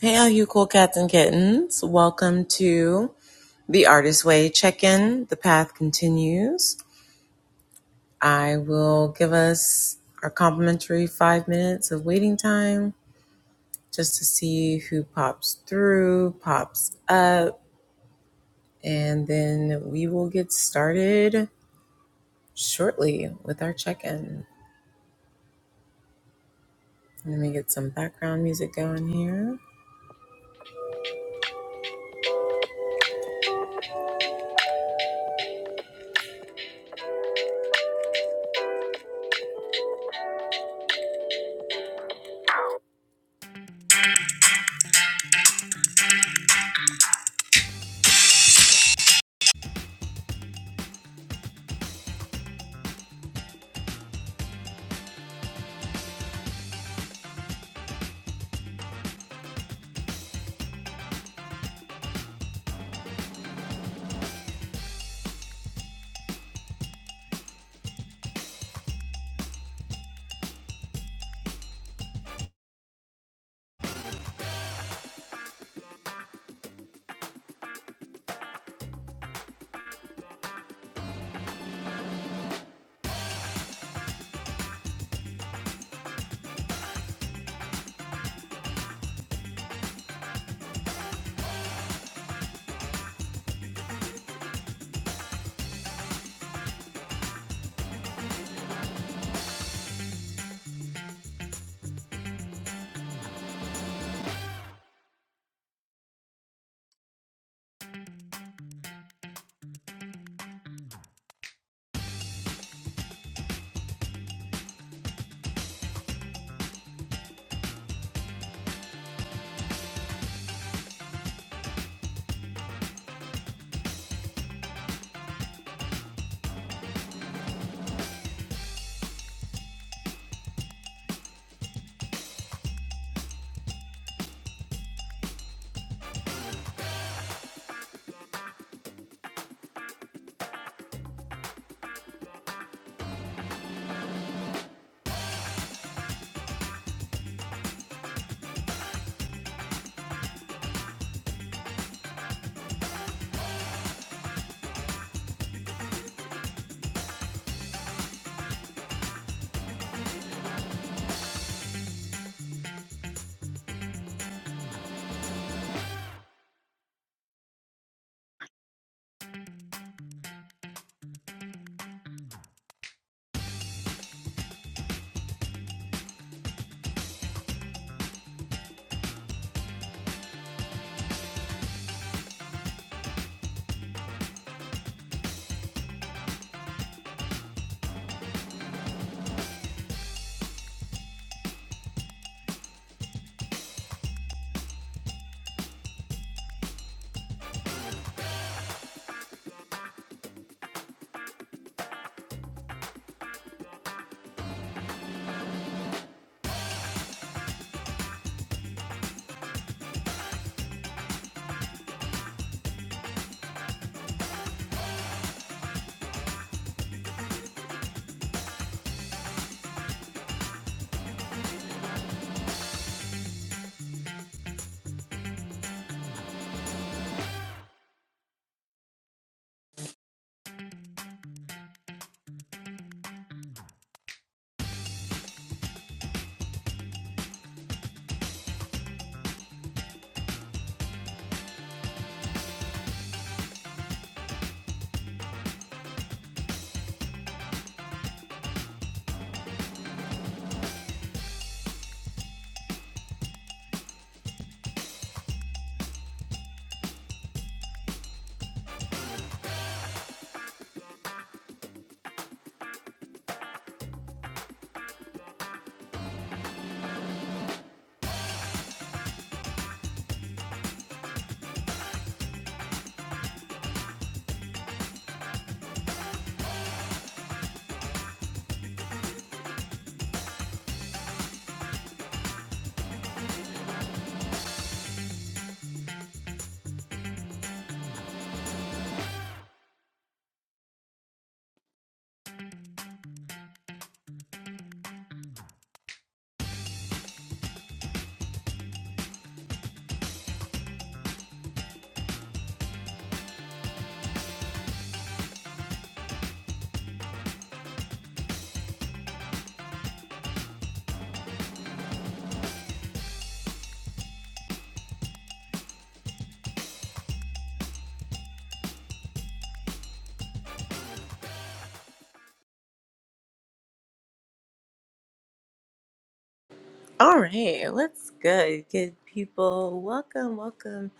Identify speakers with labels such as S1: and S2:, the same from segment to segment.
S1: Hey, all you cool cats and kittens. Welcome to the Artist Way check in. The path continues. I will give us our complimentary five minutes of waiting time just to see who pops through, pops up, and then we will get started shortly with our check in. Let me get some background music going here. All right, what's good, good people? Welcome, welcome,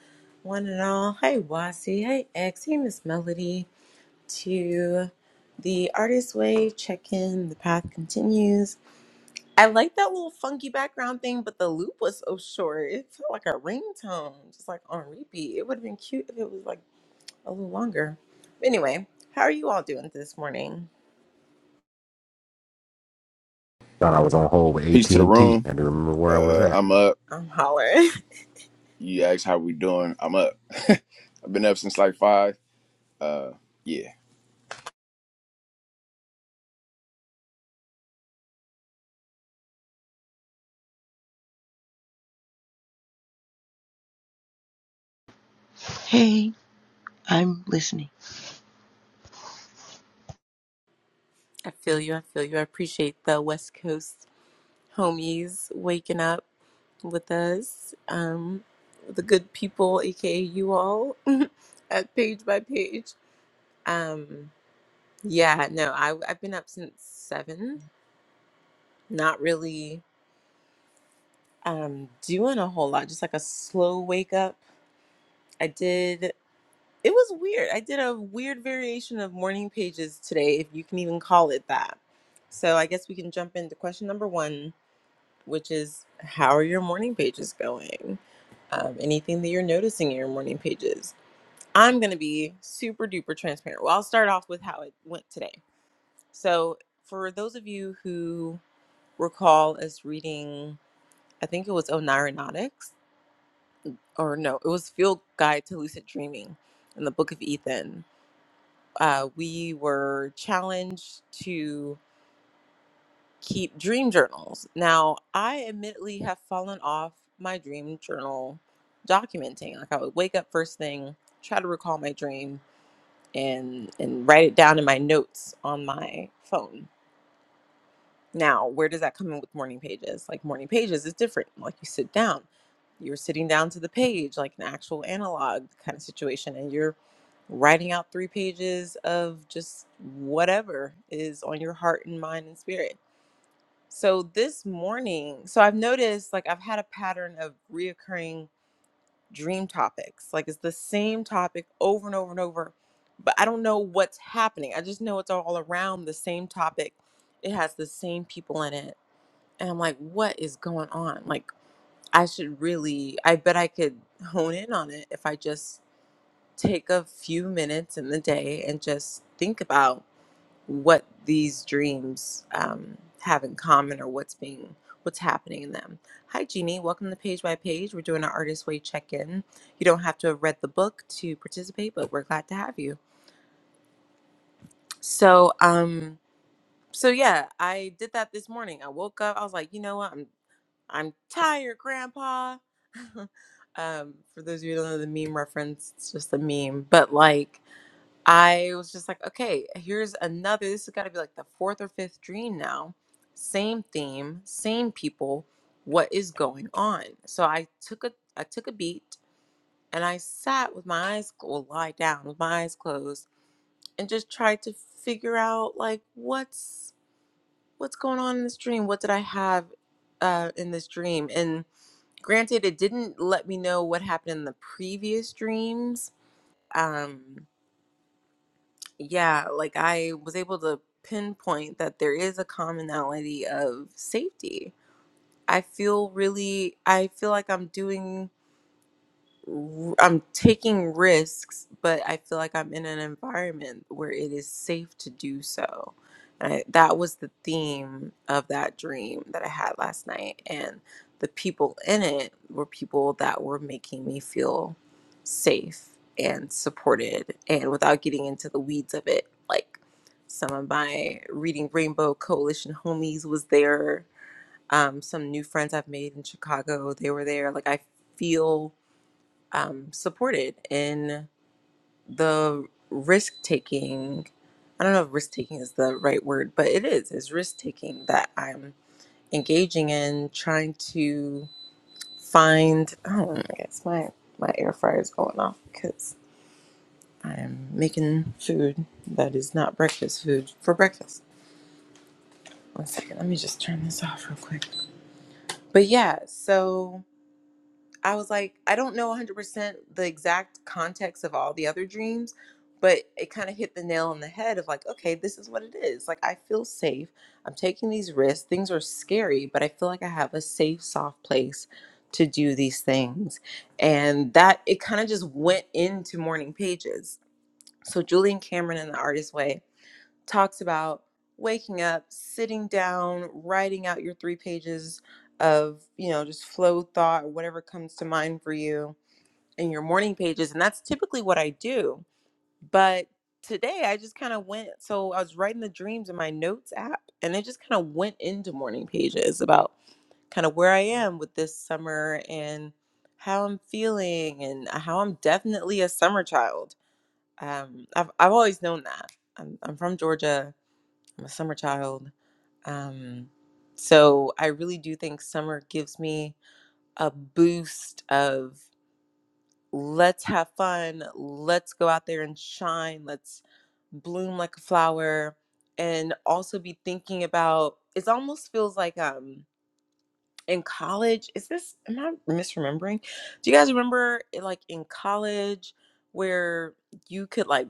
S1: one and all. Hey, Wasi. Hey, X. Hey, Miss Melody. To the Artist Way check in. The path continues. I like that little funky background thing, but the loop was so short. It felt like a ringtone, just like on repeat. It would have been cute if it was like a little longer. But anyway, how are you all doing this morning?
S2: Thought I was on hold with
S3: Peace
S2: AT
S3: to the
S2: and T.
S3: room.
S2: I had to remember where I was
S3: Uh,
S2: at.
S3: I'm up.
S1: I'm hollering.
S3: You asked how we doing. I'm up. I've been up since like five. Uh, yeah, I
S4: Hey, I'm listening.
S1: I feel you. I feel you. I appreciate the West Coast. homies waking up with us, um, the good people, aka you all, at page by page. Um, yeah, no, I, I've been up since seven, not really um, doing a whole lot, just like a slow wake up. I did, it was weird. I did a weird variation of morning pages today, if you can even call it that. So I guess we can jump into question number one which is how are your morning pages going? Um, anything that you're noticing in your morning pages. I'm going to be super duper transparent. Well, I'll start off with how it went today. So, for those of you who recall us reading, I think it was Onaronautics, or no, it was Field Guide to Lucid Dreaming in the Book of Ethan. Uh, we were challenged to keep dream journals. Now, I admittedly have fallen off my dream journal documenting. Like I would wake up first thing, try to recall my dream and and write it down in my notes on my phone. Now, where does that come in with morning pages? Like morning pages is different. Like you sit down, you're sitting down to the page, like an actual analog kind of situation, and you're writing out three pages of just whatever is on your heart and mind and spirit so this morning, so I've noticed like I've had a pattern of reoccurring dream topics. Like it's the same topic over and over and over, but I don't know what's happening. I just know it's all around the same topic. It has the same people in it. And I'm like, what is going on? Like I should really, I bet I could hone in on it if I just take a few minutes in the day and just think about what these dreams um, have in common or what's being what's happening in them. Hi Jeannie, welcome to Page by Page. We're doing our artist way check-in. You don't have to have read the book to participate, but we're glad to have you. So um so yeah, I did that this morning. I woke up, I was like, you know what, I'm I'm tired, grandpa. um, for those of you who don't know the meme reference, it's just a meme. But like I was just like, okay, here's another. This has got to be like the fourth or fifth dream now. Same theme, same people. What is going on? So I took a I took a beat and I sat with my eyes well, lie down with my eyes closed and just tried to figure out like what's what's going on in this dream. What did I have uh, in this dream? And granted, it didn't let me know what happened in the previous dreams. Um, yeah, like I was able to pinpoint that there is a commonality of safety. I feel really, I feel like I'm doing r- I'm taking risks, but I feel like I'm in an environment where it is safe to do so. And I, that was the theme of that dream that I had last night. And the people in it were people that were making me feel safe and supported. And without getting into the weeds of it, like some of my Reading Rainbow Coalition homies was there. Um, some new friends I've made in Chicago, they were there. Like I feel um, supported in the risk taking. I don't know if risk taking is the right word, but it is. It's risk taking that I'm engaging in, trying to find. Oh, I guess my my air fryer is going off because I'm making food that is not breakfast food for breakfast. One second, let me just turn this off real quick. But yeah, so I was like, I don't know 100% the exact context of all the other dreams, but it kind of hit the nail on the head of like, okay, this is what it is. Like, I feel safe. I'm taking these risks. Things are scary, but I feel like I have a safe, soft place to do these things. And that it kind of just went into morning pages. So, Julian Cameron in The Artist Way talks about waking up, sitting down, writing out your three pages of, you know, just flow thought, whatever comes to mind for you in your morning pages. And that's typically what I do. But today I just kind of went, so I was writing the dreams in my notes app and it just kind of went into morning pages about kind of where I am with this summer and how I'm feeling and how I'm definitely a summer child. Um, I've, I've always known that. I'm, I'm from Georgia I'm a summer child. Um, so I really do think summer gives me a boost of let's have fun, let's go out there and shine, let's bloom like a flower, and also be thinking about it almost feels like um in college, is this am I misremembering? Do you guys remember eh, like in college where you could like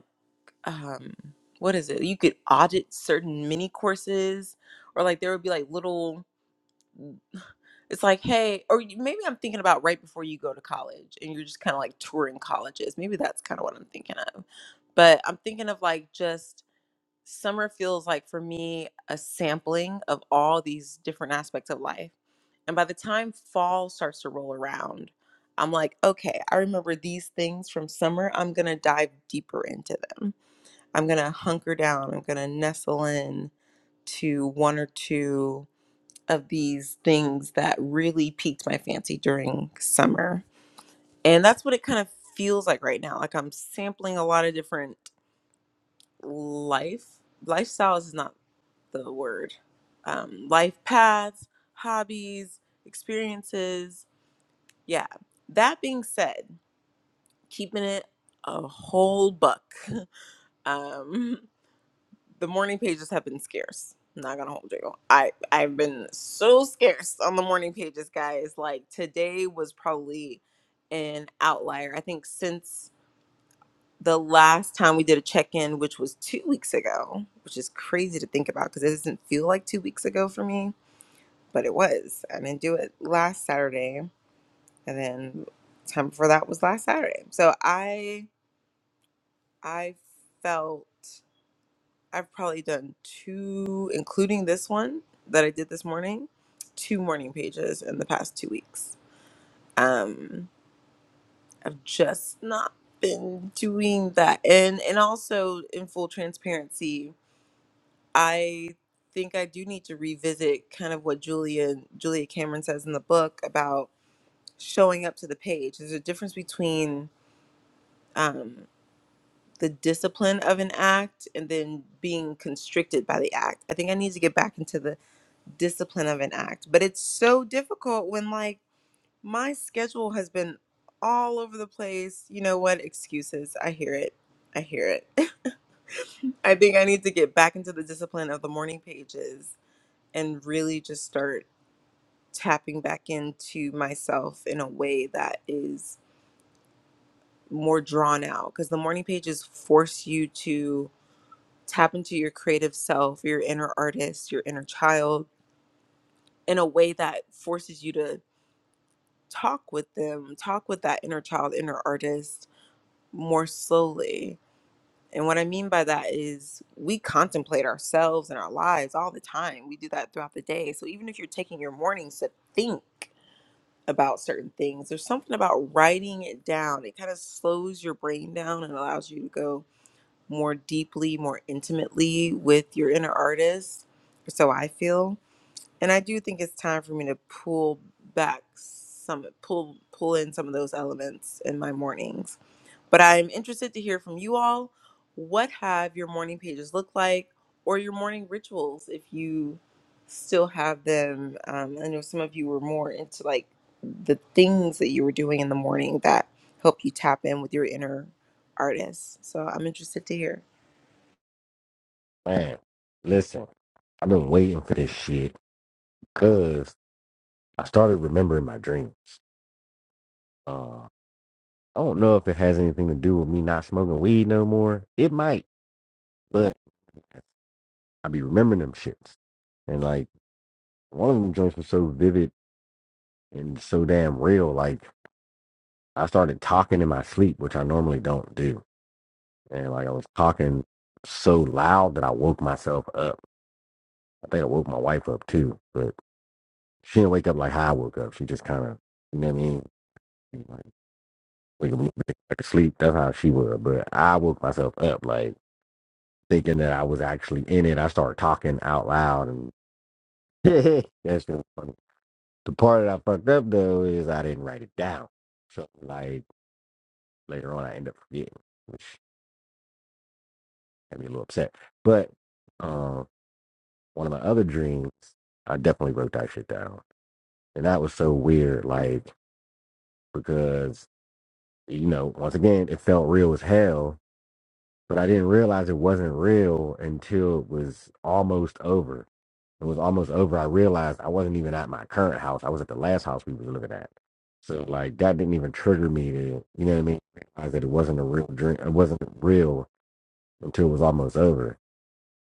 S1: um what is it you could audit certain mini courses or like there would be like little it's like hey or you- maybe i'm thinking about right before you go to college and you're just kind of like touring colleges maybe that's kind of what i'm thinking of but i'm thinking of like just summer feels like for me a sampling of all these different aspects of life and by the time fall starts to roll around i'm like okay i remember these things from summer i'm gonna dive deeper into them I'm going to hunker down. I'm going to nestle in to one or two of these things that really piqued my fancy during summer. And that's what it kind of feels like right now. Like I'm sampling a lot of different life. Lifestyles is not the word. Um, life paths, hobbies, experiences. Yeah. That being said, keeping it a whole buck. Um, the morning pages have been scarce. I'm not gonna hold you. I I've been so scarce on the morning pages, guys. Like today was probably an outlier. I think since the last time we did a check in, which was two weeks ago, which is crazy to think about because it doesn't feel like two weeks ago for me, but it was. I didn't do it last Saturday, and then time before that was last Saturday. So I I felt I've probably done two, including this one that I did this morning, two morning pages in the past two weeks. Um, I've just not been doing that, and and also in full transparency, I think I do need to revisit kind of what Julia Julia Cameron says in the book about showing up to the page. There's a difference between um, the discipline of an act and then being constricted by the act. I think I need to get back into the discipline of an act. But it's so difficult when like my schedule has been all over the place. You know what? Excuses. I hear it. I hear it. I think I need to get back into the discipline of the morning pages and really just start tapping back into myself in a way that is more drawn out because the morning pages force you to tap into your creative self, your inner artist, your inner child in a way that forces you to talk with them, talk with that inner child, inner artist more slowly. And what I mean by that is we contemplate ourselves and our lives all the time. We do that throughout the day. So even if you're taking your mornings to think about certain things, there's something about writing it down. It kind of slows your brain down and allows you to go more deeply, more intimately with your inner artist. So I feel and I do think it's time for me to pull back some pull pull in some of those elements in my mornings. But I'm interested to hear from you all. What have your morning pages looked like, or your morning rituals if you still have them? Um, I know some of you were more into like the things that you were doing in the morning that help you tap in with your inner artist. So I'm interested to hear.
S2: Man, listen, I've been waiting for this shit because I started remembering my dreams. Uh, I don't know if it has anything to do with me not smoking weed no more. It might, but I be remembering them shits. And like one of them joints was so vivid and so damn real. Like I started talking in my sleep, which I normally don't do. And like I was talking so loud that I woke myself up. I think I woke my wife up too. but. she didn't wake up like how I woke up. She just kind of, you know what I mean? Like, wake up, back to sleep. That's how she would. But I woke myself up, like, thinking that I was actually in it. I started talking out loud. And that's just funny. The part that I fucked up, though, is I didn't write it down. So, like, later on, I ended up forgetting, which had me a little upset. But um, one of my other dreams, I definitely wrote that shit down. And that was so weird, like, because, you know, once again, it felt real as hell but I didn't realize it wasn't real until it was almost over. It was almost over. I realized I wasn't even at my current house. I was at the last house we was living at. So like that didn't even trigger me to, you know what I mean? Realize that it wasn't a real dream. It wasn't real until it was almost over.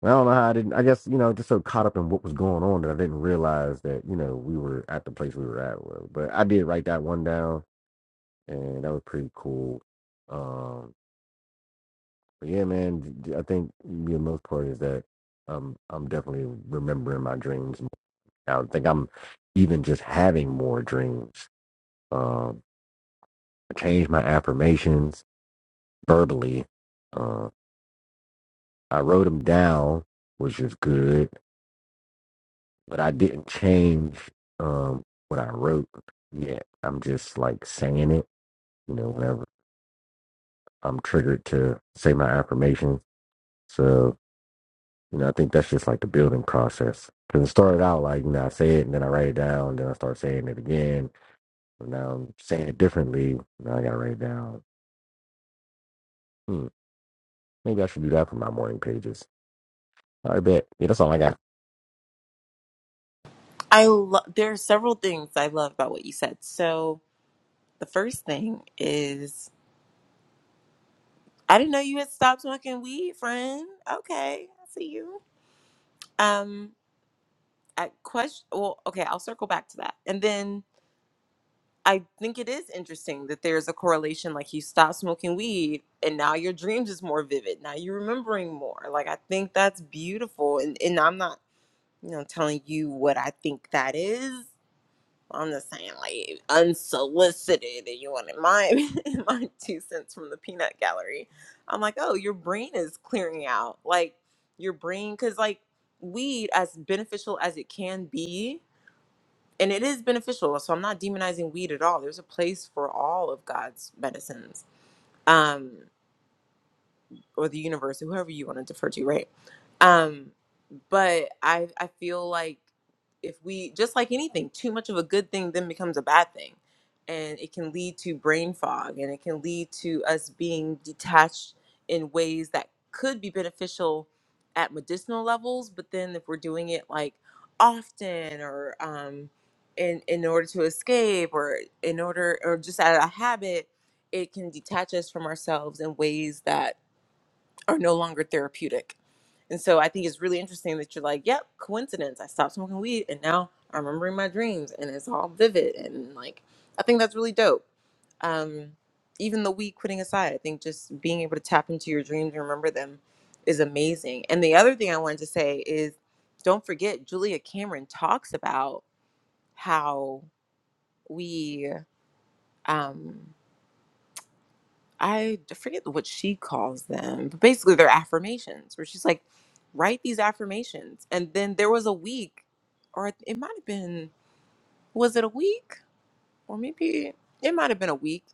S2: And I don't know how I didn't. I guess you know, just so caught up in what was going on that I didn't realize that you know we were at the place we were at. well, But I did write that one down, and that was pretty cool. Um, But yeah, man, I think the most part is that um, I'm definitely remembering my dreams. more now. I think I'm even just having more dreams. Um, I changed my affirmations verbally. Uh, I wrote them down, which is good, but I didn't change um, what I wrote yet. I'm just like saying it, you know, whenever I'm triggered to say my affirmations. So You know, I think that's just like the building process. Because it started out like, you know, I say it and then I write it down, then I start saying it again. And now I'm saying it differently. Now I got to write it down. Hmm, maybe I should do that for my morning pages. I bet. Yeah, that's all I got.
S1: I love there are several things I love about what you said. So The first thing is I didn't know you had stopped smoking weed, friend. Okay, I see you. Um, I question. Well, okay, I'll circle back to that, and then I think it is interesting that there's a correlation. Like you stopped smoking weed, and now your dreams is more vivid. Now you're remembering more. Like I think that's beautiful, and and I'm not, you know, telling you what I think that is. I'm just saying, like unsolicited, and you wanted my my two cents from the peanut gallery. I'm like, oh, your brain is clearing out, like your brain, because like weed, as beneficial as it can be, and it is beneficial. So I'm not demonizing weed at all. There's a place for all of God's medicines, um, or the universe, or whoever you want to defer to, right? Um, but I I feel like if we just like anything, too much of a good thing then becomes a bad thing, and it can lead to brain fog, and it can lead to us being detached in ways that could be beneficial at medicinal levels, but then if we're doing it like often or um, in in order to escape or in order or just out of habit, it can detach us from ourselves in ways that are no longer therapeutic. And so I think it's really interesting that you're like, yep, coincidence. I stopped smoking weed and now I'm remembering my dreams and it's all vivid. And like, I think that's really dope. Um, even the weed quitting aside, I think just being able to tap into your dreams and remember them is amazing. And the other thing I wanted to say is don't forget, Julia Cameron talks about how we. Um, I forget what she calls them, but basically they're affirmations where she's like, write these affirmations. And then there was a week, or it might have been, was it a week? Or maybe it might have been a week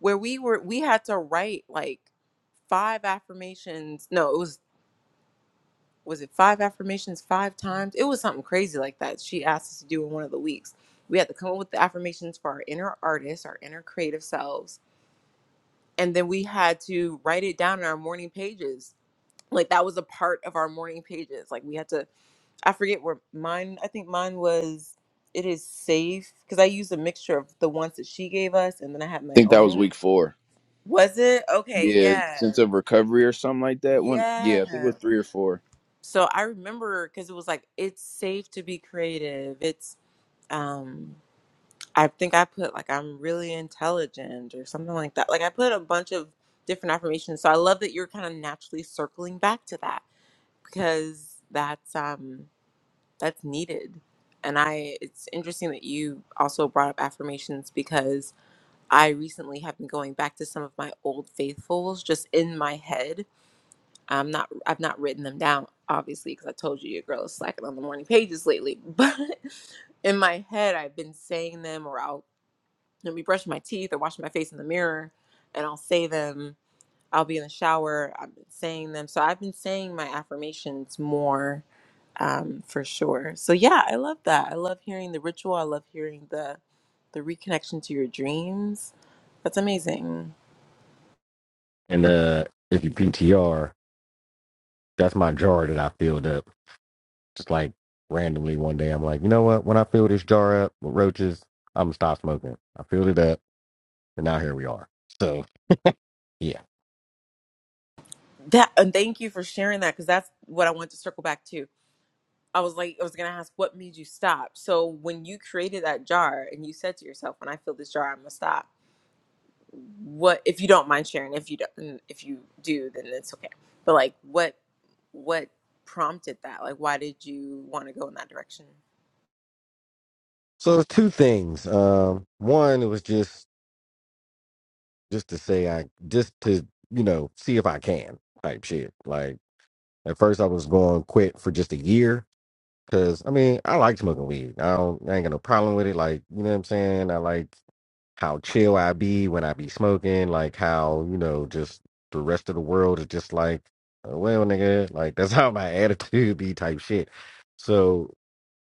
S1: where we were, we had to write like five affirmations. No, it was, was it five affirmations five times? It was something crazy like that. She asked us to do in one of the weeks. We had to come up with the affirmations for our inner artists, our inner creative selves. And then we had to write it down in our morning pages like that was a part of our morning pages like we had to i forget where mine i think mine was it is safe because i used a mixture of the ones that she gave us and then i had my
S3: think that was
S1: own
S3: week four.
S1: was it okay
S3: Yeah,
S1: yeah
S3: sense of recovery or something like that. One, yeah, I think it
S1: yeah
S3: was three or four.
S1: so i remember because it was like it's safe to be creative it's um i think i put like i'm really intelligent or something like that like i put a bunch of different affirmations so i love that you're kind of naturally circling back to that because that's um that's needed. And I it's interesting that you also brought up affirmations because I recently have been going back to some of my old faithfuls just in my head. I'm not I've not written them down obviously because I told you your girl is slacking on the morning pages lately, but in my head I've been saying them or I'll you know, be brushing my teeth or washing my face in the mirror and I'll say them I'll be in the shower. I've been saying them. So I've been saying my affirmations more um, for sure. So yeah, I love that. I love hearing the ritual. I love hearing the the reconnection to your dreams. That's amazing.
S2: And uh, if you PTR, that's my jar that I filled up. Just like randomly one day, I'm like, you know what? When I fill this jar up with roaches, I'm going to stop smoking. I filled it up, and now here we are. So, yeah.
S1: That and thank you for sharing that because that's what I wanted to circle back to. I was like, I was gonna ask what made you stop. So when you created that jar and you said to yourself, "When I fill this jar, I'm gonna stop." what if you don't mind sharing if you don't if you do then it's okay but like what what prompted that like why did you want to go in that direction
S2: So, it's two things. Um, one, it was just just to say I just to you know see if I can type shit. Like at first I was going to quit for just a year because I mean I like smoking weed. I don't I ain't got no problem with it. Like you know what I'm saying. I like how chill I be when I be smoking, like how, you know, just the rest of the world is just like, "Oh, well, nigga, like that's how my attitude be type shit. So,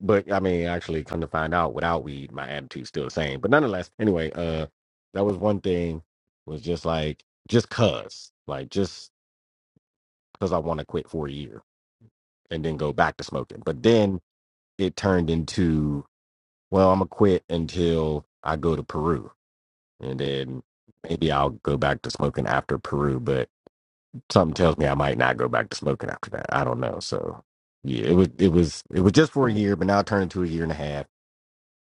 S2: but I mean, actually come to find out without weed, my attitude's still the same. But nonetheless, anyway, uh, that was one thing was just like, just cause, like just cause I want to quit for a year and then go back to smoking. But then it turned into, well, I'm gonna quit until I go to Peru and then maybe I'll go back to smoking after Peru. But something tells me I might not go back to smoking after that. I don't know. So yeah, it was it was it was just for a year, but now it turned into a year and a half,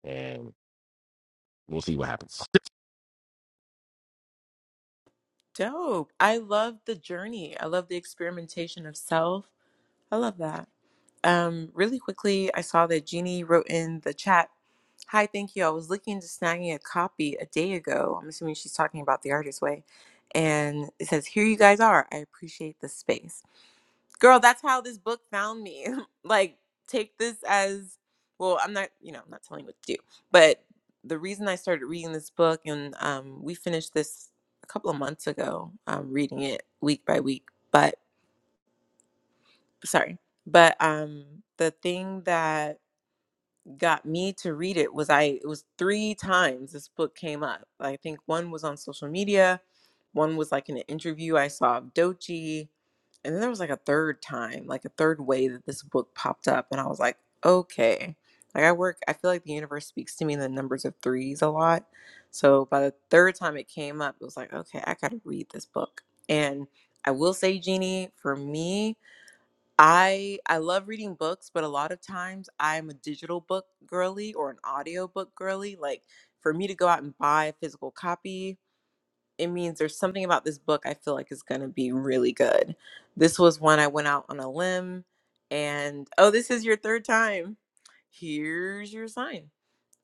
S2: and we'll see what happens.
S1: dope i love the journey i love the experimentation of self i love that um really quickly i saw that jeannie wrote in the chat hi thank you i was looking into snagging a copy a day ago i'm assuming she's talking about the artist way and it says here you guys are i appreciate the space girl that's how this book found me like take this as well i'm not you know i'm not telling you what to do but the reason i started reading this book and um, we finished this a couple of months ago um, reading it week by week but sorry but um the thing that got me to read it was I it was three times this book came up. I think one was on social media, one was like in an interview I saw of Dochi, and then there was like a third time, like a third way that this book popped up, and I was like, okay. Like I work, I feel like the universe speaks to me in the numbers of threes a lot. So by the third time it came up, it was like, okay, I gotta read this book. And I will say, Jeannie, for me, I I love reading books, but a lot of times I'm a digital book girly or an audio book girly. Like for me to go out and buy a physical copy, it means there's something about this book I feel like is going to be really good. This was one I went out on a limb and oh, this is your third time. Here's your sign.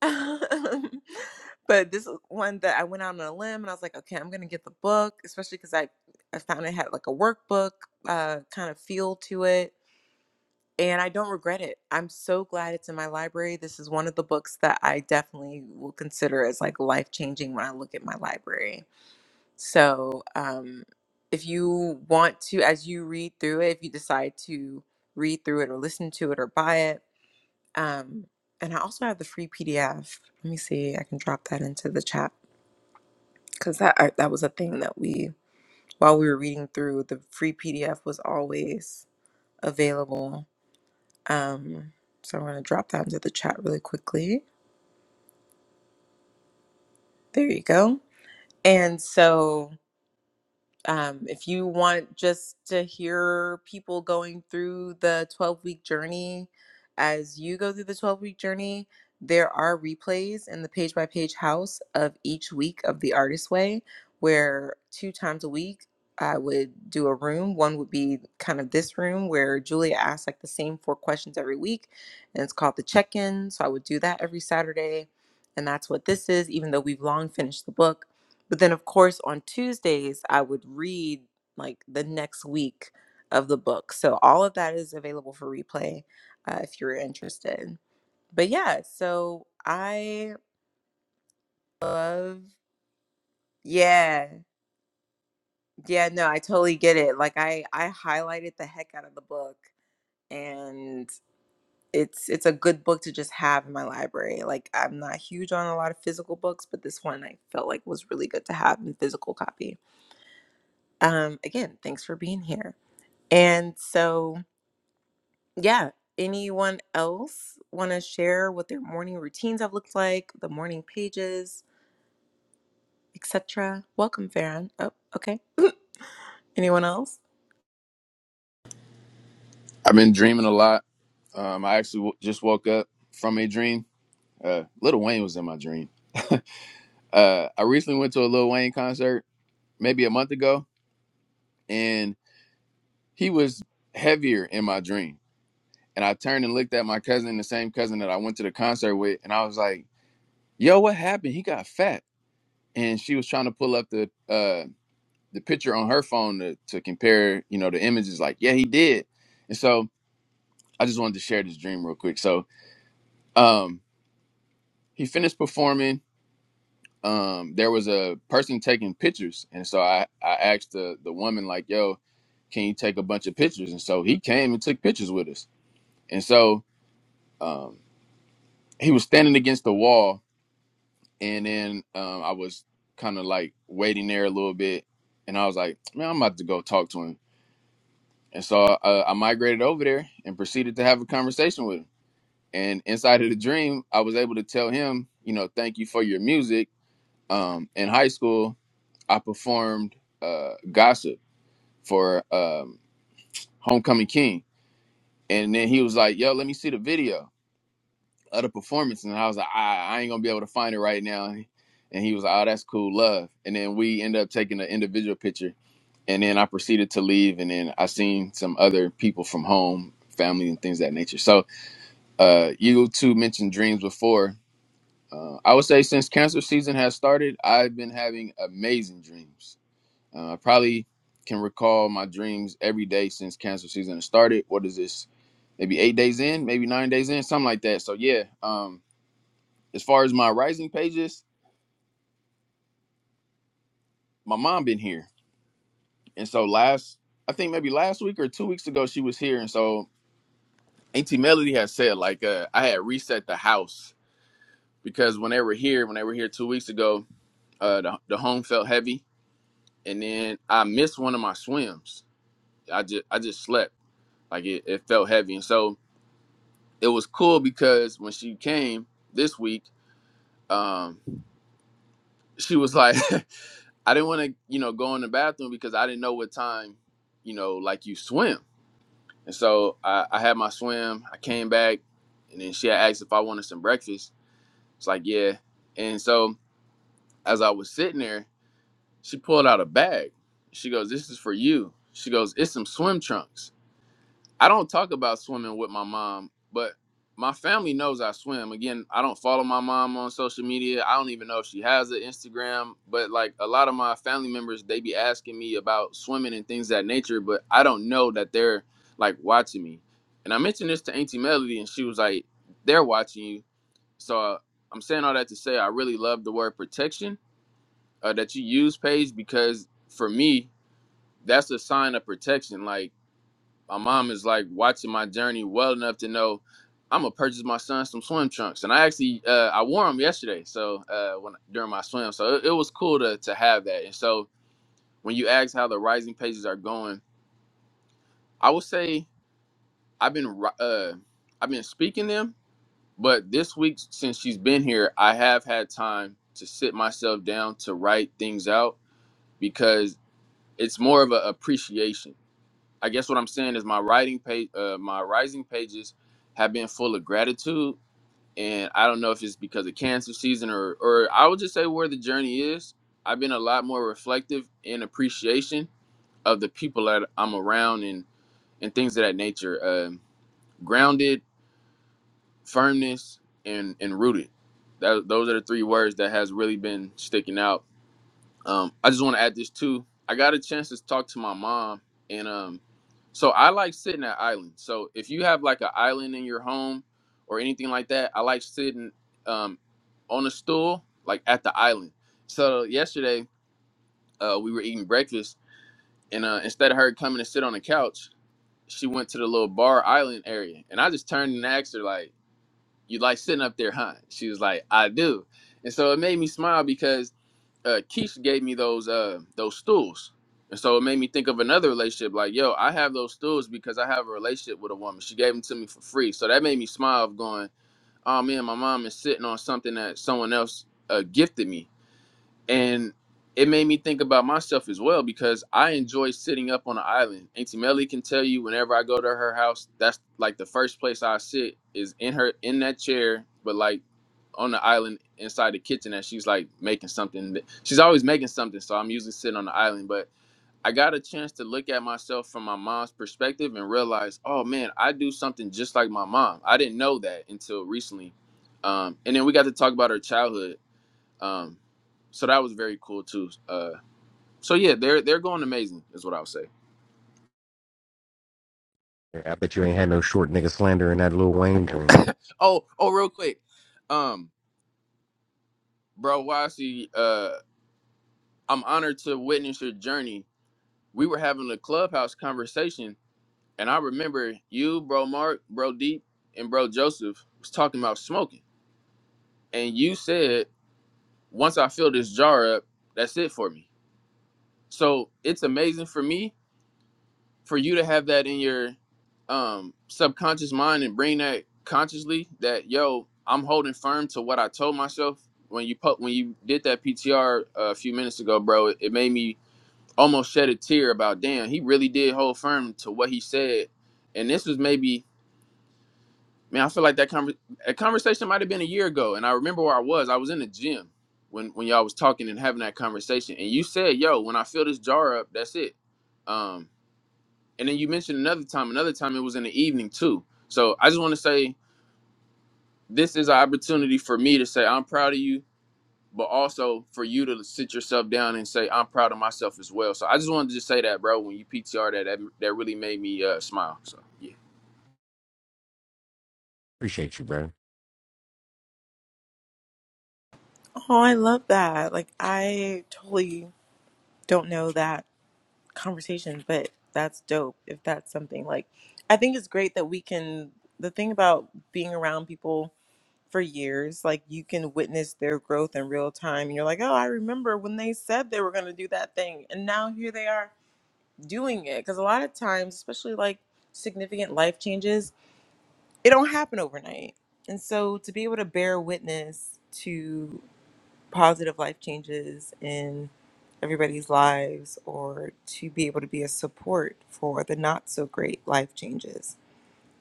S1: but this is one that I went out on a limb and I was like, okay, I'm going to get the book, especially cuz I I found it had like a workbook uh kind of feel to it and I don't regret it. I'm so glad it's in my library. This is one of the books that I definitely will consider as like life changing when I look at my library. So, um, if you want to, as you read through it, if you decide to read through it or listen to it or buy it, um, and I also have the free PDF. Let me see, I can drop that into the chat because that I, that was a thing that we while we were reading through the free PDF was always available Um, so I'm going to drop that into the chat really quickly. There you go. And so um, if you want just to hear people going through the 12 week journey as you go through the 12 week journey there are replays in the page by page house of each week of the artist way where two times a week i would do a room one would be kind of this room where julia asks like the same four questions every week and it's called the check-in so i would do that every saturday and that's what this is even though we've long finished the book but then, of course, on Tuesdays, I would read like the next week of the book. So all of that is available for replay uh, if you're interested. But yeah, so I love, yeah, yeah, no, I totally get it. Like I, I highlighted the heck out of the book and it's it's a good book to just have in my library like i'm not huge on a lot of physical books but this one i felt like was really good to have in physical copy um again thanks for being here And so, yeah, anyone else want to share what their morning routines have looked like, the morning pages, etc.? Welcome, Farron. Oh, okay. Anyone else?
S3: I've been dreaming a lot. Um, I actually w- just woke up from a dream. Uh, Little Wayne was in my dream. Uh, I recently went to a Lil Wayne concert maybe a month ago, and he was heavier in my dream. And I turned and looked at my cousin, the same cousin that I went to the concert with, and I was like. yo, what happened? He got fat. And she was trying to pull up the uh the picture on her phone to, to compare, you know, the images like, yeah, he did. And so I just wanted to share this dream real quick. So um he finished performing. Um there was a person taking pictures. And so I, I asked the the woman, like, yo, can you take a bunch of pictures? And so he came and took pictures with us. And so um he was standing against the wall And then um, I was kind of like waiting there a little bit, and I was like, man, I'm about to go talk to him. And so uh, I migrated over there and proceeded to have a conversation with him. And inside of the dream, I was able to tell him, you know, thank you for your music. Um, in high school, I performed uh, Gossip for um, Homecoming King. And then he was like, yo, let me see the video of the performance, and I was like, I, I ain't gonna be able to find it right now. And he was like, Oh, that's cool, love. And then we ended up taking an individual picture, and then I proceeded to leave, and then I seen some other people from home, family, and things of that nature. So, uh, you two mentioned dreams before. Uh, I would say since cancer season has started, I've been having amazing dreams. Uh, I probably can recall my dreams every day since cancer season has started. What is this? Maybe eight days in, maybe nine days in, something like that. So yeah, um, as far as my rising pages, my mom been here. And so last I think maybe last week or two weeks ago she was here. And so Auntie Melody had said like uh, I had reset the house because when they were here, when they were here two weeks ago, uh the, the home felt heavy. And then I missed one of my swims. I just I just slept. Like it, it felt heavy. And so it was cool because when she came this week, um, she was like, I didn't want to, you know, go in the bathroom because I didn't know what time, you know, like you swim. And so I, I had my swim. I came back, and then she had asked if I wanted some breakfast. It's like, yeah. And so as I was sitting there, she pulled out a bag. She goes, "This is for you." She goes, "It's some swim trunks." I don't talk about swimming with my mom, but my family knows I swim. Again, I don't follow my mom on social media. I don't even know if she has an Instagram, but like a lot of my family members, they be asking me about swimming and things of that nature, but I don't know that they're like watching me. And I mentioned this to Auntie Melody, and she was like, they're watching you. So uh, I'm saying all that to say I really love the word protection uh, that you use, Paige, because for me, that's a sign of protection. Like, my mom is like watching my journey well enough to know I'm gonna purchase my son some swim trunks, and I actually uh, I wore them yesterday. So uh, when during my swim, so it, it was cool to to have that. And so when you ask how the rising pages are going, I would say I've been ri- uh, I've been speaking them, but this week since she's been here, I have had time to sit myself down to write things out because it's more of an appreciation I guess what I'm saying is my writing page, uh, my rising pages have been full of gratitude, and I don't know if it's because of cancer season or, or I would just say where the journey is. I've been a lot more reflective in appreciation of the people that I'm around and and things of that nature. Um grounded, firmness, and and rooted. That, those are the three words that has really been sticking out um, I just want to add this too. I got a chance to talk to my mom, and um, so I like sitting at island. So if you have like an island in your home or anything like that, I like sitting um, on a stool like at the island. So yesterday uh, we were eating breakfast, and uh, instead of her coming to sit on the couch, she went to the little bar island area, and I just turned and asked her like, "You like sitting up there, huh?" She was like, "I do," and so it made me smile because uh, Keisha gave me those uh those stools, and so it made me think of another relationship. Like, yo, I have those stools because I have a relationship with a woman. She gave them to me for free, so that made me smile. Of going, oh man, my mom is sitting on something that someone else uh, gifted me, and it made me think about myself as well because I enjoy sitting up on an island. Auntie Melly can tell you whenever I go to her house, that's like the first place I sit is in her in that chair. But like on the island inside the kitchen and she's like making something. She's always making something, so I'm usually sitting on the island. But I got a chance to look at myself from my mom's perspective and realize, oh man, I do something just like my mom. I didn't know that until recently. Um, and then we got to talk about her childhood. Um, so that was very cool too. Uh, so yeah, they're they're going amazing, is what I'll say.
S2: I bet you ain't had no short nigga slander in that little Wayne dream.
S3: Oh, oh, real quick, um, bro, Wasi, uh, I'm honored to witness your journey. We were having a clubhouse conversation And I remember you, bro Mark, bro Deep, and bro Joseph was talking about smoking. And you said, once I fill this jar up, that's it for me. So it's amazing for me for you to have that in your um, subconscious mind and bring that consciously that, yo, I'm holding firm to what I told myself when you put when you did that PTR a few minutes ago, bro. It, it made me almost shed a tear about, damn, he really did hold firm to what he said. And this was maybe man, I feel like that conver- a conversation might have been a year ago, and I remember where I was. I was in the gym when when y'all was talking and having that conversation, and you said, "Yo, when I fill this jar up, that's it." Um, and then you mentioned another time. Another time it was in the evening too. So I just want to say this is an opportunity for me to say I'm proud of you, but also for you to sit yourself down and say I'm proud of myself as well. So I just wanted to just say that, bro. When you PTR that, that that really made me uh, smile. So yeah,
S2: Appreciate you, bro.
S1: Oh, I love that. Like, I totally don't know that conversation, but that's dope if that's something. Like, I think it's great that we can, the thing about being around people for years, like, you can witness their growth in real time. And you're like, oh, I remember when they said they were going to do that thing. And now here they are doing it because a lot of times especially like significant life changes it don't happen overnight and so to be able to bear witness to positive life changes in everybody's lives or to be able to be a support for the not so great life changes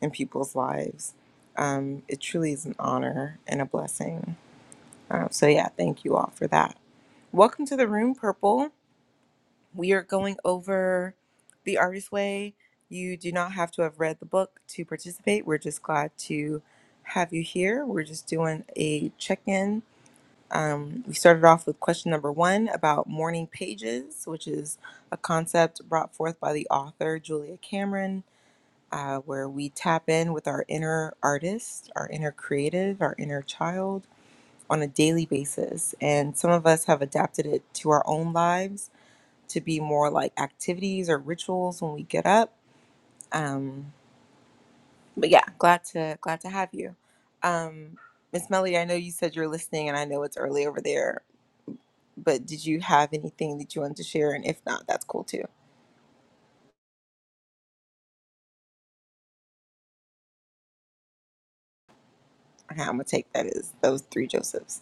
S1: in people's lives um, it truly is an honor and a blessing uh, so yeah thank you all for that welcome to the room purple We are going over The Artist Way. You do not have to have read the book to participate. We're just glad to have you here. We're just doing a check in. Um, we started off with question number one about morning pages, which is a concept brought forth by the author Julia Cameron, uh, where we tap in with our inner artist, our inner creative, our inner child on a daily basis. And some of us have adapted it to our own lives to be more like activities or rituals when we get up. Um, but yeah, glad to glad to have you. Um, Miss Melody, I know you said you're listening, and I know it's early over there. But did you have anything that you wanted to share? And if not, that's cool too. Okay, I'm gonna take that as those three Josephs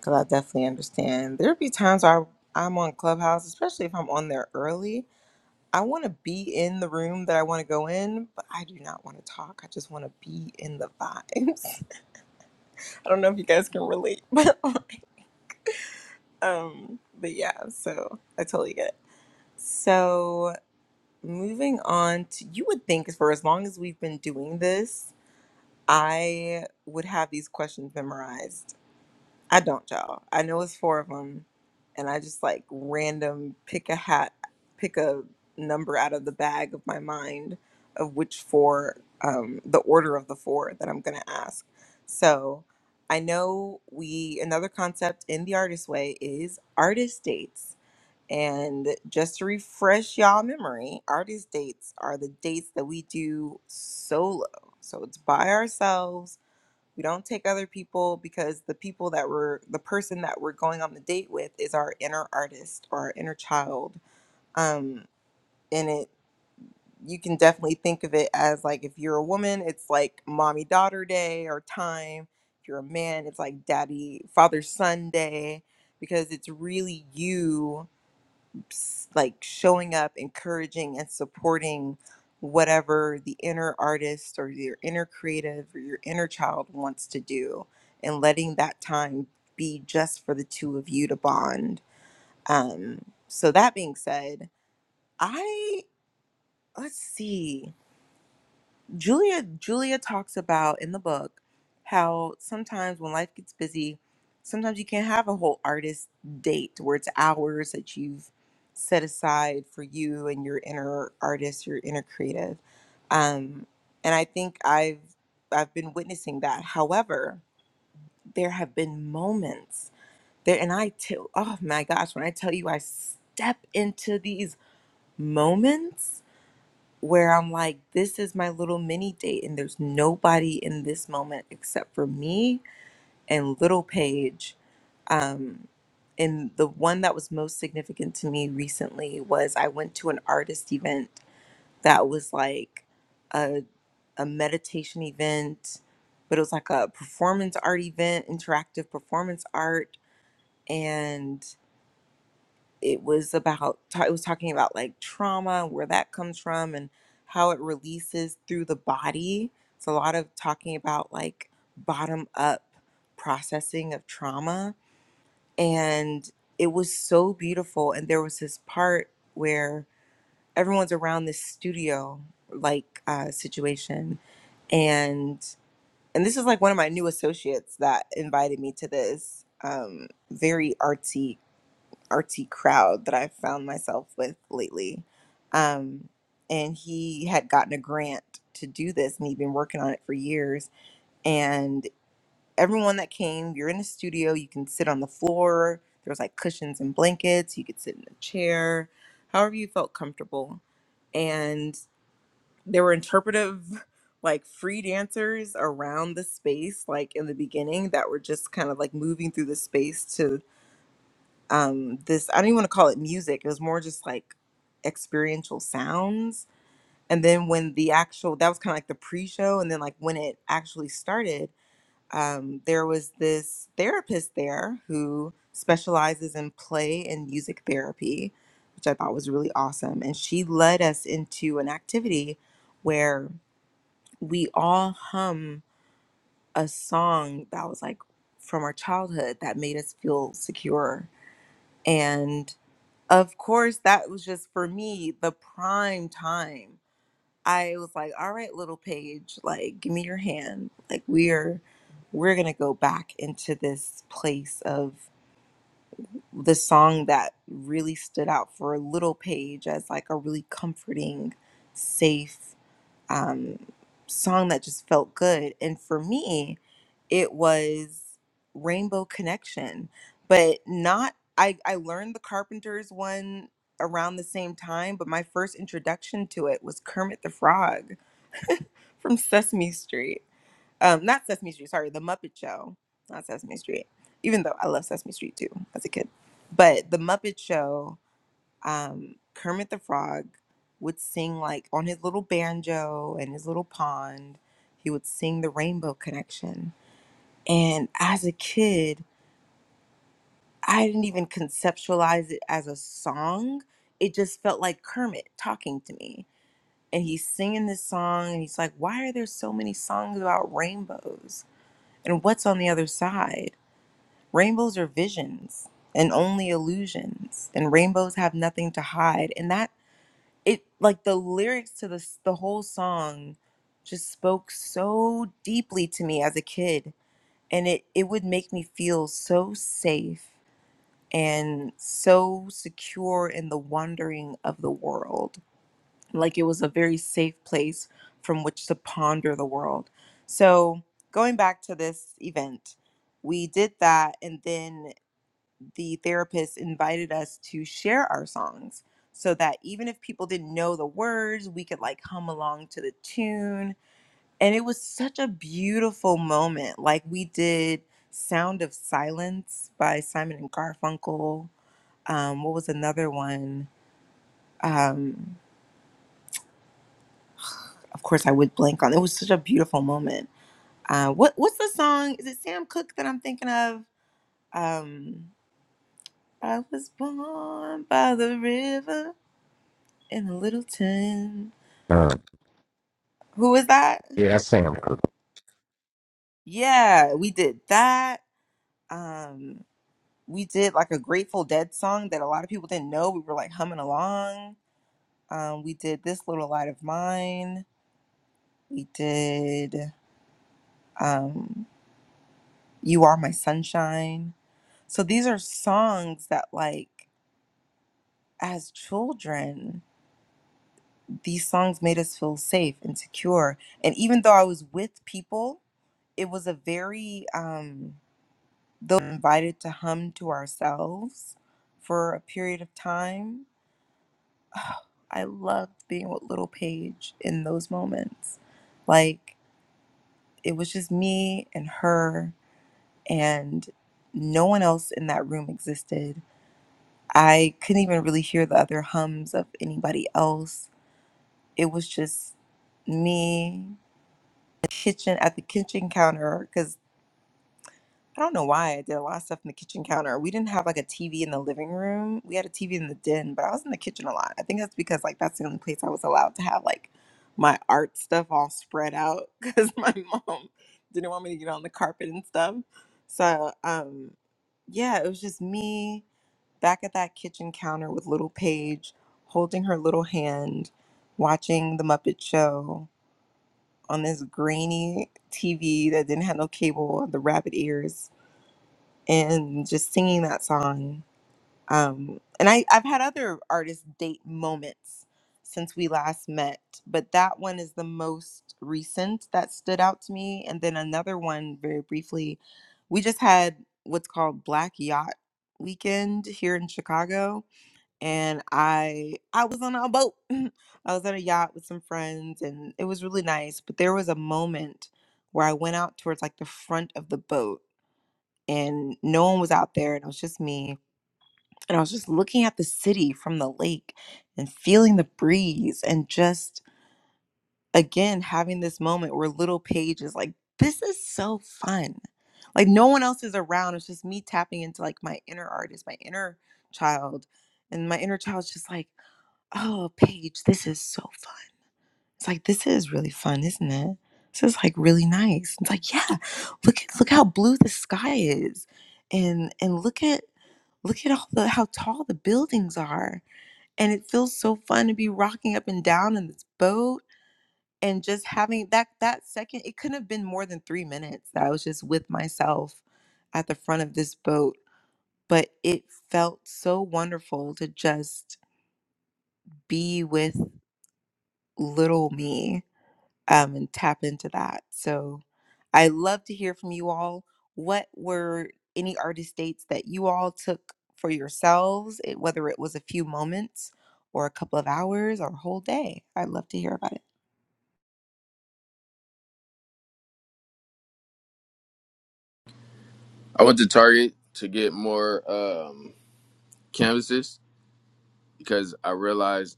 S1: because I definitely understand. There'd be times I I'm on Clubhouse, especially if I'm on there early. I want to be in the room that I want to go in, but I do not want to talk. I just want to be in the vibes. I don't know if you guys can relate, but um, but yeah, so I totally get it. So moving on to you would think for as long as we've been doing this, I would have these questions memorized. I don't, y'all. I know it's four of them, and I just like random pick a hat, pick a number out of the bag of my mind of which four, um, the order of the four that I'm gonna ask. So I know we another concept in the artist way is artist dates. And just to refresh y'all memory, artist dates are the dates that we do solo. So it's by ourselves we don't take other people because the people that we're, the person that we're going on the date with is our inner artist or our inner child. Um, and it, you can definitely think of it as like if you're a woman, it's like mommy daughter day or time. If you're a man, it's like daddy father son day because it's really you s- like showing up, encouraging and supporting whatever the inner artist or your inner creative or your inner child wants to do and letting that time be just for the two of you to bond. Um, so that being said, I let's see. Julia Julia talks about in the book how sometimes when life gets busy, sometimes you can't have a whole artist date where it's hours that you've set aside for you and your inner artist, your inner creative. Um, and I think I've I've been witnessing that. However, there have been moments there, and I too. Oh my gosh, when I tell you, I step into these moments where I'm like, this is my little mini date, and there's nobody in this moment except for me and little Paige. Um, and the one that was most significant to me recently was I went to an artist event that was like a, a meditation event, but it was like a performance art event, interactive performance art. and it was about ta- it was talking about like trauma where that comes from and how it releases through the body it's a lot of talking about like bottom up processing of trauma and it was so beautiful and there was this part where everyone's around this studio like uh, situation and and this is like one of my new associates that invited me to this um, very artsy artsy crowd that I found myself with lately. Um, and he had gotten a grant to do this, and he'd been working on it for years. And everyone that came, you're in the studio, you can sit on the floor. There was like cushions and blankets. You could sit in a chair, however you felt comfortable. And there were interpretive, like free dancers around the space, like in the beginning, that were just kind of like moving through the space to um this i don't even want to call it music it was more just like experiential sounds and then when the actual that was kind of like the pre-show and then like when it actually started um there was this therapist there who specializes in play and music therapy which i thought was really awesome and she led us into an activity where we all hum a song that was like from our childhood that made us feel secure of course, that was just for me the prime time. I was like, all right, little Paige, like, give me your hand. Like, we're we're gonna go back into this place of the song that really stood out for little Paige as like a really comforting, safe um, song that just felt good. And for me, it was Rainbow Connection, but not, I, I learned the Carpenters one around the same time, but my first introduction to it was Kermit the Frog from Sesame Street. Um, not Sesame Street, sorry, The Muppet Show, not Sesame Street, even though I love Sesame Street too as a kid. But The Muppet Show um, Kermit the Frog would sing like on his little banjo and his little pond, he would sing the Rainbow Connection. And as a kid, I didn't even conceptualize it as a song. It just felt like Kermit talking to me. And he's singing this song, and he's like, Why are there so many songs about rainbows? And what's on the other side? Rainbows are visions and only illusions, and rainbows have nothing to hide. And that it like the lyrics to this the whole song just spoke so deeply to me as a kid and it it would make me feel so safe and so secure in the wandering of the world like it was a very safe place from which to ponder the world so going back to this event we did that and then the therapist invited us to share our songs so that even if people didn't know the words, we could like hum along to the tune. And it was such a beautiful moment. Like we did Sound of Silence by Simon and Garfunkel. Um, what was another one? Um, of course, I would blank on. It was such a beautiful moment. Uh, what what's the song? Is it Sam Cooke that I'm thinking of? Um, I was born by the river. in Littleton.
S2: Um,
S1: Who was that?
S2: yeah, that's Sam. Cooke.
S1: Yeah, we did that. Um, we did like a Grateful Dead song that a lot of people didn't know. We were like humming along. Um, we did This Little Light of Mine. We did um, You Are My Sunshine. So these are songs that, like, as children, these songs made us feel safe and secure. And even though I was with people, it was a very, um, though invited to hum to ourselves for a period of time, oh, I loved being with Little Paige in those moments. Like it was just me and her, and no one else in that room existed. I couldn't even really hear the other hums of anybody else. It was just me kitchen at the kitchen counter because. I don't know why I did a lot of stuff in the kitchen counter. We didn't have like a TV in the living room. We had a TV in the den, but I was in the kitchen a lot. I think that's because like that's the only place I was allowed to have like my art stuff all spread out because my mom didn't want me to get on the carpet and stuff. So um yeah, it was just me back at that kitchen counter with little Paige holding her little hand, watching the Muppet Show on this grainy TV that didn't have no cable, the rabbit ears and just singing that song. Um, and I, I've had other artist date moments since we last met, but that one is the most recent that stood out to me. And then another one, very briefly, we just had what's called Black Yacht Weekend here in Chicago, and I I was on a boat. I was on a yacht with some friends, and it was really nice. But there was a moment where I went out towards like the front of the boat and no one was out there and it was just me and i was just looking at the city from the lake and feeling the breeze and just again having this moment where little paige is like this is so fun like no one else is around it's just me tapping into like my inner artist my inner child and my inner child's just like oh paige this is so fun it's like this is really fun, isn't it? This is like really nice. It's like, yeah, look at look how blue the sky is. And and look at look at all the how tall the buildings are. And it feels so fun to be rocking up and down in this boat and just having that that second it couldn't have been more than three minutes that I was just with myself at the front of this boat. But it felt so wonderful to just be with little me um, and tap into that. So I love to hear from you all. What were any artist dates that you all took for yourselves, it- whether it was a few moments or a couple of hours or a whole day? I'd love to hear about it.
S3: I went to Target to get more um, canvases because I realized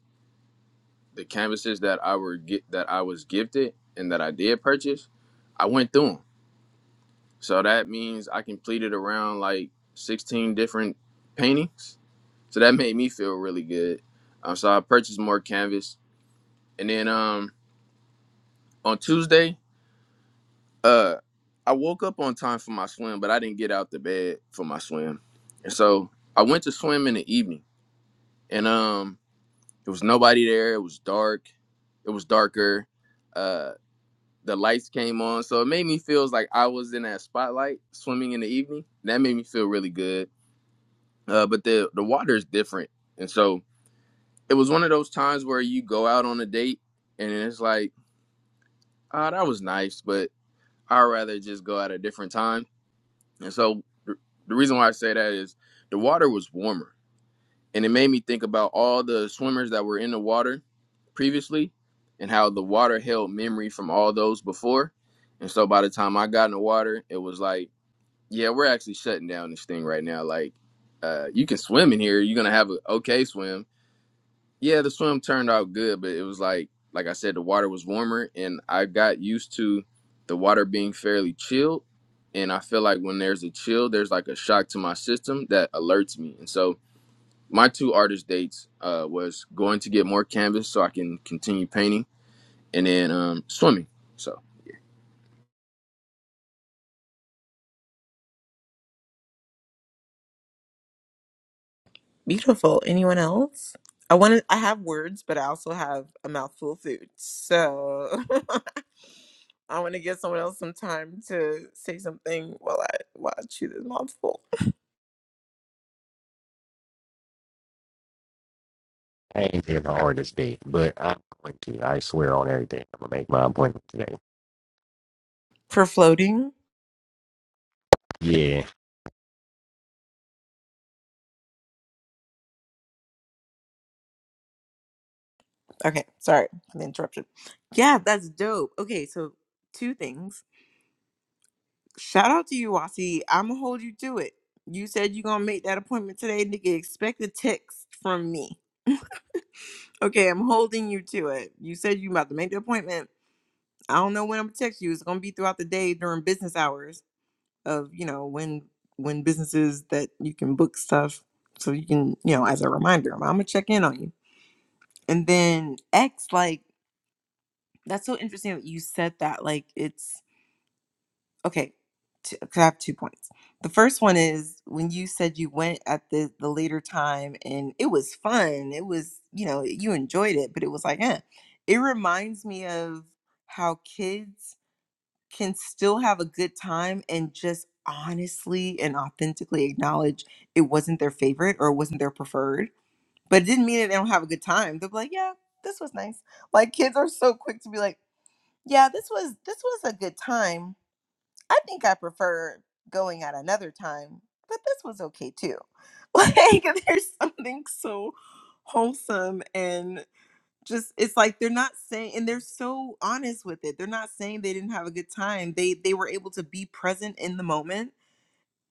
S3: the canvases that I were get that I was gifted and that I did purchase, I went through them. So that means I completed around like 16 different paintings. So that made me feel really good. Um, so I purchased more canvas, and then um, on Tuesday, uh, I woke up on time for my swim, but I didn't get out the bed for my swim, and so I went to swim in the evening, and um, there was nobody there. It was dark. It was darker Uh, the lights came on. So it made me feel like I was in that spotlight swimming in the evening. That made me feel really good. Uh, but the the water is different, and so it was one of those times where you go out on a date and it's like, ah, that was nice, but I'd rather just go at a different time. And so th- the reason why I say that is the water was warmer, and it made me think about all the swimmers that were in the water previously, and how the water held memory from all those before. And so by the time I got in the water, it was like Yeah, we're actually shutting down this thing right now. Like, uh, you can swim in here. You're gonna have an okay swim. Yeah, the swim turned out good, but it was like, like I said, the water was warmer, and I got used to the water being fairly chilled. And I feel like when there's a chill, there's like a shock to my system that alerts me. And so my two artist dates uh, was going to get more canvas so I can continue painting, and then um, swimming. So
S1: Beautiful. Anyone else? I want to. I have words, but I also have a mouthful of food. So I want to give someone else some time to say something while I while I chew this mouthful.
S2: I ain't here the hardest day, but I'm going to. I swear on everything. I'm gonna make my appointment today.
S1: For floating.
S2: Yeah.
S1: Okay, sorry for the interruption. Yeah, that's dope. Okay, so two things. Shout out to you, Wasi. I'm gonna hold you to it. You said you're gonna make that appointment today, nigga. Expect a text from me. Okay, I'm holding you to it. You said you about to make the appointment. I don't know when I'm gonna text you. It's gonna be throughout the day during business hours of you know when when businesses that you can book stuff so you can you know as a reminder. I'm gonna check in on you. And then X, like that's so interesting that you said that. Like it's okay t- 'cause i have two points the first one is when you said you went at the the later time and it was fun it was you know you enjoyed it but it was like eh. it reminds me of how kids can still have a good time and just honestly and authentically acknowledge it wasn't their favorite or it wasn't their preferred but it didn't mean that they don't have a good time they're like yeah this was nice like kids are so quick to be like yeah this was this was a good time I think I prefer going at another time, but this was okay too. Like there's something so wholesome and just it's like they're not saying and they're so honest with it. They're not saying they didn't have a good time. They they were able to be present in the moment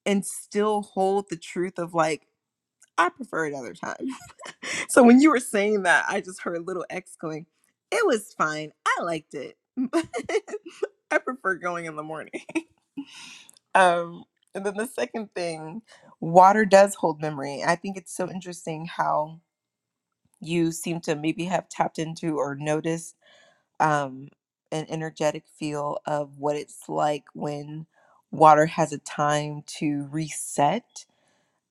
S1: and still hold the truth of like I prefer another time. So when you were saying that, I just heard little X going, "It was fine. I liked it. I prefer going in the morning." um, and then the second thing, water does hold memory. I think it's so interesting how you seem to maybe have tapped into or noticed um, an energetic feel of what it's like when water has a time to reset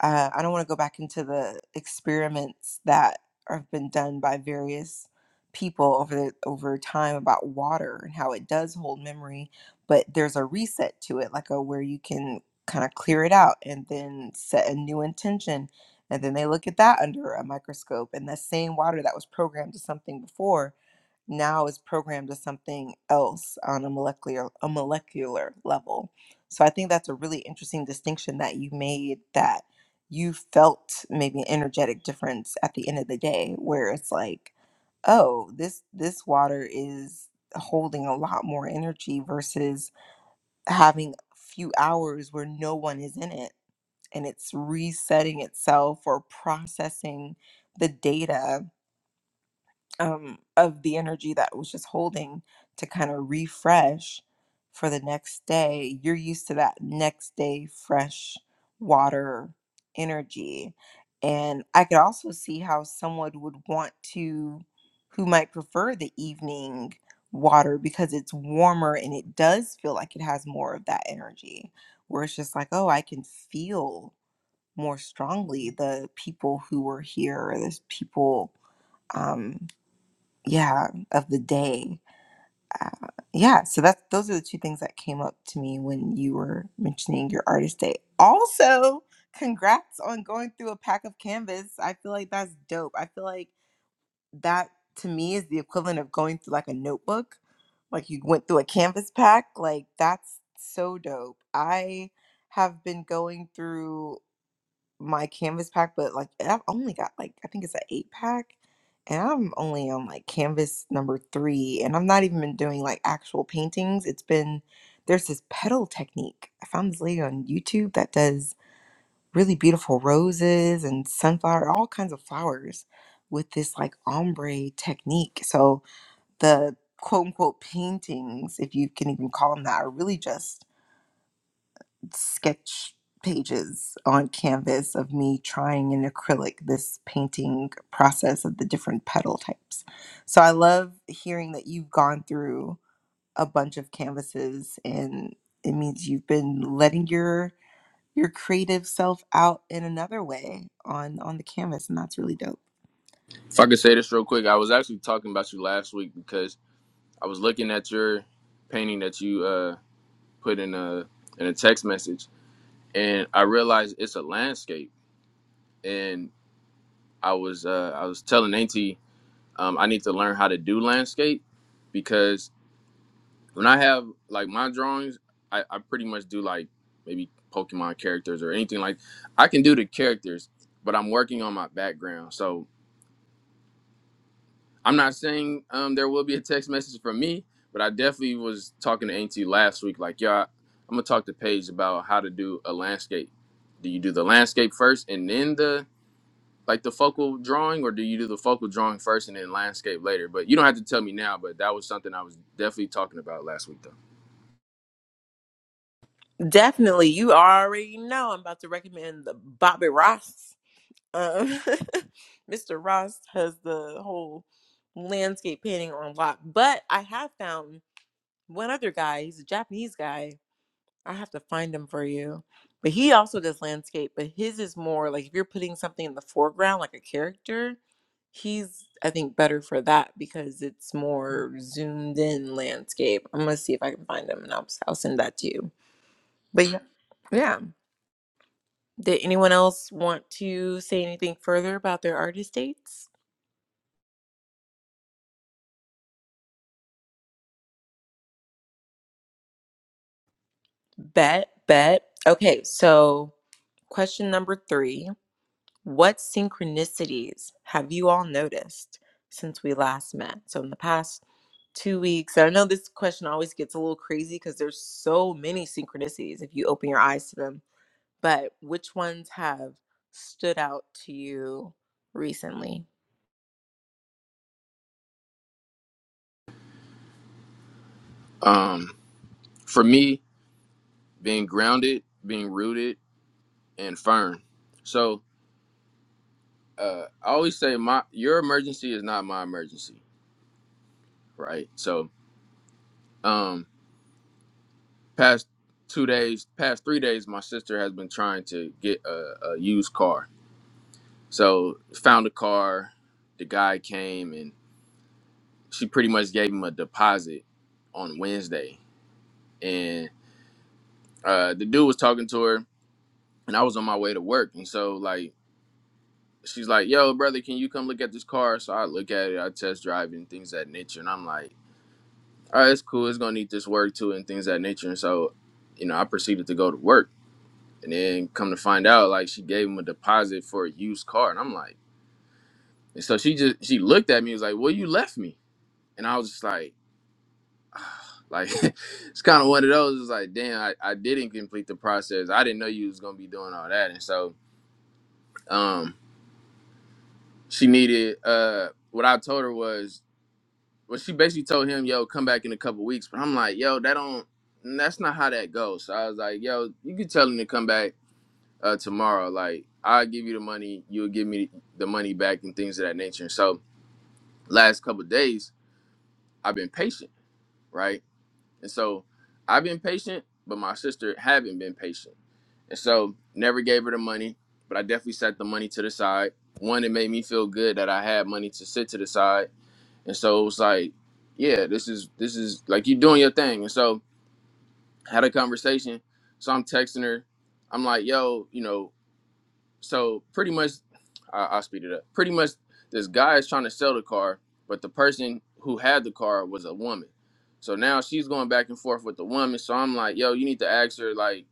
S1: uh, I don't want to go back into the experiments that have been done by various people over the, over time about water and how it does hold memory, but there's a reset to it, like a where you can kind of clear it out and then set a new intention. And then they look at that under a microscope, and that same water that was programmed to something before now is programmed as something else on a molecular a molecular level. So I think that's a really interesting distinction that you made that you felt maybe an energetic difference at the end of the day where it's like, oh, this this water is holding a lot more energy versus having a few hours where no one is in it and it's resetting itself or processing the data um, of the energy that was just holding to kind of refresh for the next day. You're used to that next day fresh water energy. And I could also see how someone would want to, who might prefer the evening water because it's warmer and it does feel like it has more of that energy, where it's just like, oh, I can feel more strongly the people who were here, or this people. Um, yeah of the day uh, yeah so that's those are the two things that came up to me when you were mentioning your artist day also congrats on going through a pack of canvas i feel like that's dope i feel like that to me is the equivalent of going through like a notebook like you went through a canvas pack like that's so dope i have been going through my canvas pack, but like I've only got like I think it's an eight pack, and I'm only on like canvas number three, and I'm not even been doing like actual paintings. It's been there's this petal technique I found this lady on YouTube that does really beautiful roses and sunflower, all kinds of flowers with this like ombre technique. So the quote unquote paintings, if you can even call them that, are really just sketch pages on canvas of me trying in acrylic this painting process of the different petal types. So I love hearing that you've gone through a bunch of canvases and it means you've been letting your your creative self out in another way on on the canvas and that's really dope.
S3: if I could say this real quick, I was actually talking about you last week because I was looking at your painting that you uh, put in a in a text message, and I realized it's a landscape. And I was uh, I was telling Auntie um, I need to learn how to do landscape because when I have like my drawings, I, I pretty much do like maybe Pokemon characters or anything like I can do the characters, but I'm working on my background. So I'm not saying um, there will be a text message from me, but I definitely was talking to Auntie last week. Like, y'all, I'm gonna talk to Paige about how to do a landscape. Do you do the landscape first and then the like the focal drawing, or do you do the focal drawing first and then landscape later? But you don't have to tell me now. But that was something I was definitely talking about last week, though.
S1: Definitely. You already know I'm about to recommend the Bobby Ross. Um, Mr. Ross has the whole landscape painting on lock, but I have found one other guy. He's a Japanese guy. I have to find him for you. But he also does landscape, but his is more like if you're putting something in the foreground, like a character, he's, I think, better for that because it's more zoomed in landscape. I'm going to see if I can find him and I'll, I'll send that to you. But yeah. Yeah. Did anyone else want to say anything further about their artist dates? Bet, bet. Okay, so question number three. What synchronicities have you all noticed since we last met? So, in the past two weeks, I know this question always gets a little crazy because there's so many synchronicities if you open your eyes to them, but which ones have stood out to you recently?
S3: Um, for me, being grounded, being rooted, and firm. So uh, I always say my your emergency is not my emergency, right? So. um past two days, past three days, my sister has been trying to get a, a used car. So found a car. The guy came and she pretty much gave him a deposit on Wednesday. And uh, the dude was talking to her, and I was on my way to work. And so like she's like, "Yo, brother, can you come look at this car?" So I look at it, I test drive it, and things of that nature. And I'm like, "All right, it's cool. It's gonna need this work too, and things of that nature." And so, you know, I proceeded to go to work And then come to find out, like she gave him a deposit for a used car, and I'm like, and so she just she looked at me, and was like, "Well, you left me," and I was just like, like it's kind of one of those. It's like, damn, I, I didn't complete the process. I didn't know you was gonna be doing all that, and so um, she needed uh, what I told her was, well, she basically told him, "Yo, come back in a couple weeks," but I'm like, "Yo, that don't." That's not how that goes. So I was like, "Yo, you can tell him to come back uh, tomorrow. Like I'll give you the money, you'll give me the money back and things of that nature. And so last couple of days, I've been patient, right? And so I've been patient, but my sister haven't been patient. And so never gave her the money, but I definitely set the money to the side. One, it made me feel good that I had money to sit to the side. And so it was like, yeah, this is this is like you doing your thing. And so had a conversation. So I'm texting her. I'm like, yo, you know, so pretty much I, i'll speed it up pretty much this guy is trying to sell the car but the person who had the car was a woman so now she's going back and forth with the woman so i'm like yo you need to ask her like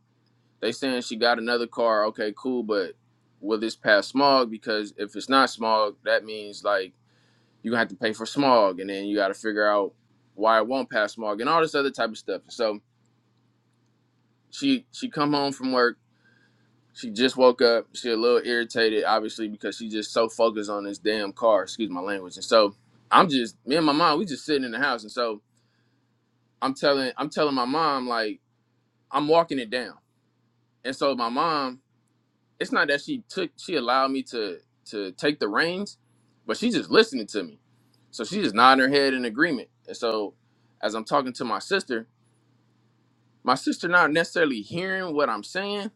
S3: they saying she got another car okay cool but will this pass smog because if it's not smog that means like you gonna have to pay for smog and then you gotta figure out why it won't pass smog and all this other type of stuff so she she come home from work she just woke up. She a little irritated, obviously, because she just so focused on this damn car. Excuse my language. And so I'm just me and my mom. We just sitting in the house, and so I'm telling I'm telling my mom like I'm walking it down. And so my mom, it's not that she took she allowed me to to take the reins, but she's just listening to me. So she just nodding her head in agreement. And so as I'm talking to my sister, my sister not necessarily hearing what I'm saying,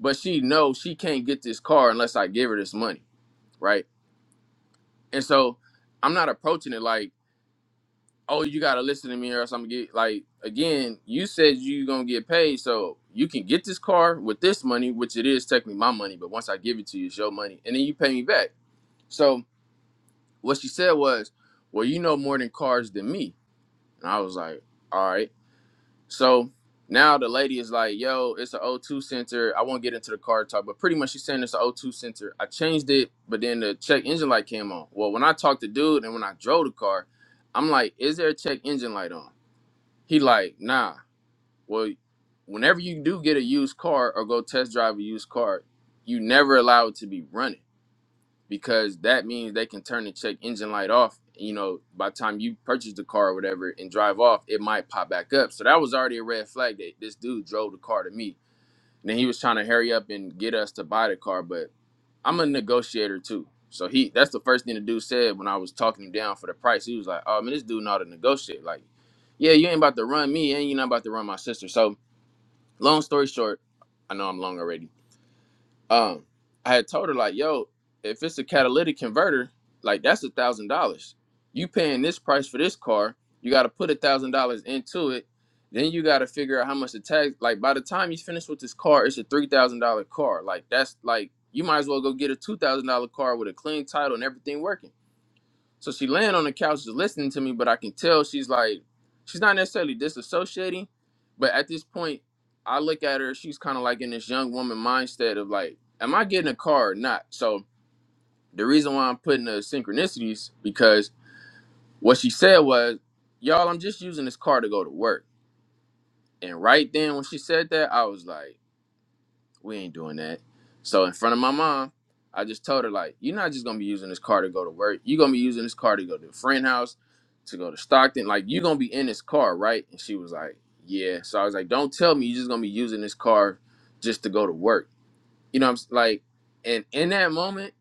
S3: but she knows she can't get this car unless I give her this money, right? And so I'm not approaching it like, oh, you gotta listen to me or else I'm gonna get like again, you said you gonna get paid, so you can get this car with this money, which it is technically my money, but once I give it to you, it's your money, and then you pay me back. So what she said was, Well, you know more than cars than me. And I was like, All right. So now the lady is like, yo, it's an O2 sensor. I won't get into the car talk, but pretty much she's saying it's an O2 sensor. I changed it, but then the check engine light came on. Well, when I talked to dude and when I drove the car, I'm like, is there a check engine light on? He like, nah. Well, whenever you do get a used car or go test drive a used car, you never allow it to be running because that means they can turn the check engine light off. You know, by the time you purchase the car or whatever and drive off, it might pop back up. So that was already a red flag that this dude drove the car to me. And then he was trying to hurry up and get us to buy the car, but I'm a negotiator too. So he that's the first thing the dude said when I was talking him down for the price. He was like, Oh man, this dude know how to negotiate. Like, yeah, you ain't about to run me and you're not about to run my sister. So long story short, I know I'm long already um, I had told her like, yo, if it's a catalytic converter, like that's a thousand dollars. You paying this price for this car, you got to put a thousand dollars into it. Then you got to figure out how much the tax. Like by the time you finish with this car, it's a three thousand dollar car. Like that's like you might as well go get a two thousand dollar car with a clean title and everything working. So she laying on the couch just listening to me, but I can tell she's like, she's not necessarily disassociating, but at this point, I look at her, she's kind of like in this young woman mindset of like, am I getting a car or not? So the reason why I'm putting the synchronicities because what she said was, y'all, I'm just using this car to go to work. And right then when she said that, I was like, we ain't doing that. So in front of my mom, I just told her like, you're not just gonna be using this car to go to work. You're gonna be using this car to go to a friend house, to go to Stockton. Like you're gonna be in this car, right? And she was like, yeah. So I was like, don't tell me you're just gonna be using this car just to go to work. You know what I'm s- like? And in that moment,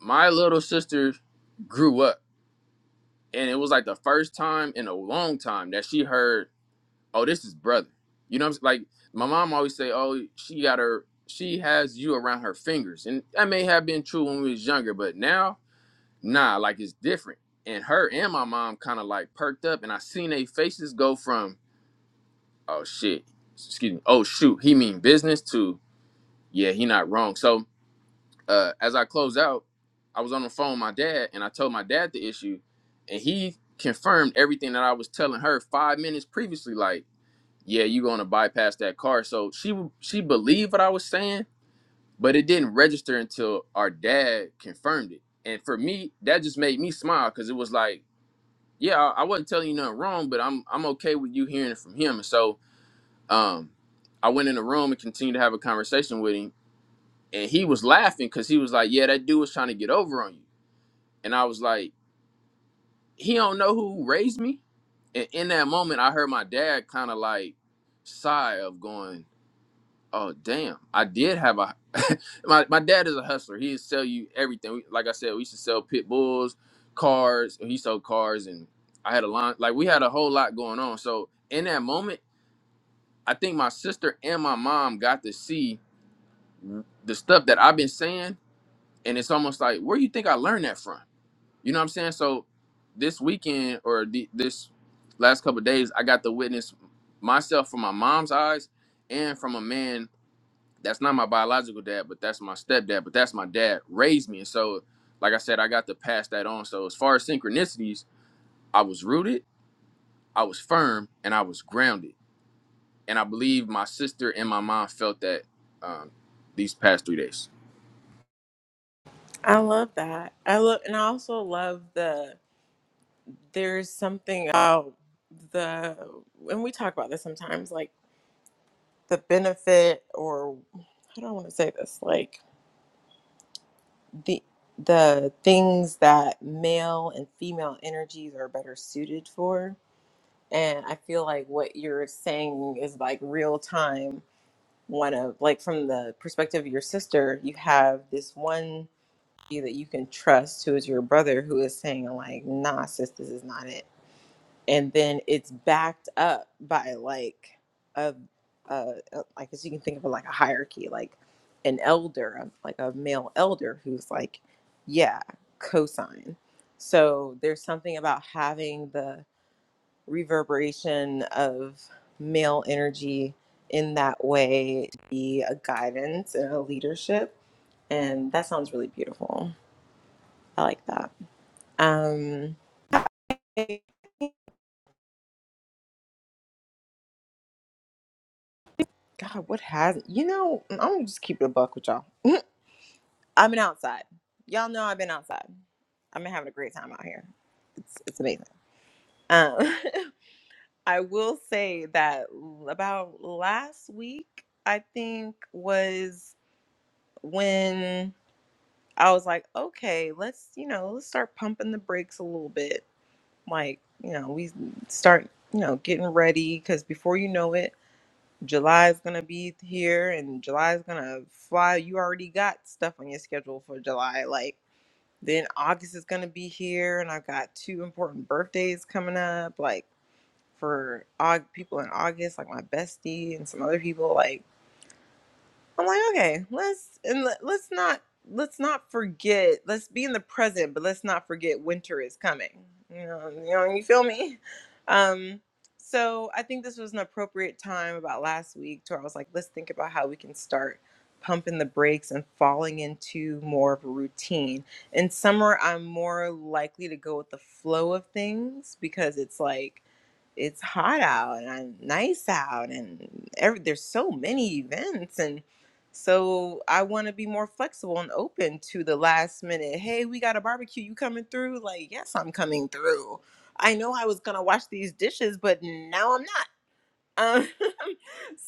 S3: my little sister grew up, and it was like the first time in a long time that she heard oh, this is brother. You know, what I'm s- like my mom always say, oh, she got her, she has you around her fingers, and that may have been true when we was younger, but now, nah, like it's different. And her and my mom kind of like perked up, and I seen they faces go from, oh shit, excuse me, oh shoot, he mean business to, yeah, he not wrong. So uh, as I close out, I was on the phone with my dad, and I told my dad the issue, and he confirmed everything that I was telling her five minutes previously, like yeah, you're going to bypass that car. So she she believed what I was saying, but it didn't register until our dad confirmed it. And for me, that just made me smile because it was like, yeah, I, I wasn't telling you nothing wrong, but I'm I'm okay with you hearing it from him. And so um, I went in the room and continued to have a conversation with him, and he was laughing because he was like, yeah, that dude was trying to get over on you, and I was like, he don't know who raised me. And in that moment, I heard my dad kind of like sigh of going. Oh damn! I did have a my my dad is a hustler. He'd sell you everything. We, like I said, we used to sell pit bulls, cars. He sold cars, and I had a line. Like we had a whole lot going on. So in that moment, I think my sister and my mom got to see the stuff that I've been saying, and it's almost like where you think I learned that from? You know what I'm saying? So this weekend or the, this last couple of days, I got to witness myself from my mom's eyes and from a man that's not my biological dad, but that's my stepdad, but that's my dad raised me. And so, like I said, I got to pass that on. So, as far as synchronicities, I was rooted, I was firm, and I was grounded. And I believe my sister and my mom felt that um, these past three days.
S1: I love that. I love, and I also love the. There's something about the, and we talk about this sometimes. Like. the benefit or I do not want to say this? Like the the things that male and female energies are better suited for. And I feel like what you're saying is like real time one of like from the perspective of your sister, you have this one you that you can trust who is your brother who is saying like, nah, sis, this is not it and then it's backed up by like a, a, a I guess you can think of it like a hierarchy, like an elder, um, like a male elder who's like, yeah, cosine. So there's something about having the reverberation of male energy in that way to be a guidance and a leadership. And that sounds really beautiful. I like that. Um, hey, God, what has you know? I'm gonna just keep it a buck with y'all. I've been outside. Y'all know I've been outside. I've been having a great time out here. It's it's amazing. Um, I will say that l- about last week, I think was when I was like, okay, let's you know, let's start pumping the brakes a little bit. Like you know, we start you know getting ready because before you know it, July is gonna be here and July is gonna fly. You already got stuff on your schedule for July, like. Then August is going to be here, and I've got two important birthdays coming up, like for Aug- people in August, like my bestie and some other people. Like I'm like, okay, let's and let, let's not let's not forget. Let's be in the present, but let's not forget winter is coming. You know, you know, you feel me? Um, so I think this was an appropriate time about last week to where I was like, let's think about how we can start pumping the brakes and falling into more of a routine. In summer, I'm more likely to go with the flow of things because it's like it's hot out and I'm nice out and every, there's so many events and so I want to be more flexible and open to the last minute. Hey, we got a barbecue. You coming through? Like, yes, I'm coming through. I know I was gonna wash these dishes, but now I'm not. Um,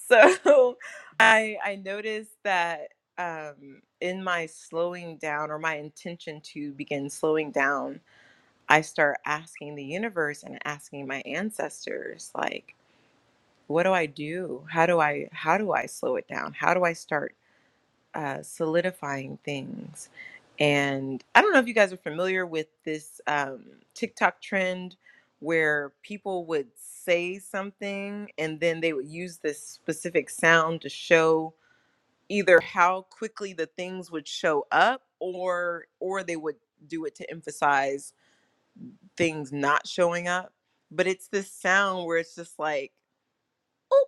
S1: so I I noticed that um, in my slowing down or my intention to begin slowing down, I start asking the universe and asking my ancestors like what do i do how do i how do i slow it down how do i start uh, solidifying things and i don't know if you guys are familiar with this um, tiktok trend where people would say something and then they would use this specific sound to show either how quickly the things would show up or or they would do it to emphasize things not showing up but it's this sound where it's just like "Oop,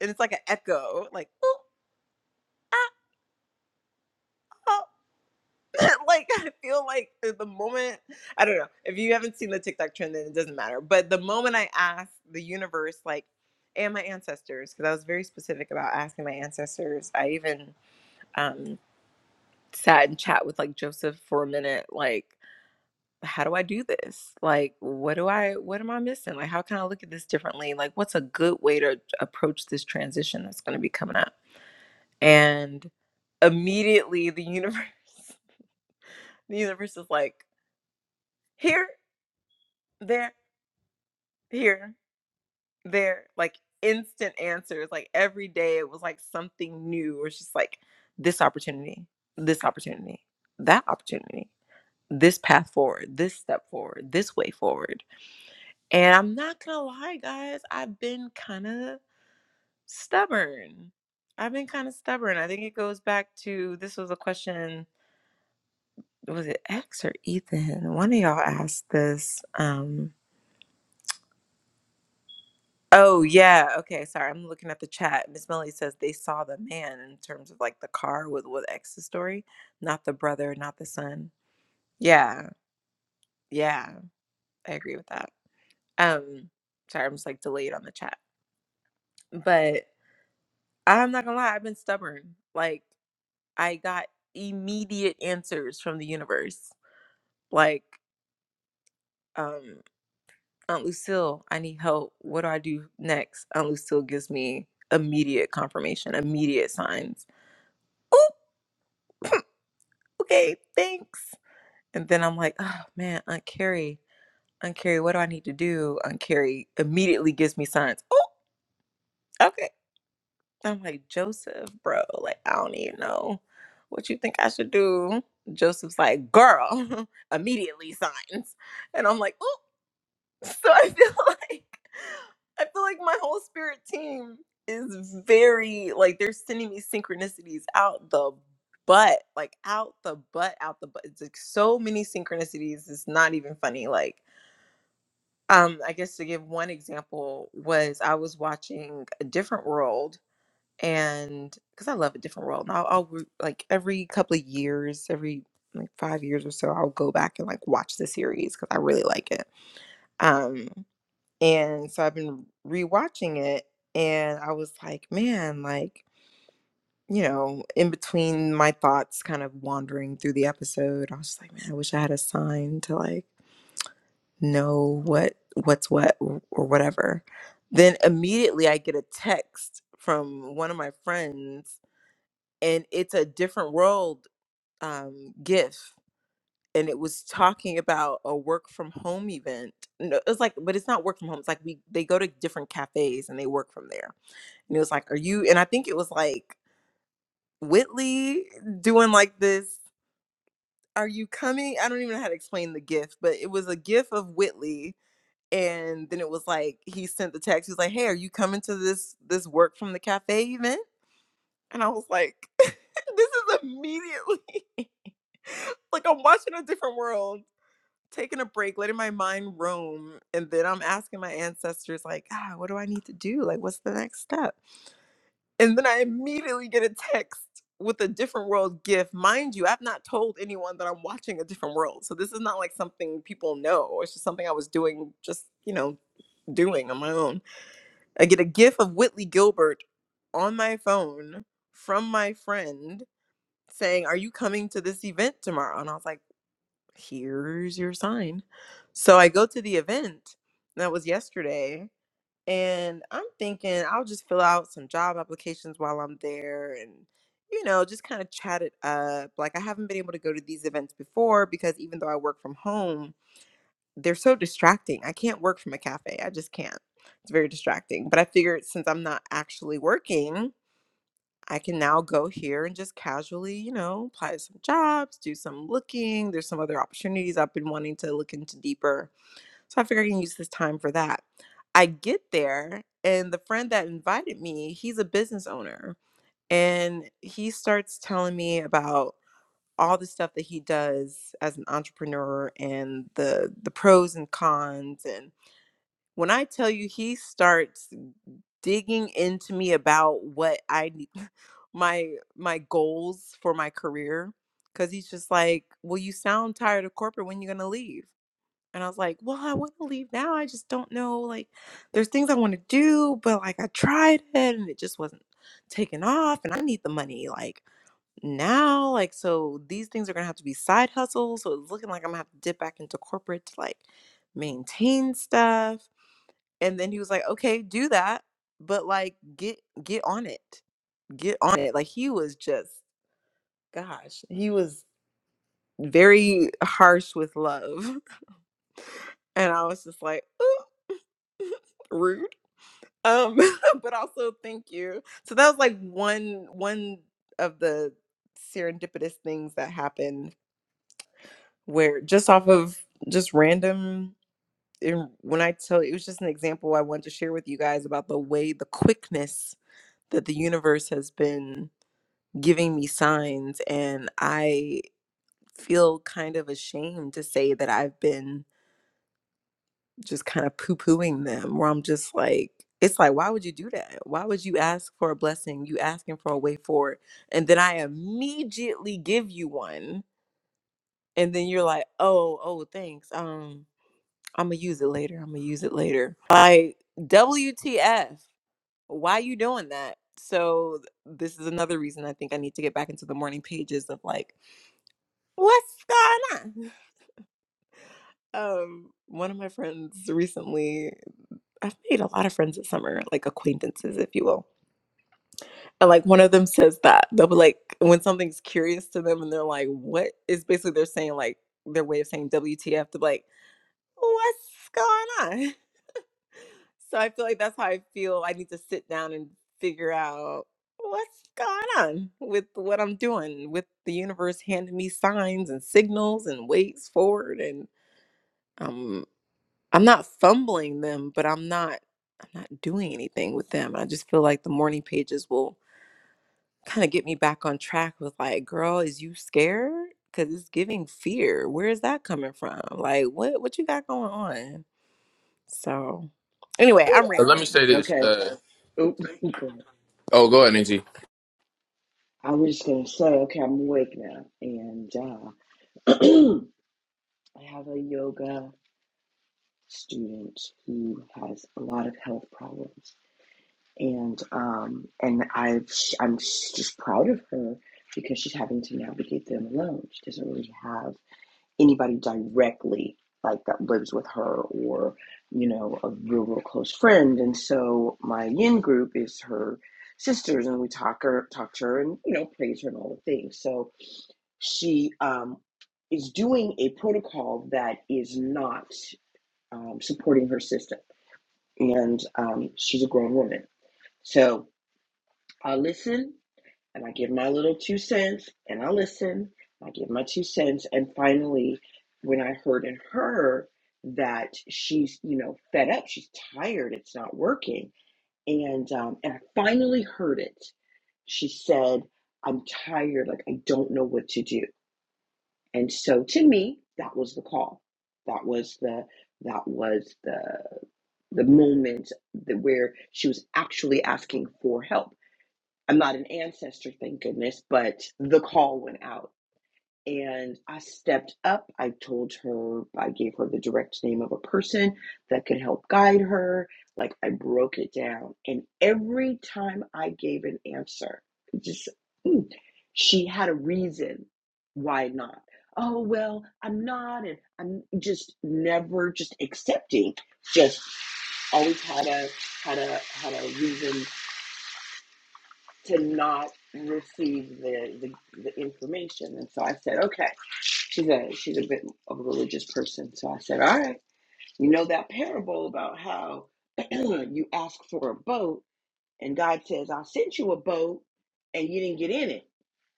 S1: and it's like an echo, like "Ooh, ah, oh." like I feel like uh, the moment I don't know if you haven't seen the TikTok trend, then it doesn't matter. But the moment I asked the universe, like, and my ancestors, because I was very specific about asking my ancestors. I even um, sat and chat with like Joseph for a minute, like. How do I do this? Like, what do I, what am I missing? Like, how can I look at this differently? Like, what's a good way to approach this transition that's going to be coming up? and immediately the universe the universe is like here there here there like instant answers like every day it was like something new it was just like this opportunity this opportunity that opportunity this path forward this step forward this way forward and i'm not gonna lie guys i've been kind of stubborn i've been kind of stubborn i think it goes back to this was a question was it X or Ethan? One of y'all asked this. Um, oh yeah, okay. Sorry, I'm looking at the chat. Miss Melly says they saw the man in terms of like the car with with X's story, not the brother, not the son. Yeah, yeah, I agree with that. Um, sorry, I'm just like delayed on the chat, but I'm not gonna lie, I've been stubborn. Like I got immediate answers from the universe. Like, um, Aunt Lucille, I need help. What do I do next? Aunt Lucille gives me immediate confirmation, immediate signs. Oh, okay, thanks. And then I'm like, oh man, Aunt Carrie, Aunt Carrie, what do I need to do? Aunt Carrie immediately gives me signs. Oh, okay. I'm like, Joseph, bro, like, I don't even know what you think I should do. Joseph's like, girl, immediately signs. And I'm like, oh. So I feel like I feel like my whole spirit team is very like they're sending me synchronicities out the butt, like out the butt, out the butt. It's like so many synchronicities. It's not even funny. Like, um, I guess to give one example was I was watching a different world and because I love a different world. And I'll, I'll re- like every couple of years, every like five years or so, I'll go back and like watch the series because I really like it. Um, and so I've been rewatching it and I was like, man, like, you know, in between my thoughts kind of wandering through the episode, I was just like, man, I wish I had a sign to like know what what's what or or whatever. Then immediately I get a text from one of my friends and it's a different world um gif and it was talking about a work from home event. No, it was like, but it's not work from home. It's like we they go to different cafes and they work from there And it was like, Are you? And I think it was like Whitley doing like this, Are you coming? I don't even know how to explain the gift, but it was a gif of Whitley. And then it was like he sent the text. He was like, Hey, are you coming to this this work from the cafe event? And I was like, This is immediately like I'm watching a different world, taking a break, letting my mind roam. And then I'm asking my ancestors, like, ah, what do I need to do? Like, what's the next step? And then I immediately get a text with a different world gift. Mind you, I've not told anyone that I'm watching a different world. So this is not like something people know. It's just something I was doing, just, you know, doing on my own. I get a gif of Whitley Gilbert on my phone from my friend saying, Are you coming to this event tomorrow? And I was like, Here's your sign. So I go to the event. That was yesterday. And I'm thinking I'll just fill out some job applications while I'm there and, you know, just kind of chat it up. Like, I haven't been able to go to these events before because even though I work from home, they're so distracting. I can't work from a cafe. I just can't. It's very distracting. But I figured since I'm not actually working, I can now go here and just casually, you know, apply to some jobs, do some looking. There's some other opportunities I've been wanting to look into deeper so I figure I can use this time for that. I get there, and the friend that invited me, he's a business owner. And he starts telling me about all the stuff that he does as an entrepreneur and the the pros and cons. And when I tell you, he starts digging into me about what I need my my goals for my career. Cause he's just like, Well, you sound tired of corporate when you gonna leave and I was like, well, I want to leave now. I just don't know. Like, there's things I want to do, but like, I tried it and it just wasn't taking off. And I need the money like now. Like, so these things are going to have to be side hustles. So it's looking like I'm going to have to dip back into corporate to like maintain stuff. And then he was like, okay, do that. But like, get, get on it. Get on it. Like, he was just, gosh, he was very harsh with love. And I was just like, ooh rude. um but also thank you so that was like one one of the serendipitous things that happened where just off of just random and when i tell you, it was just an example i wanted to share with you guys about the way the quickness that the universe has been giving me signs and i feel kind of ashamed to say that i've been just kind of poo pooing them, where I'm just like, it's like, why would you do that? Why would you ask for a blessing? You asking for a way forward. And then I immediately give you one. And then you're like, oh, oh, thanks. Um, I'm gonna use it later. I'm gonna use it later. Like, WTF, why you doing that? So th- this is another reason I think I need to get back into the morning pages of like, what's going on? Um, one of my friends recently I've made a lot of friends this summer, like acquaintances, if you will. And like one of them says that they'll be like when something's curious to them and they're like, "What is?" Basically, they're saying like their way of saying WTF. to like, "What's going on?" So I feel like that's how I feel. I need to sit down and figure out what's going on with what I'm doing, with the universe handing me signs and signals and ways forward and. um, I'm not fumbling them, but I'm not I'm not doing anything with them. I just feel like the morning pages will kind of get me back on track with like, girl, is you scared? Cause it's giving fear. Where is that coming from? Like what what you got going on? So anyway, I'm
S3: So let me
S1: rambling.
S3: say this.
S4: Okay.
S3: Uh,
S4: Oop, great.
S3: oh, go ahead, Angie.
S4: I was just gonna say, okay, I'm awake now, and uh, I have a yoga student who has a lot of health problems, and um, and I've I'm just proud of her because she's having to navigate them alone. She doesn't really have anybody directly like that lives with her or you know a real real close friend and so my yin group is her sisters and we talk her talk to her and you know praise her and all the things so she um is doing a protocol that is not um, supporting her system and um, she's a grown woman so i listen and I give my little two cents and I listen. I give my two cents. And finally, when I heard in her that she's, you know, fed up, she's tired, it's not working. And um, and I finally heard it. She said, I'm tired, like I don't know what to do. And so to me, that was the call. That was the that was the the moment that where she was actually asking for help I'm not an ancestor, thank goodness, but the call went out. And I stepped up. I told her, I gave her the direct name of a person that could help guide her. Like I broke it down. And every time I gave an answer, just, mm, she had a reason why not. Oh, well, I'm not. And I'm just never just accepting, just always had a, had a, had a reason to not receive the, the, the information. And so I said, okay. She's a she's a bit of a religious person. So I said, all right, you know that parable about how you ask for a boat and God says, I sent you a boat and you didn't get in it.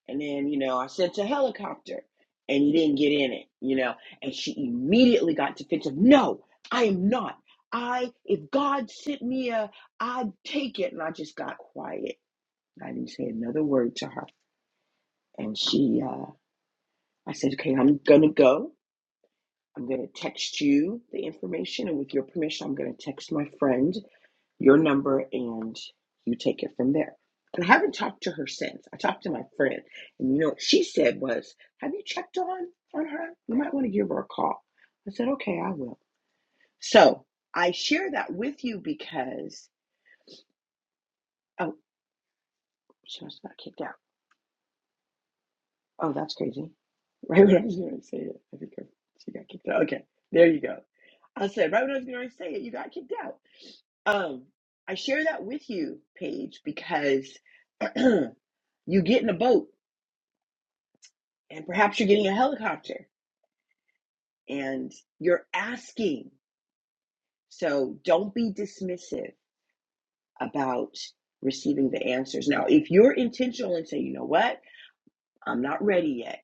S4: And then, you know, I sent a helicopter and you didn't get in it, you know. And she immediately got defensive. No, I am not. I if God sent me a I'd take it. And I just got quiet I didn't say another word to her. And she, uh, I said, okay, I'm going to go. I'm going to text you the information. And with your permission, I'm going to text my friend your number and you take it from there. And I haven't talked to her since. I talked to my friend. And you know what she said was, have you checked on, on her? You might want to give her a call. I said, okay, I will. So I share that with you because, oh, she must have got kicked out. Oh, that's crazy. Right when I was going to say it, I think I, she got kicked out. Okay, there you go. I said right when I was going to say it, you got kicked out. Um, I share that with you, Paige, because you get in a boat and perhaps you're getting a helicopter and you're asking. So don't be dismissive about receiving the answers. Now, if you're intentional and say, you know what, I'm not ready yet.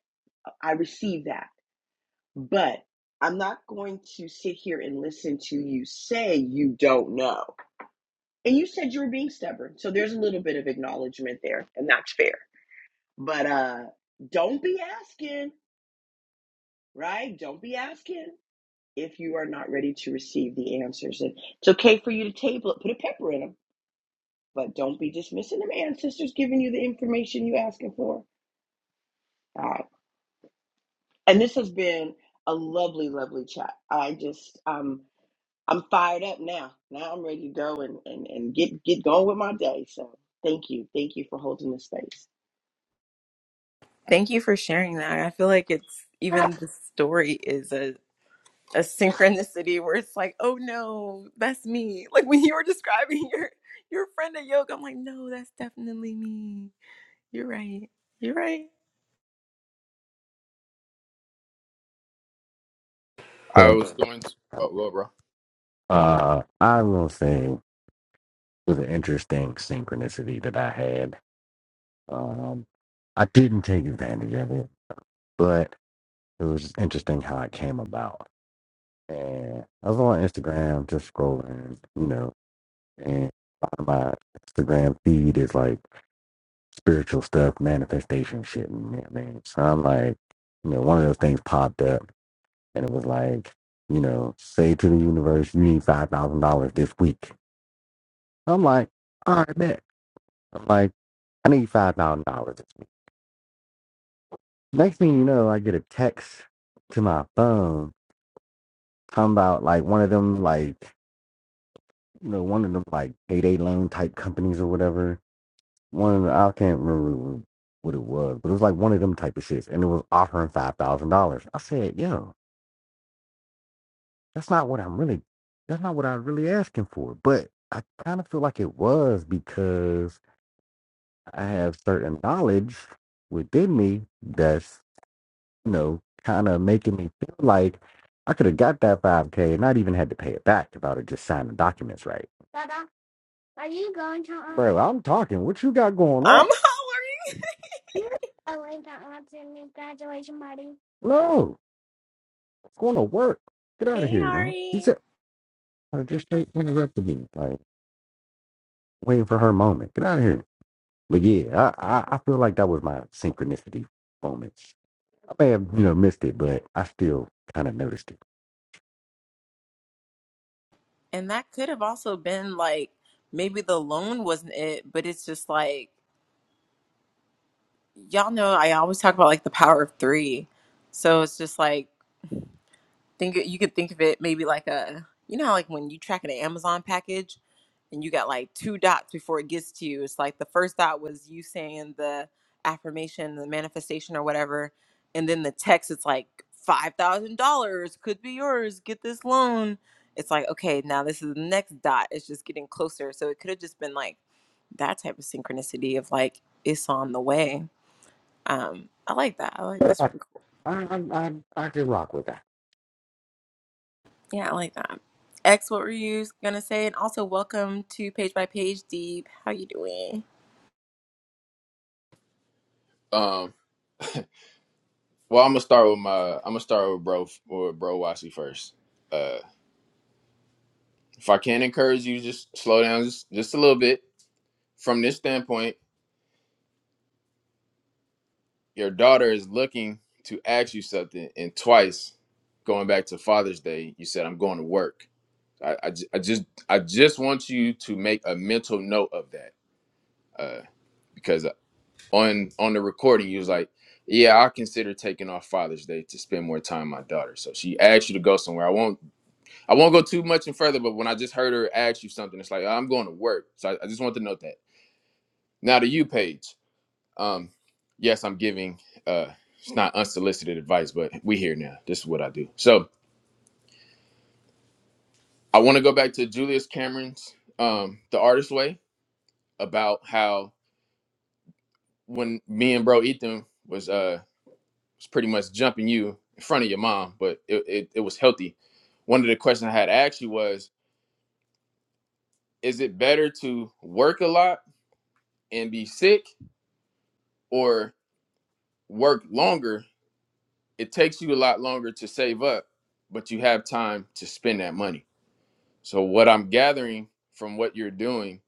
S4: I receive that. But I'm not going to sit here and listen to you say you don't know. And you said you were being stubborn. So there's a little bit of acknowledgement there, and that's fair. But uh don't be asking, right? Don't be asking if you are not ready to receive the answers. And it's okay for you to table it, put a pepper in them, but don't be dismissing them ancestors giving you the information you asking for. All right. And this has been a lovely, lovely chat. I just um I'm fired up now. Now I'm ready to go and, and, and get, get going with my day. So thank you. Thank you for holding the space.
S1: Thank you for sharing that. I feel like it's even the story is a a synchronicity where it's like, oh no, that's me. Like when you were describing your your friend at yoga, I'm like, no, that's definitely me. You're right. You're right.
S3: I
S2: So,
S3: was going. To, oh, go ahead, bro.
S2: uh, I will say it was an interesting synchronicity that I had Um, I didn't take advantage of it, but it was just interesting how it came about. And I was on Instagram just scrolling, you know, and a lot of my Instagram feed is like spiritual stuff, manifestation shit. And you know what I mean, so I'm like, you know, one of those things popped up and it was like, you know, say to the universe, you need $5,000 this week. I'm like, all right, bet. I'm like, I need $5,000 this week. Next thing you know, I get a text to my phone talking about like one of them like you know one of them like payday loan type companies or whatever. One of the, I can't remember what it was, but it was like one of them type of shits, and it was offering five thousand dollars. I said, "Yo, that's not what I'm really. That's not what I'm really asking for." But I kind of feel like it was because I have certain knowledge within me that's you know, kind of making me feel like I could have got that 5K and not even had to pay it back if I would have just signed the documents right. Bro, I'm talking. What you got going on?
S1: I'm hollering.
S2: No, it's going to work. Get out of
S1: Hey,
S2: here, man. He
S1: Ari.
S2: said, I just straight interrupted me, like waiting for her moment. Get out of here. But yeah, I, I, I feel like that was my synchronicity moment. I may have, you know, missed it, but I still kind of noticed
S1: And that could have also been like maybe the loan wasn't it, but it's just like y'all know I always talk about like the power of three. So it's just like think you could think of it maybe like a you know how like when you track an Amazon package and you got like two dots before it gets to you. It's like the first dot was you saying the affirmation, the manifestation or whatever, and then the text it's like five thousand dollars could be yours. Get this loan. It's like okay, now this is the next dot. It's just getting closer. So it could have just been like that type of synchronicity of like it's on the way. Um, I like that. I like
S2: it.
S1: this.
S2: I, I, I, I I can rock with that.
S1: Yeah, I like that. X, what were you gonna say? And also, welcome to Page by Page Deep. How you doing?
S3: Um, well, I'm gonna start with my. I'm gonna start with bro or bro Wassey first. Uh, if I can encourage you, just slow down just, just a little bit from this standpoint your daughter is looking to ask you something and twice going back to father's day you said i'm going to work i, I, ju- I just i just want you to make a mental note of that uh, because uh, on on the recording you was like yeah i consider taking off father's day to spend more time with my daughter so she asked you to go somewhere i won't i won't go too much and further but when i just heard her ask you something it's like i'm going to work so i, I just want to note that now to you paige Um, yes, I'm giving. Uh, it's not unsolicited advice, but we here now. This is what I do. So I want to go back to Julius Cameron's um, "The Artist Way" about how when me and Bro Ethan was uh was pretty much jumping you in front of your mom, but it, it, it was healthy. One of the questions I had asked you was, is it better to work a lot and be sick, or work longer? It takes you a lot longer to save up, but you have time to spend that money So what I'm gathering from what you're doing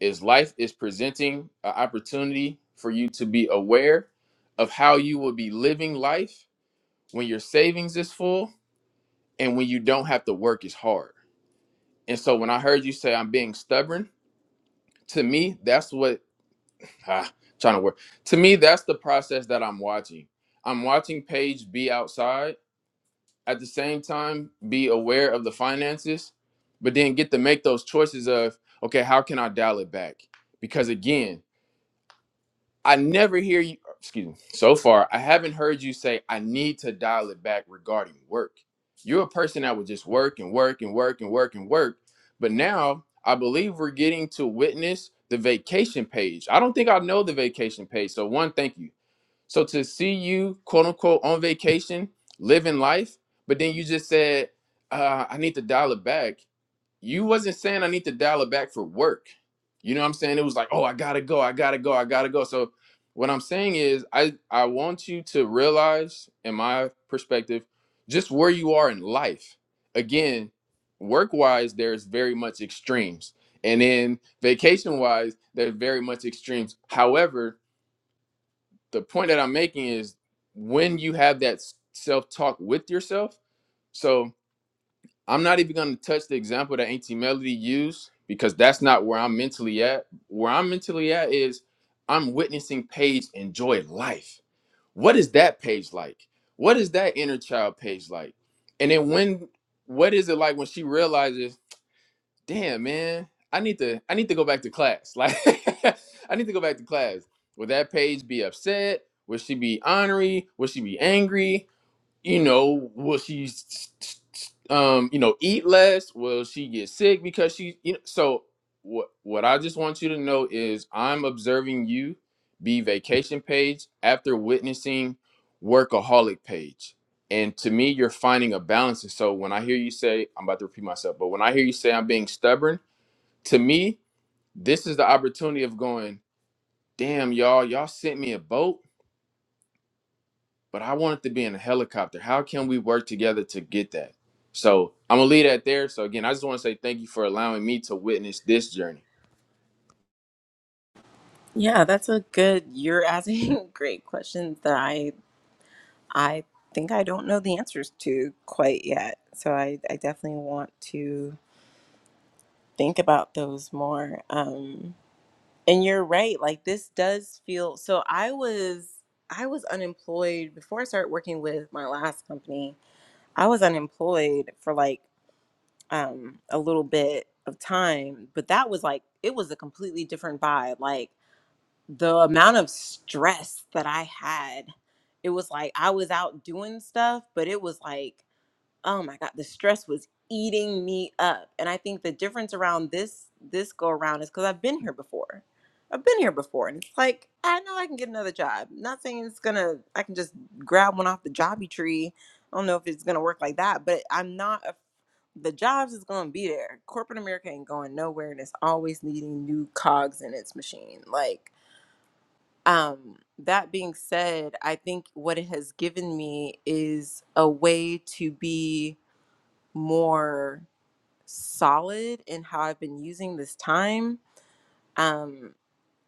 S3: is life is presenting an opportunity for you to be aware of how you will be living life when your savings is full and when you don't have to work as hard. And so when I heard you say I'm being stubborn, to me that's what ah, trying to work. To me that's the process that I'm watching. I'm watching Paige be outside at the same time be aware of the finances, but then get to make those choices of, okay, how can I dial it back? Because again, I never hear you, excuse me, so far, I haven't heard you say, I need to dial it back regarding work. You're a person that would just work and work and work and work and work. But now I believe we're getting to witness the vacation page. I don't think I know the vacation page. So, one, thank you. So to see you, quote unquote, on vacation, living life, but then you just said, uh, I need to dial it back. You wasn't saying I need to dial it back for work. You know what I'm saying? It was like, oh, I gotta go, I gotta go, I gotta go. So what I'm saying is I, I want you to realize, in my perspective, just where you are in life. Again, work-wise, there's very much extremes. And then vacation-wise, there's very much extremes. However, the point that I'm making is when you have that self talk with yourself. So I'm not even going to touch the example that Auntie Melody used because that's not where I'm mentally at. Where I'm mentally at is I'm witnessing Paige enjoy life. What is that page like? What is that inner child page like? And then when, what is it like when she realizes? damn man i need to i need to go back to class like i need to go back to class would that page be upset would she be ornery would she be angry you know, will she, s- s- s- um, you know, eat less? Will she get sick because she, you know? So what? What I just want you to know is, I'm observing you be vacation page after witnessing workaholic page, and to me, you're finding a balance. And so when I hear you say, I'm about to repeat myself, but when I hear you say I'm being stubborn, to me, this is the opportunity of going, damn y'all, y'all sent me a boat but I want it to be in a helicopter. How can we work together to get that? So I'm gonna leave that there. So again, I just want to say thank you for allowing me to witness this journey.
S1: Yeah, that's a good. You're asking great questions that I I think I don't know the answers to quite yet. So I I definitely want to think about those more. Um, and you're right. Like this does feel. So I was I was unemployed before I started working with my last company. I was unemployed for like um a little bit of time but that was like it was a completely different vibe like the amount of stress that i had it was like i was out doing stuff but it was like oh my god the stress was eating me up and i think the difference around this this go around is because i've been here before i've been here before and it's like i know i can get another job not saying it's gonna i can just grab one off the jobby tree i don't know if it's gonna work like that but i'm not a, the jobs is gonna be there corporate america ain't going nowhere and it's always needing new cogs in its machine like um that being said i think what it has given me is a way to be more solid in how I've been using this time. Um,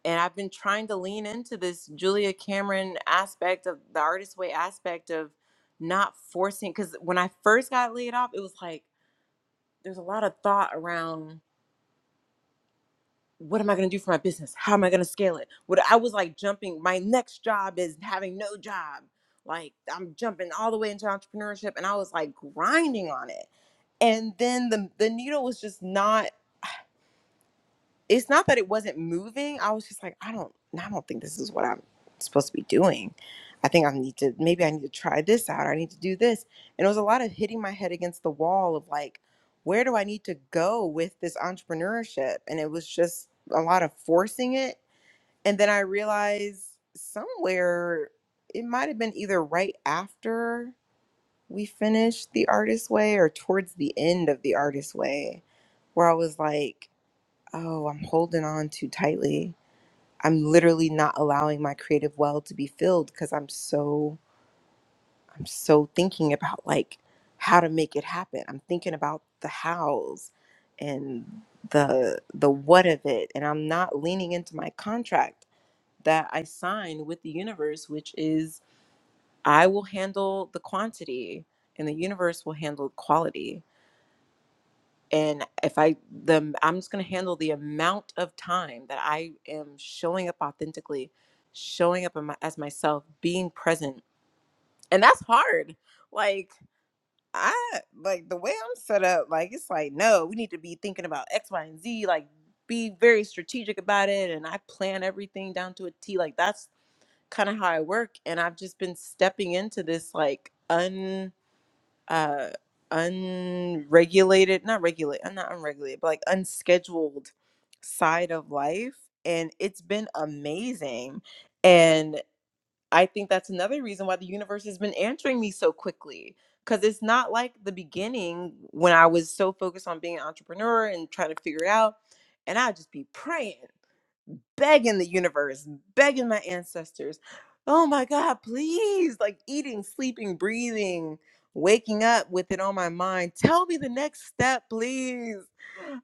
S1: and I've been trying to lean into this Julia Cameron aspect of the artist way aspect of not forcing. Because when I first got laid off, it was like there's a lot of thought around what am I going to do for my business? How am I going to scale it? What I was like jumping, my next job is having no job. Like I'm jumping all the way into entrepreneurship and I was like grinding on it. And then the, the needle was just not it's not that it wasn't moving. I was just like, I don't, I don't think this is what I'm supposed to be doing. I think I need to, maybe I need to try this out. I need to do this. And it was a lot of hitting my head against the wall of like, where do I need to go with this entrepreneurship? And it was just a lot of forcing it. And then I realized somewhere it might have been either right after we finished The Artist Way or towards the end of The Artist Way, where I was like, Oh, I'm holding on too tightly. I'm literally not allowing my creative well to be filled because I'm so I'm so thinking about like how to make it happen. I'm thinking about the hows and the the what of it and I'm not leaning into my contract that I signed with the universe which is I will handle the quantity and the universe will handle quality and if i the i'm just going to handle the amount of time that i am showing up authentically showing up in my, as myself being present and that's hard like i like the way i'm set up like it's like no we need to be thinking about x y and z like be very strategic about it and i plan everything down to a t like that's kind of how i work and i've just been stepping into this like uh unregulated not regulate uh, not unregulated but like unscheduled side of life and it's been amazing and i think that's another reason why the universe has been answering me so quickly because it's not like the beginning when i was so focused on being an entrepreneur and trying to figure it out and i'd just be praying begging the universe, begging my ancestors, oh my God, please, like eating, sleeping, breathing, waking up with it on my mind. Tell me the next step, please.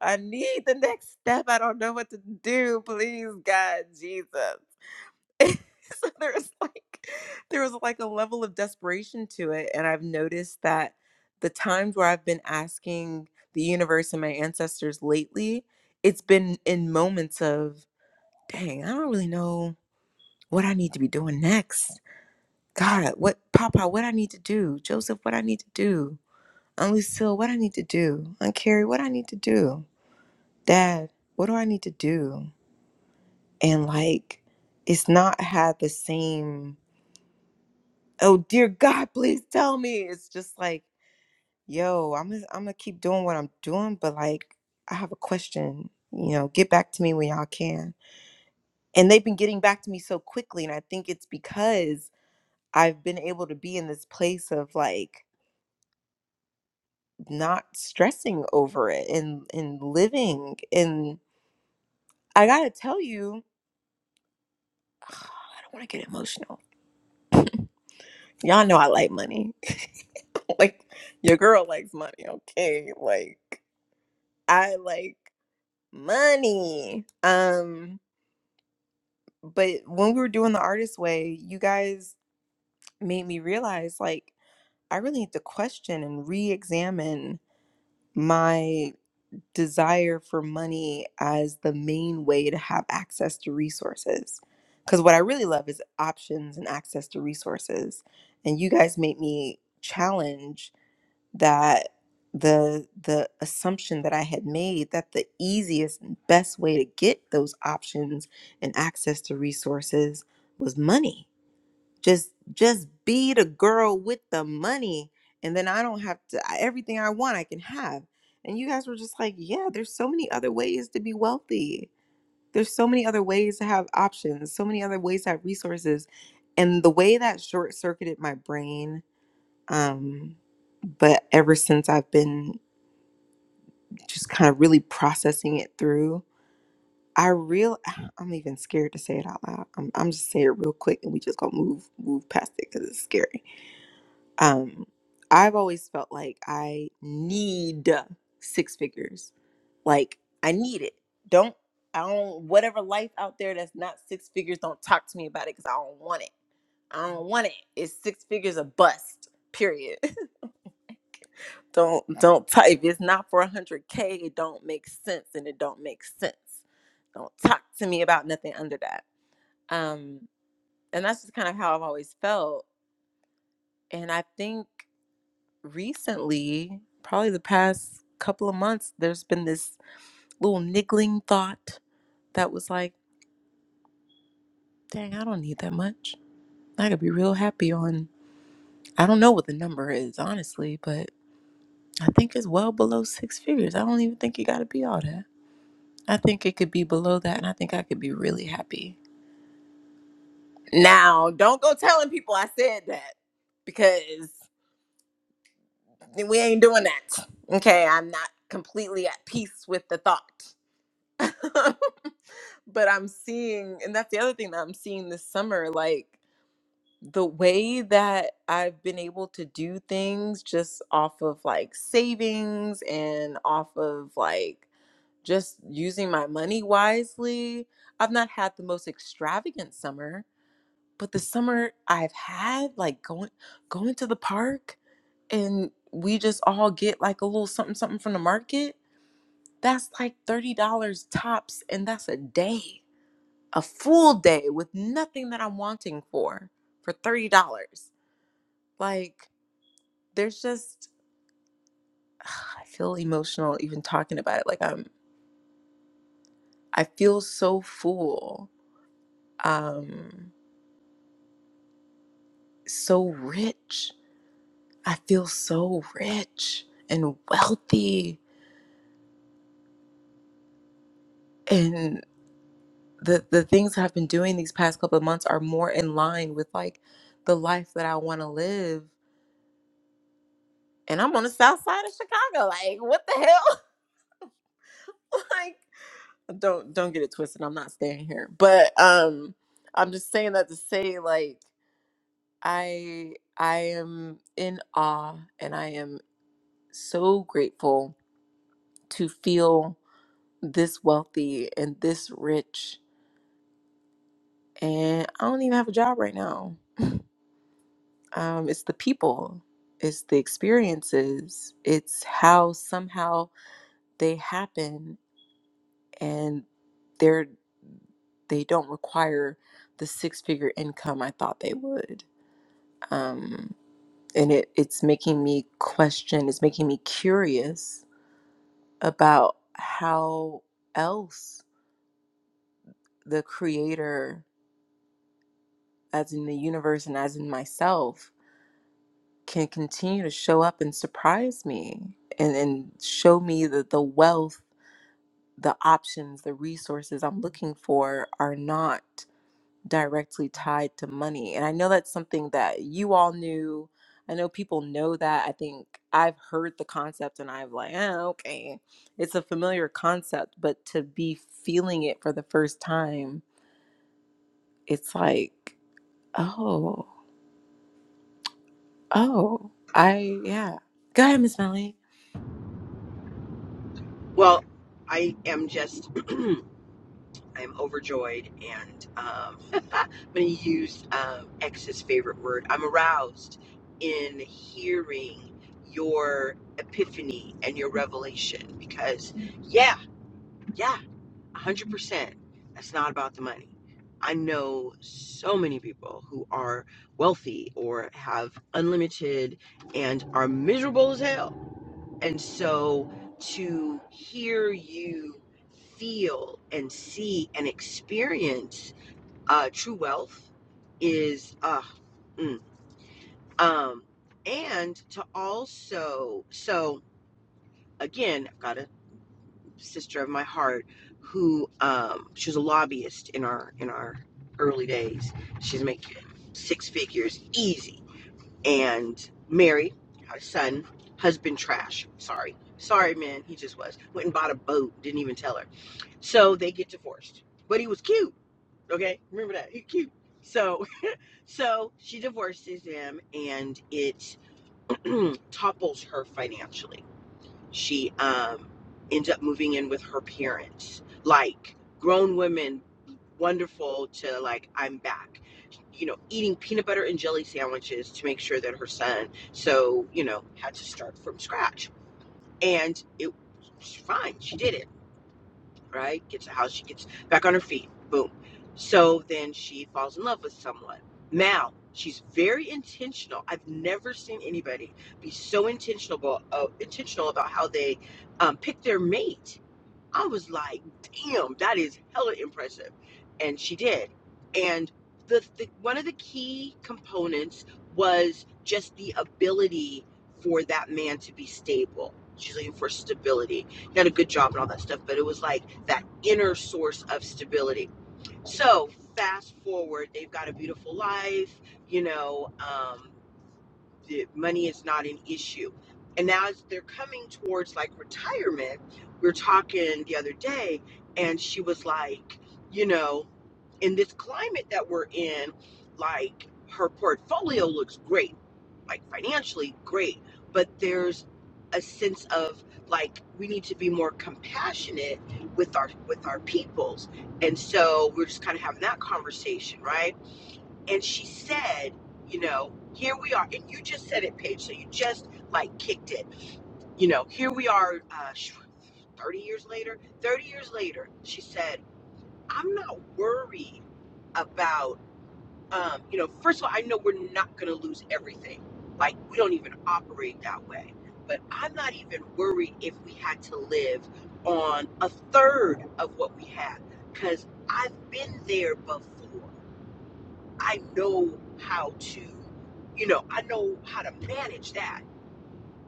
S1: I need the next step. I don't know what to do. Please, God, Jesus. so there was like there was like a level of desperation to it. And I've noticed that the times where I've been asking the universe and my ancestors lately, it's been in moments of dang, I don't really know what I need to be doing next. God, what Papa, what I need to do. Joseph, what I need to do. Aunt Lucille, what I need to do. Aunt Carrie, what I need to do. Dad, what do I need to do? And like, it's not had the same. Oh dear God, please tell me. It's just like, yo, I'm gonna, I'm gonna keep doing what I'm doing, but like, I have a question. You know, get back to me when y'all can. And they've been getting back to me so quickly, and I think it's because I've been able to be in this place of like not stressing over it and and living and I gotta tell you, I don't want to get emotional. Y'all know I like money. like your girl likes money, okay? Like I like money. Um but when we were doing the artist way, you guys made me realize like I really need to question and re-examine my desire for money as the main way to have access to resources. Because what I really love is options and access to resources. And you guys made me challenge that the the assumption that I had made that the easiest and best way to get those options and access to resources was money just just be the girl with the money and then i don't have to I- everything i want i can have and you guys were just like yeah there's so many other ways to be wealthy there's so many other ways to have options so many other ways to have resources and the way that short circuited my brain um but ever since i've been just kind of really processing it through i real i'm even scared to say it out loud i'm, I'm just saying it real quick and we just gonna move move past it because it's scary um i've always felt like i need six figures like i need it don't i don't whatever life out there that's not six figures don't talk to me about it because i don't want it i don't want it it's six figures a bust period don't don't type it's not for 100k it don't make sense and it don't make sense don't talk to me about nothing under that um and that's just kind of how i've always felt and i think recently, probably the past couple of months, there's been this little niggling thought that was like, dang, I don't need that much. I could be real happy on, I don't know what the number is, honestly, but I think it's well below six figures. I don't even think you got to be all that. I think it could be below that, and I think I could be really happy. Now, don't go telling people I said that because we ain't doing that. Okay, I'm not completely at peace with the thought. but I'm seeing, and that's the other thing that I'm seeing this summer, like the way that I've been able to do things just off of like savings and off of like just using my money wisely. I've not had the most extravagant summer, but the summer I've had, like going going to the park and we just all get like a little something something from the market, that's like $30 tops and that's a day a full day with nothing that I'm wanting for for $30. Like there's just I feel emotional even talking about it. Like I'm I feel so full. Um so rich. I feel so rich and wealthy and the the things that I've been doing these past couple of months are more in line with like the life that I want to live. And I'm on the south side of Chicago. Like what the hell? Like. don't don't get it twisted i'm not staying here but um i'm just saying that to say like i i am in awe and i am so grateful to feel this wealthy and this rich and i don't even have a job right now um it's the people it's the experiences it's how somehow they happen and they're they don't require the six figure income i thought they would um, and it, it's making me question it's making me curious about how else the creator as in the universe and as in myself can continue to show up and surprise me and, and show me that the wealth the options the resources i'm looking for are not directly tied to money. And I know that's something that you all knew. I know people know that. I think I've heard the concept and I've like, oh, okay. It's a familiar concept, but to be feeling it for the first time, it's like, oh, oh, I, yeah. Go ahead, Miss Melly.
S4: Well, I am just, I'm overjoyed and um, I'm going to use um, X's favorite word. I'm aroused in hearing your epiphany and your revelation because, yeah, yeah. 100%. That's not about the money. I know so many people who are wealthy or have unlimited and are miserable as hell. And so to hear you feel and see and experience uh, true wealth is, uh, mm. um, and to also, so again, gotta sister of my heart who um she was a lobbyist in our in our early days she's making six figures easy and married had a son husband trash sorry sorry man he just was went and bought a boat didn't even tell her so they get divorced but he was cute okay remember that he cute so so she divorces him and it topples her financially she um ends up moving in with her parents like grown women wonderful to like i'm back you know eating peanut butter and jelly sandwiches to make sure that her son so you know had to start from scratch and it was fine she did it right? Gets a house, she gets back on her feet, boom. So then she falls in love with someone. Now, she's very intentional. I've never seen anybody be so intentional, uh, intentional about how they um, pick their mate I was like, damn, that is hella impressive. And she did. And the, the one of the key components was just the ability for that man to be stable. She's looking for stability. He had a good job and all that stuff, but it was like that inner source of stability. So fast forward, they've got a beautiful life, you know. um, the money is not an issue. And now as they're coming towards like retirement, we were talking the other day, and she was like, you know, in this climate that we're in, like her portfolio looks great, like financially great, but there's a sense of like we need to be more compassionate with our with our peoples. And so we're just kind of having that conversation, right? and she said, you know, here we are, and you just said it, Paige. So you just like kicked it. You know, here we are, uh, sh- 30 years later. 30 years later, she said, I'm not worried about, um, you know, first of all, I know we're not going to lose everything. Like we don't even operate that way. But I'm not even worried if we had to live on a third of what we have, because I've been there before. I know how to, you know, I know how to manage that.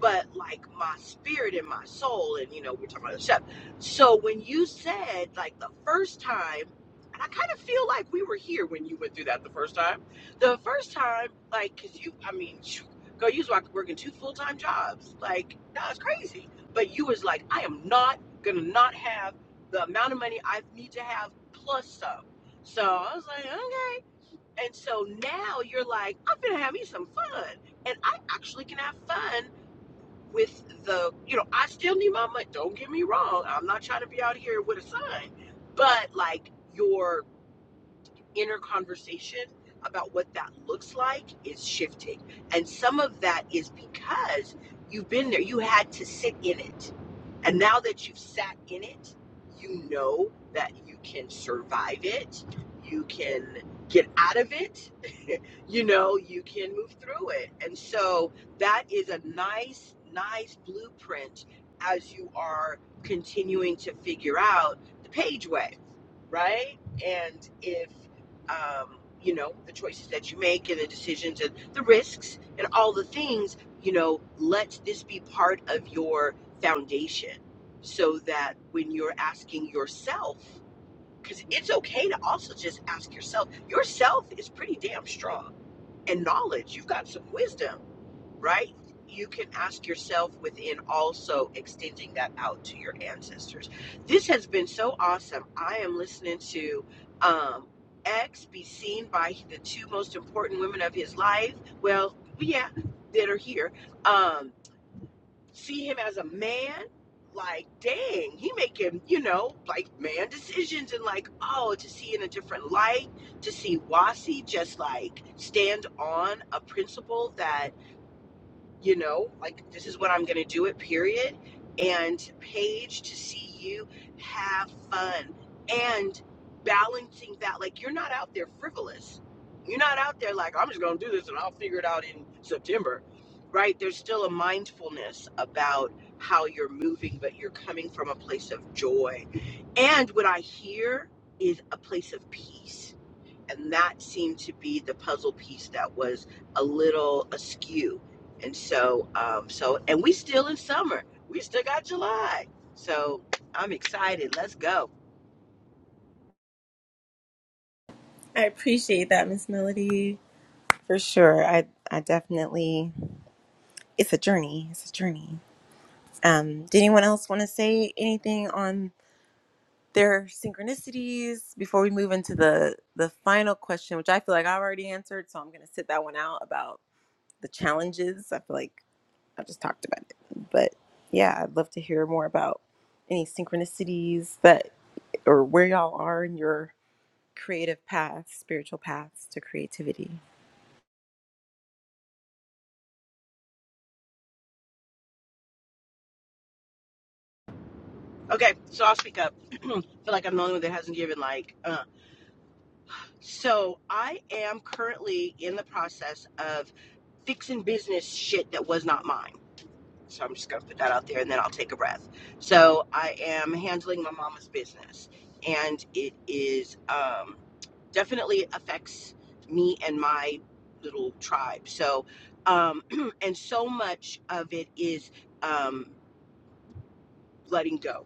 S4: But like my spirit and my soul, and you know, we're talking about the chef. So when you said like the first time, and I kind of feel like we were here when you went through that the first time. The first time, like, cause you, I mean, phew, girl, you was like working two full time jobs. Like, that was crazy. But you was like, I am not gonna not have the amount of money I need to have plus some. So I was like, okay. And so now you're like, I'm gonna have me some fun. And I actually can have fun with the, you know, I still need my money. Don't get me wrong. I'm not trying to be out here with a sign, but like your inner conversation about what that looks like is shifting. And some of that is because you've been there, you had to sit in it. And now that you've sat in it, you know that you can survive it, you can get out of it, you know, you can move through it. And so that is a nice, nice blueprint as you are continuing to figure out the page way right? And if um, you know, the choices that you make and the decisions and the risks and all the things, you know, let this be part of your foundation so that when you're asking yourself, because it's okay to also just ask yourself, yourself is pretty damn strong and knowledge, you've got some wisdom right? You can ask yourself within also extending that out to your ancestors. This has been so awesome. I am listening to um, X be seen by the two most important women of his life. Well, yeah, that are here. Um, see him as a man. Like, dang, he making, you know, like man decisions and like, oh, to see in a different light, to see Wasi just like stand on a principle that you know, like this is what I'm going to do it, period. And Paige, to see you have fun and balancing that, like you're not out there frivolous. You're not out there like, I'm just going to do this and I'll figure it out in September, right? There's still a mindfulness about how you're moving, but you're coming from a place of joy. And what I hear is a place of peace and that seemed to be the puzzle piece that was a little askew and so um so and we still in summer we still got july so i'm excited let's go
S1: I appreciate that, Miss Melody. For sure. I I definitely it's a journey. It's a journey. Um, did anyone else want to say anything on their synchronicities before we move into the the final question which i feel like i already answered so i'm going to sit that one out about the challenges i feel like i just talked about it but yeah i'd love to hear more about any synchronicities that or where y'all are in your creative path spiritual paths to creativity
S4: okay so i'll speak up feel like i'm the only one that hasn't given like uh so i am currently in the process of fixing business shit that was not mine So I'm just going to put that out there and then I'll take a breath. So I am handling my mama's business and it is um, definitely affects me and my little tribe. So, um, and so much of it is. Um, letting go,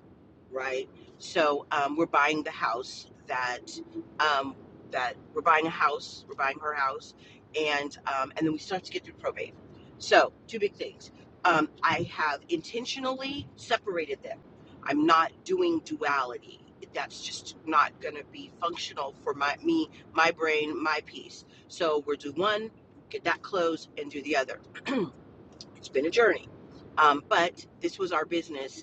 S4: right? So um, we're buying the house that um, that we're buying a house, we're buying her house, and um, and then we still have to get through probate. So two big things. Um, I have intentionally separated them. I'm not doing duality. That's just not going to be functional for my me, my brain, my piece. So we're do one, get that closed, and do the other. It's been a journey, um, but this was our business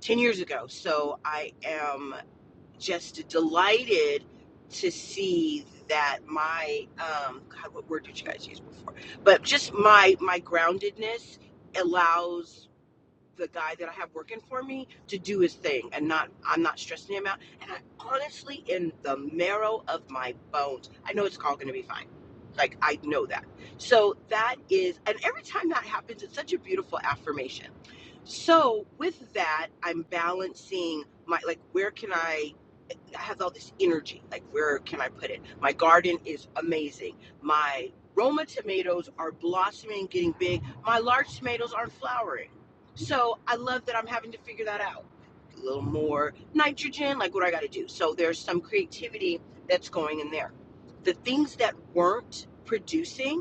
S4: 10 years ago. So I am just delighted to see that my um god what word did you guys use before but just my my groundedness allows the guy that I have working for me to do his thing and not I'm not stressing him out. And I honestly in the marrow of my bones, I know it's all gonna be fine. Like I know that. So that is and every time that happens, it's such a beautiful affirmation. So with that, I'm balancing my like where can I I have all this energy. Like, where can I put it? My garden is amazing. My Roma tomatoes are blossoming, getting big. My large tomatoes aren't flowering. So I love that I'm having to figure that out. A little more nitrogen, like what I got to do. So there's some creativity that's going in there. The things that weren't producing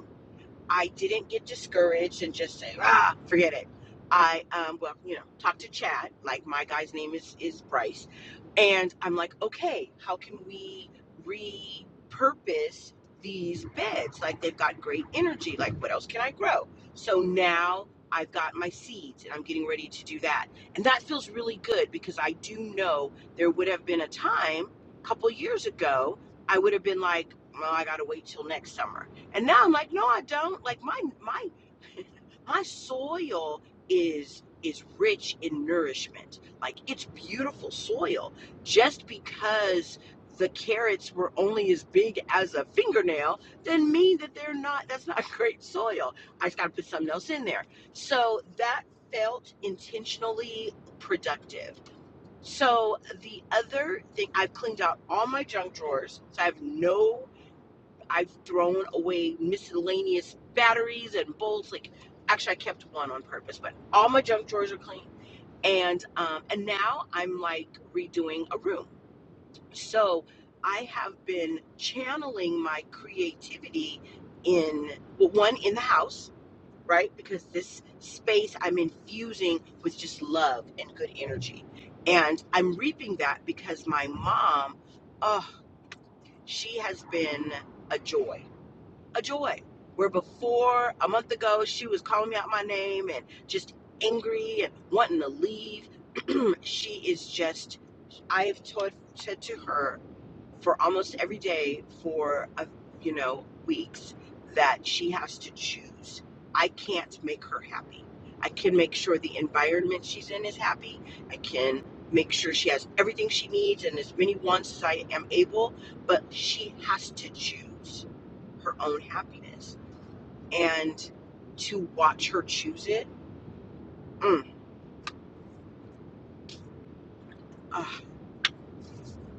S4: I didn't get discouraged and just say, ah, forget it. I, um, well, you know, talked to Chad, like my guy's name is, is Bryce. And I'm like, okay, how can we repurpose these beds? Like they've got great energy. Like what else can I grow? So now I've got my seeds and I'm getting ready to do that. And that feels really good because I do know there would have been a time a couple years ago, I would have been like, well, I got to wait till next summer and now I'm like, no, I don't. Like my my my soil is is rich in nourishment like it's beautiful soil just because the carrots were only as big as a fingernail doesn't mean that they're not that's not great soil i just got to put something else in there so that felt intentionally productive so the other thing i've cleaned out all my junk drawers so i have no I've thrown away miscellaneous batteries and bolts. Like, actually, I kept one on purpose, but all my junk drawers are clean. And um, and now I'm like redoing a room. So I have been channeling my creativity in well, one in the house, right? Because this space I'm infusing with just love and good energy, and I'm reaping that because my mom, oh, she has been a joy a joy. Where before a month ago she was calling me out my name and just angry and wanting to leave, she is just. I have taught said to her for almost every day for a, you know weeks that she has to choose. I can't make her happy. I can make sure the environment she's in is happy. I can make sure she has everything she needs and as many wants as I am able, but she has to choose her own happiness and to watch her choose it. Mm, ah.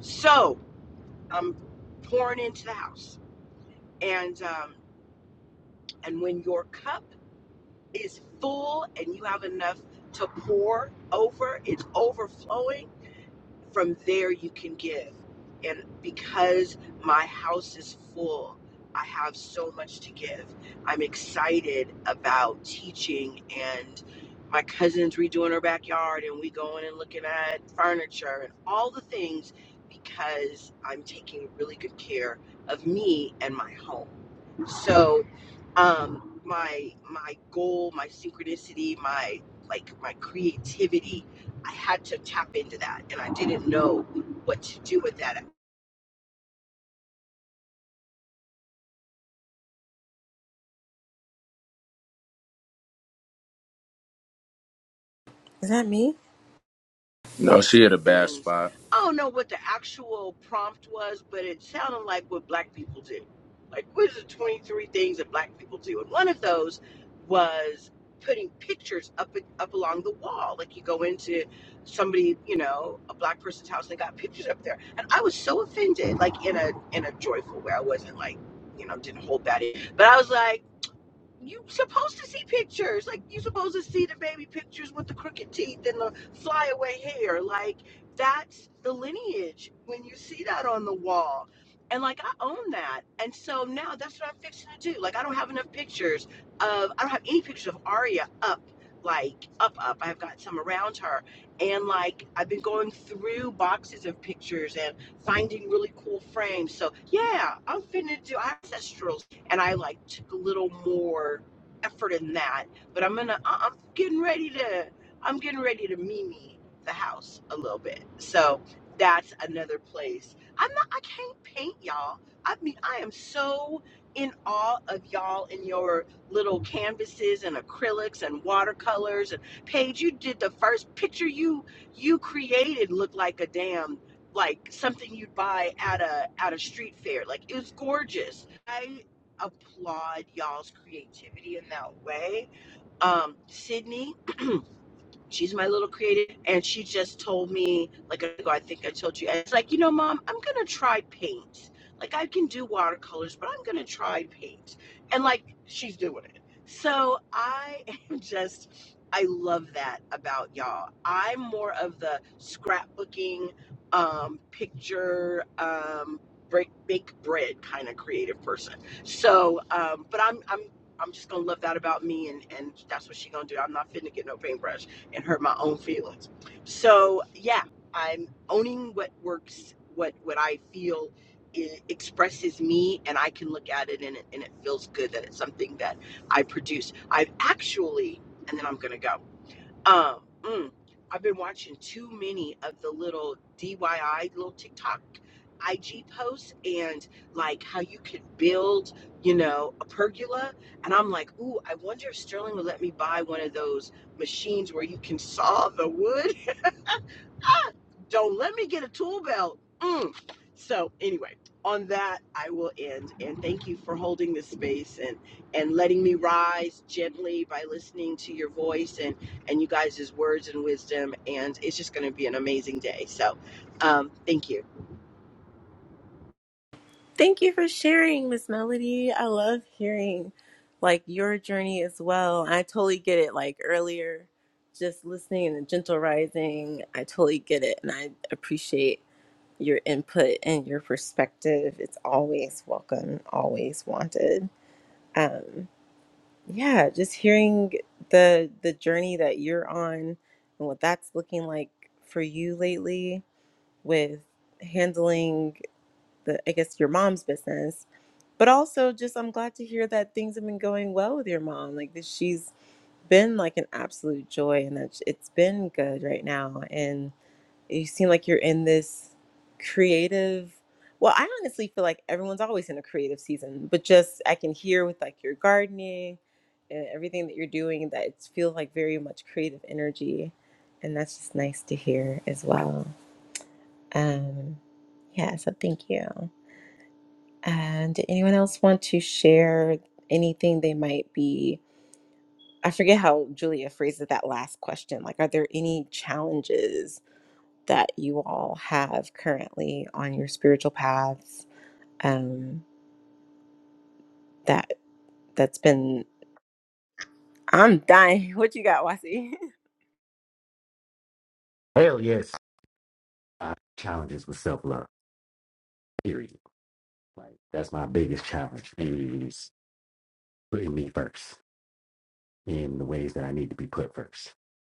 S4: So I'm pouring into the house, and um, and when your cup is full and you have enough to pour over, it's overflowing from there you can give and because my house is full i have so much to give i'm excited about teaching and my cousin's redoing her backyard and we going and looking at furniture and all the things because i'm taking really good care of me and my home so um my my goal my synchronicity my like my creativity I had to tap into that, and I didn't know what to do with that.
S1: is that me
S3: No, she had a bad
S4: Everything's
S3: spot.
S4: I don't know what the actual prompt was, but it sounded like what Black people do. Like, what are the 23 things that Black people do? And one of those was putting pictures up up along the wall. Like you go into somebody, you know, a Black person's house, and they got pictures up there. And I was so offended, like in a in a joyful way. I wasn't like, you know, didn't hold that in. But I was like you are supposed to see pictures. Like you are supposed to see the baby pictures with the crooked teeth and the flyaway hair. Like that's the lineage when you see that on the wall. And like I own that. And so now that's what I'm fixing to do. Like I don't have enough pictures of I don't have any pictures of Aria up like up up. I've got some around her. And like I've been going through boxes of pictures and finding really cool frames. So yeah, I'm finna do ancestral and I like took a little more effort in that. But I'm gonna, I- am going to i am getting ready to, I'm getting ready to Mimi the house a little bit. So that's another place. I'm not, I can't paint y'all. I mean, I am so in awe of y'all and your little canvases and acrylics and watercolors and Paige, you did the first picture you you created looked like a damn like something you'd buy at a at a street fair. Like it was gorgeous. I applaud y'all's creativity in that way. Um, Sydney, She's my little creative, and she just told me like I I think I told you. And It's like you know, mom, I'm gonna try paint. Like I can do watercolors, but I'm gonna try paint. And like she's doing it. So I am just, I love that about y'all. I'm more of the scrapbooking, um, picture, um, break bake bread kind of creative person. So, um, but I'm I'm I'm just gonna love that about me, and and that's what she gonna do. I'm not finna get no paintbrush and hurt my own feelings. So yeah, I'm owning what works, what what I feel i expresses me, and I can look at it and it and it feels good that it's something that I produce. I've actually, and then I'm gonna go. Um, mm, I've been watching too many of the little DIY little TikTok IG posts and like how you could build, you know, a pergola. And I'm like, ooh, I wonder if Sterling will let me buy one of those machines where you can saw the wood ah, Don't let me get a tool belt. Mm. So anyway, on that I will end and thank you for holding this space and and letting me rise gently by listening to your voice and and you guys' words and wisdom and it's just going to be an amazing day. So um thank you.
S1: Thank you for sharing, Miss Melody. I love hearing like your journey as well. I totally get it. Like earlier, just listening and gentle rising, I totally get it, and I appreciate your input and your perspective. It's always welcome, always wanted. Um, yeah, just hearing the the journey that you're on and what that's looking like for you lately with handling the, I guess, your mom's business but also just I'm glad to hear that things have been going well with your mom. Like that she's been like an absolute joy and that it's been good right now. And you seem like you're in this creative well, I honestly feel like everyone's always in a creative season, but just I can hear with like your gardening and everything that you're doing that it feels like very much creative energy. And that's just nice to hear as well. Um yeah, so thank you. And did anyone else want to share anything they might be? I forget how Julia phrased it, that last question. Like, are there any challenges that you all have currently on your spiritual paths? Um, that that's been. I'm dying. What you got, Wasi?
S2: Hell yes. Uh, challenges with self love. period. Like that's my biggest challenge is putting me first in the ways that I need to be put first.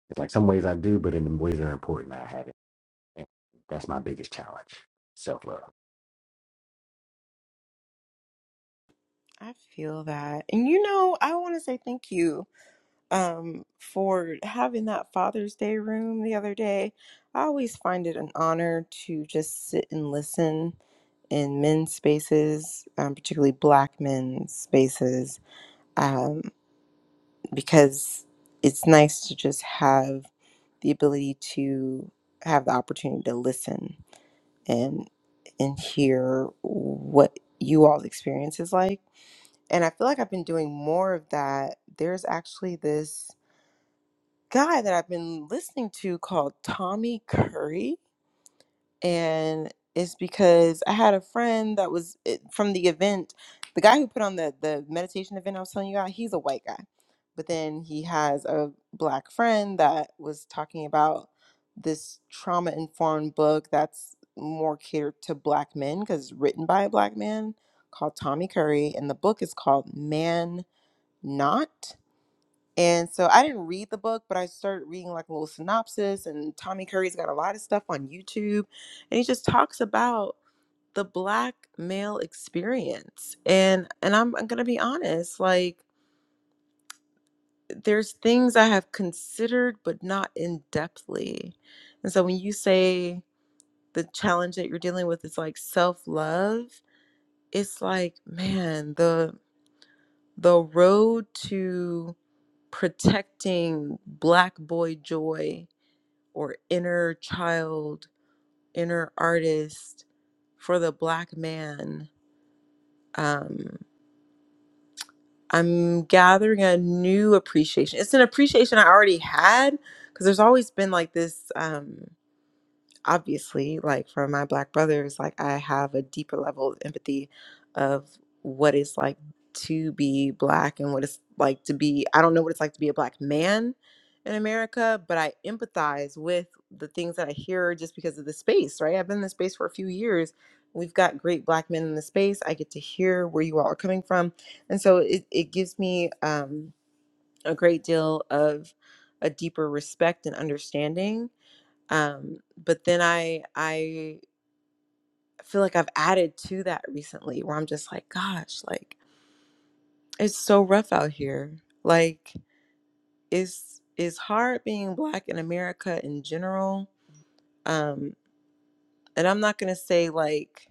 S2: It's like some ways I do, but in the ways that are important, I haven't. And that's my biggest challenge. Self love.
S1: I feel that, and you know, I want to say thank you um, for having that Father's Day room the other day. I always find it an honor to just sit and listen in men's spaces, um, particularly Black men's spaces, um, because it's nice to just have the ability to have the opportunity to listen and and hear what you all's experience is like. And I feel like I've been doing more of that. There's actually this guy that I've been listening to called Tommy Curry. And it's because I had a friend that was it- from the event. The guy who put on the, the meditation event I was telling you about, he's a white guy. But then he has a black friend that was talking about this trauma informed book that's more catered to black men because written by a black man called Tommy Curry. And the book is called Man Not. And so I didn't read the book, but I started reading like a little synopsis. And Tommy Curry's got a lot of stuff on YouTube. And he just talks about the black male experience. And and I'm, I'm gonna be honest, like there's things I have considered but not in depthly. And so when you say the challenge that you're dealing with is like self-love, it's like, man, the the road to protecting black boy joy or inner child, inner artist for the black man. Um, I'm gathering a new appreciation. It's an appreciation I already had because there's always been like this. Um, obviously like for my black brothers like i have a deeper level of empathy of what it's like to be black and what it's like to be i don't know what it's like to be a black man in america but i empathize with the things that i hear just because of the space right i've been in the space for a few years we've got great black men in the space i get to hear where you all are coming from and so it, it gives me um, a great deal of a deeper respect and understanding um but then i i feel like i've added to that recently where i'm just like gosh like it's so rough out here like it's it's hard being black in america in general um and i'm not going to say like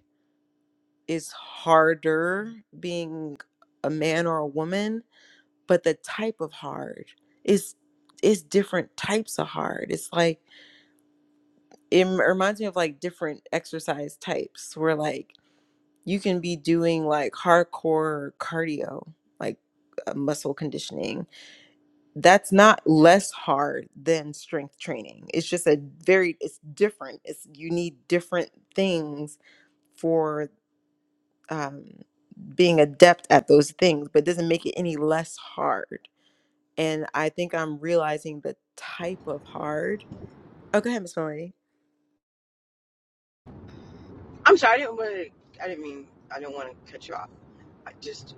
S1: it's harder being a man or a woman but the type of hard is is different types of hard it's like it reminds me of like different exercise types where like you can be doing like hardcore cardio, like uh, muscle conditioning. That's not less hard than strength training. It's just a very, it's different. It's you need different things for um, being adept at those things, but it doesn't make it any less hard. And I think I'm realizing the type of hard. Oh, go ahead, Miss Melanie.
S4: I'm sorry I didn't want to I didn't mean I didn't want to cut you off. I just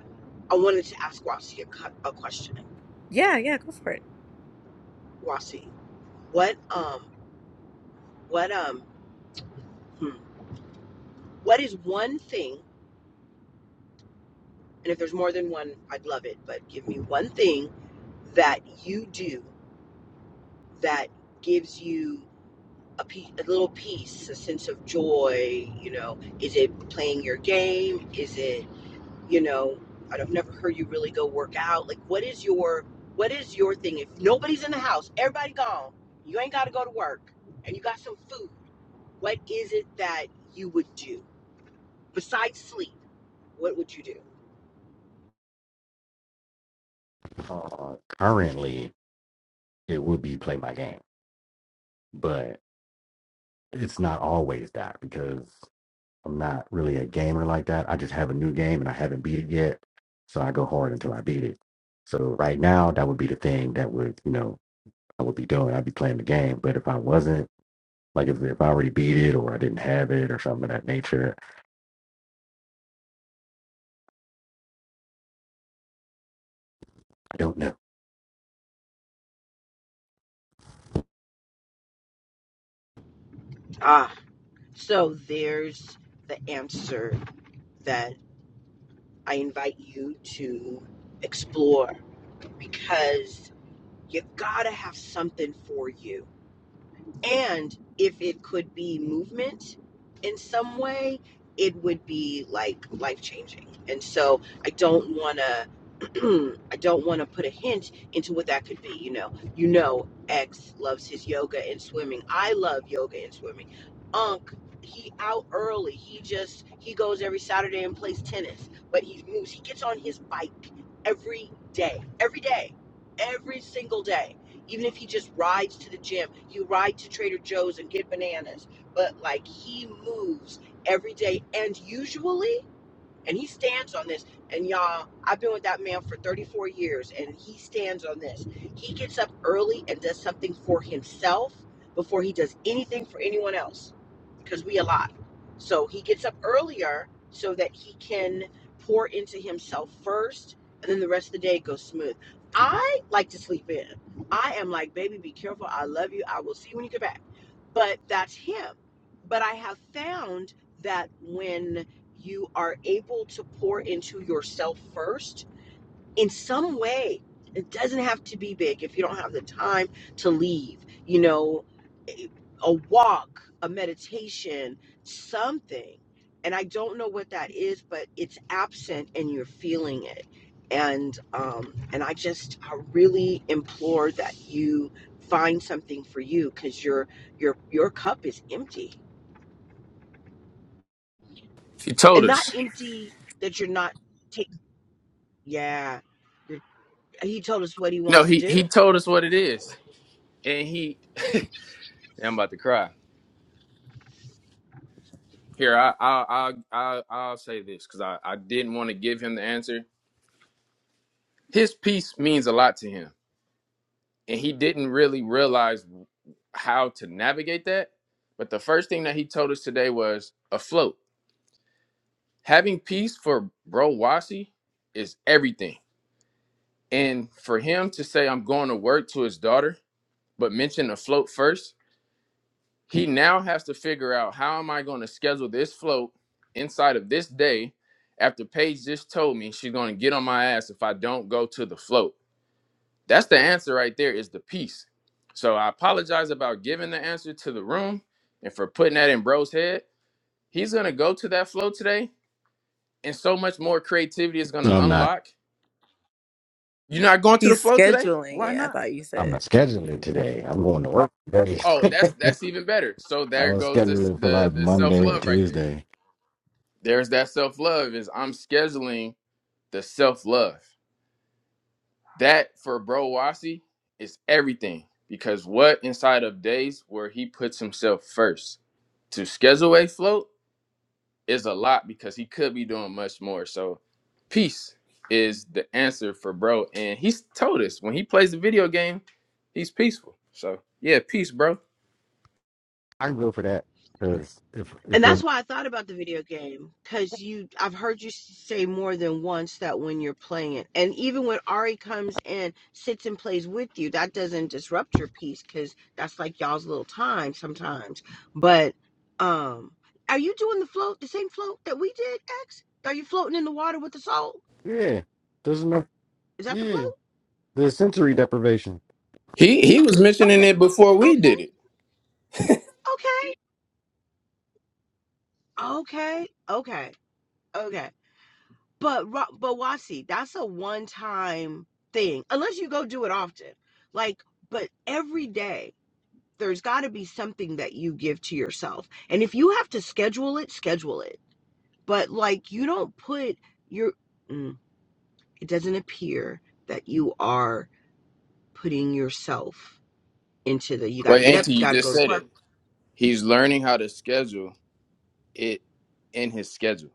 S4: I wanted to ask Wasi a, cu- a question.
S1: Yeah, yeah, go for it.
S4: Wasi, what um what um hmm, what is one thing And if there's more than one, I'd love it. But give me one thing that you do that gives you a, piece, a little piece, a sense of joy? You know, is it playing your game? Is it, you know, I've never heard you really go work out. Like, what is your what is your thing? If nobody's in the house, everybody gone, you ain't got to go to work, and you got some food. What is it that you would do besides sleep? What would you do?
S2: Uh, currently, it would be play my game, but it's not always that because I'm not really a gamer like that. I just have a new game and I haven't beat it yet, so I go hard until I beat it. So right now, that would be the thing that would you know I would be doing. I'd be playing the game, but if I wasn't Like if, if I already beat it or I didn't have it or something of that nature. I don't know.
S4: Ah, so there's the answer that I invite you to explore because you've got to have something for you and if it could be movement in some way, it would be like life changing. And so I don't want to, I don't want to put a hint into what that could be. You know, you know, X loves his yoga and swimming. I love yoga and swimming. Unc, he out early. He just he goes every Saturday and plays tennis. But he moves. He gets on his bike every day, every day, every single day even if he just rides to the gym, you ride to Trader Joe's and get bananas. But like he moves every day, and usually. And he stands on this. And y'all, I've been with that man for 34 years, and he stands on this. He gets up early and does something for himself before he does anything for anyone else because we alive. So he gets up earlier so that he can pour into himself first, and then the rest of the day goes smooth. I like to sleep in. I am like, baby, be careful. I love you. I will see you when you get back. But that's him. But I have found that when you are able to pour into yourself first in some way. It doesn't have to be big if you don't have the time to leave, you know, a a walk, a meditation, something. And I don't know what that is, but it's absent and you're feeling it. And um, and I just I really implore that you find something for you because your your your cup is empty,
S3: He told
S4: and not
S3: us.
S4: empty that you're not taking Yeah. He told us what he
S3: No,
S4: wants to
S3: he
S4: do.
S3: he told us what it is, and he. Yeah, I'm about to cry. Here, I I I I I'll say this because I I didn't want to give him the answer. His piece means a lot to him, and he didn't really realize how to navigate that. But the first thing that he told us today was afloat. having peace for bro Wasi is everything. And for him to say I'm going to work to his daughter, but mention the float first, he now has to figure out how am I going to schedule this float inside of this day after Paige just told me she's going to get on my ass if I don't go to the float. That's the answer right there is the peace. So I apologize about giving the answer to the room and for putting that in bro's head. He's going to go to that float today and so much more creativity is going to
S2: I'm not.
S3: unlock You're not going to the
S1: He's
S3: flow today?
S1: scheduling
S3: Why
S1: it. I
S3: not?
S1: thought you
S2: I'm
S1: said.
S2: not scheduling today. I'm going to work today.
S3: Oh, that's that's even better. So
S2: I
S3: there
S2: was
S3: goes this
S2: scheduling for
S3: the
S2: like
S3: the self
S2: Monday or
S3: love right there.
S2: Tuesday.
S3: There's that self love is I'm scheduling the self love. That for Bro Wasi is everything because what inside of days where he puts himself first to schedule a float is a lot because he could be doing much more. So peace is the answer for Bro, and he's told us when he plays the video game, he's peaceful. So yeah, peace, bro.
S2: I can go for that because if
S4: And
S2: if
S4: that's
S2: it,
S4: why I thought about the video game cuz you I've heard you say more than once that when you're playing it and even when Ari comes in sits and plays with you that doesn't disrupt your peace cuz that's like y'all's little time sometimes. But um are you doing the float the same float that we did X? Are you floating in the water with the soul?
S2: yeah, there's enough.
S4: Is that the
S2: Yeah,
S4: float?
S2: there's sensory deprivation.
S3: He he was mentioning
S4: Okay.
S3: it before we did
S4: Okay.
S3: it.
S4: Okay. Okay. Okay. Okay. But Ro- but Wasi, that's a one time thing, unless you go do it often. Like, but every day there's got to be something that you give to yourself, and if you have to schedule it, schedule it. But like, you don't put your. Mm, it doesn't appear that you are putting yourself into the. You got to
S3: Wait,
S4: get
S3: Auntie,
S4: up.
S3: you
S4: Got to
S3: just
S4: go to
S3: said
S4: work.
S3: it. He's learning how to schedule it in his schedule.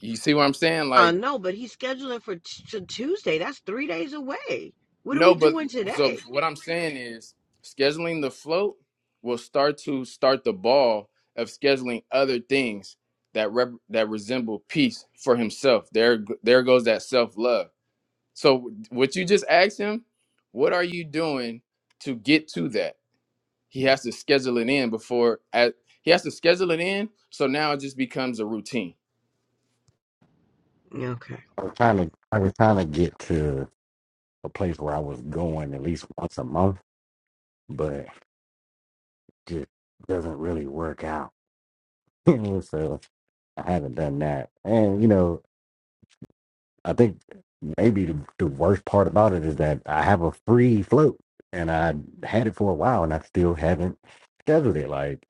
S3: You see what I'm saying?
S4: I
S3: Like,
S4: know, but he's scheduling for t- t- Tuesday. That's three days away. What are
S3: no,
S4: we
S3: but
S4: doing
S3: so
S4: today?
S3: what I'm saying is scheduling the float will start to start the ball of scheduling other things that rep, that resemble peace for himself. There there goes that self-love. So what you just asked him, what are you doing to get to that? he has to schedule it in before at, he has to schedule it in so now it just becomes a routine
S4: Okay.
S2: I was trying to. I was trying to get to a place where I was going at least once a month, but just doesn't really work out. so I haven't done that, and you know I think maybe the, the worst part about it is that I have a free float and I had it for a while and I still haven't scheduled it. Like,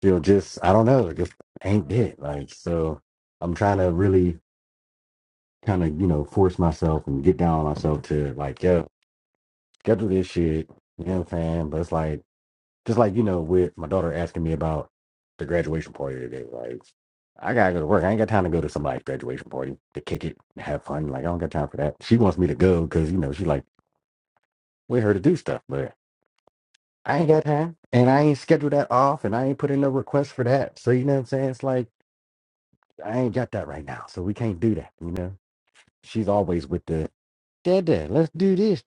S2: still just, I don't know, just ain't it. Like, so I'm trying to really kind of, you know, force myself and get down on myself to like, yo, schedule this shit. You know what I'm saying? But it's like, just like, you know, with my daughter asking me about the graduation party today, like, I gotta go to work. I ain't got time to go to somebody's graduation party to kick it and have fun. Like, I don't got time for that. She wants me to go because, you know, she like, with her to do stuff, but I ain't got time. And I ain't scheduled that off and I ain't put in no request for that. So, you know what I'm saying? It's like, I ain't got that right now. So we can't do that, you know? She's always with the, dad, dad, let's do this.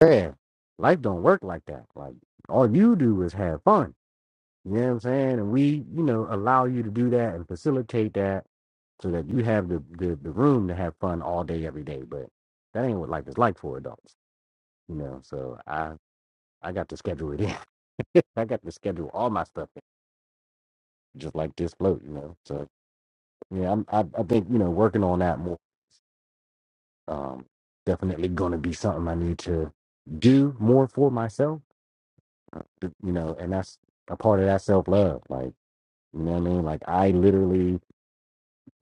S2: Man, life don't work like that. Like, all you do is have fun You know what I'm saying? And we, you know, allow you to do that and facilitate that so that you have the, the, the room to have fun all day, every day. But that ain't what life is like for adults, you know. So I I got to schedule it in. I got to schedule all my stuff in, just like this float, you know. So yeah, I'm, I I think you know working on that more um definitely going to be something I need to do more for myself, uh, you know. And that's a part of that self love, like you know what I mean. Like I literally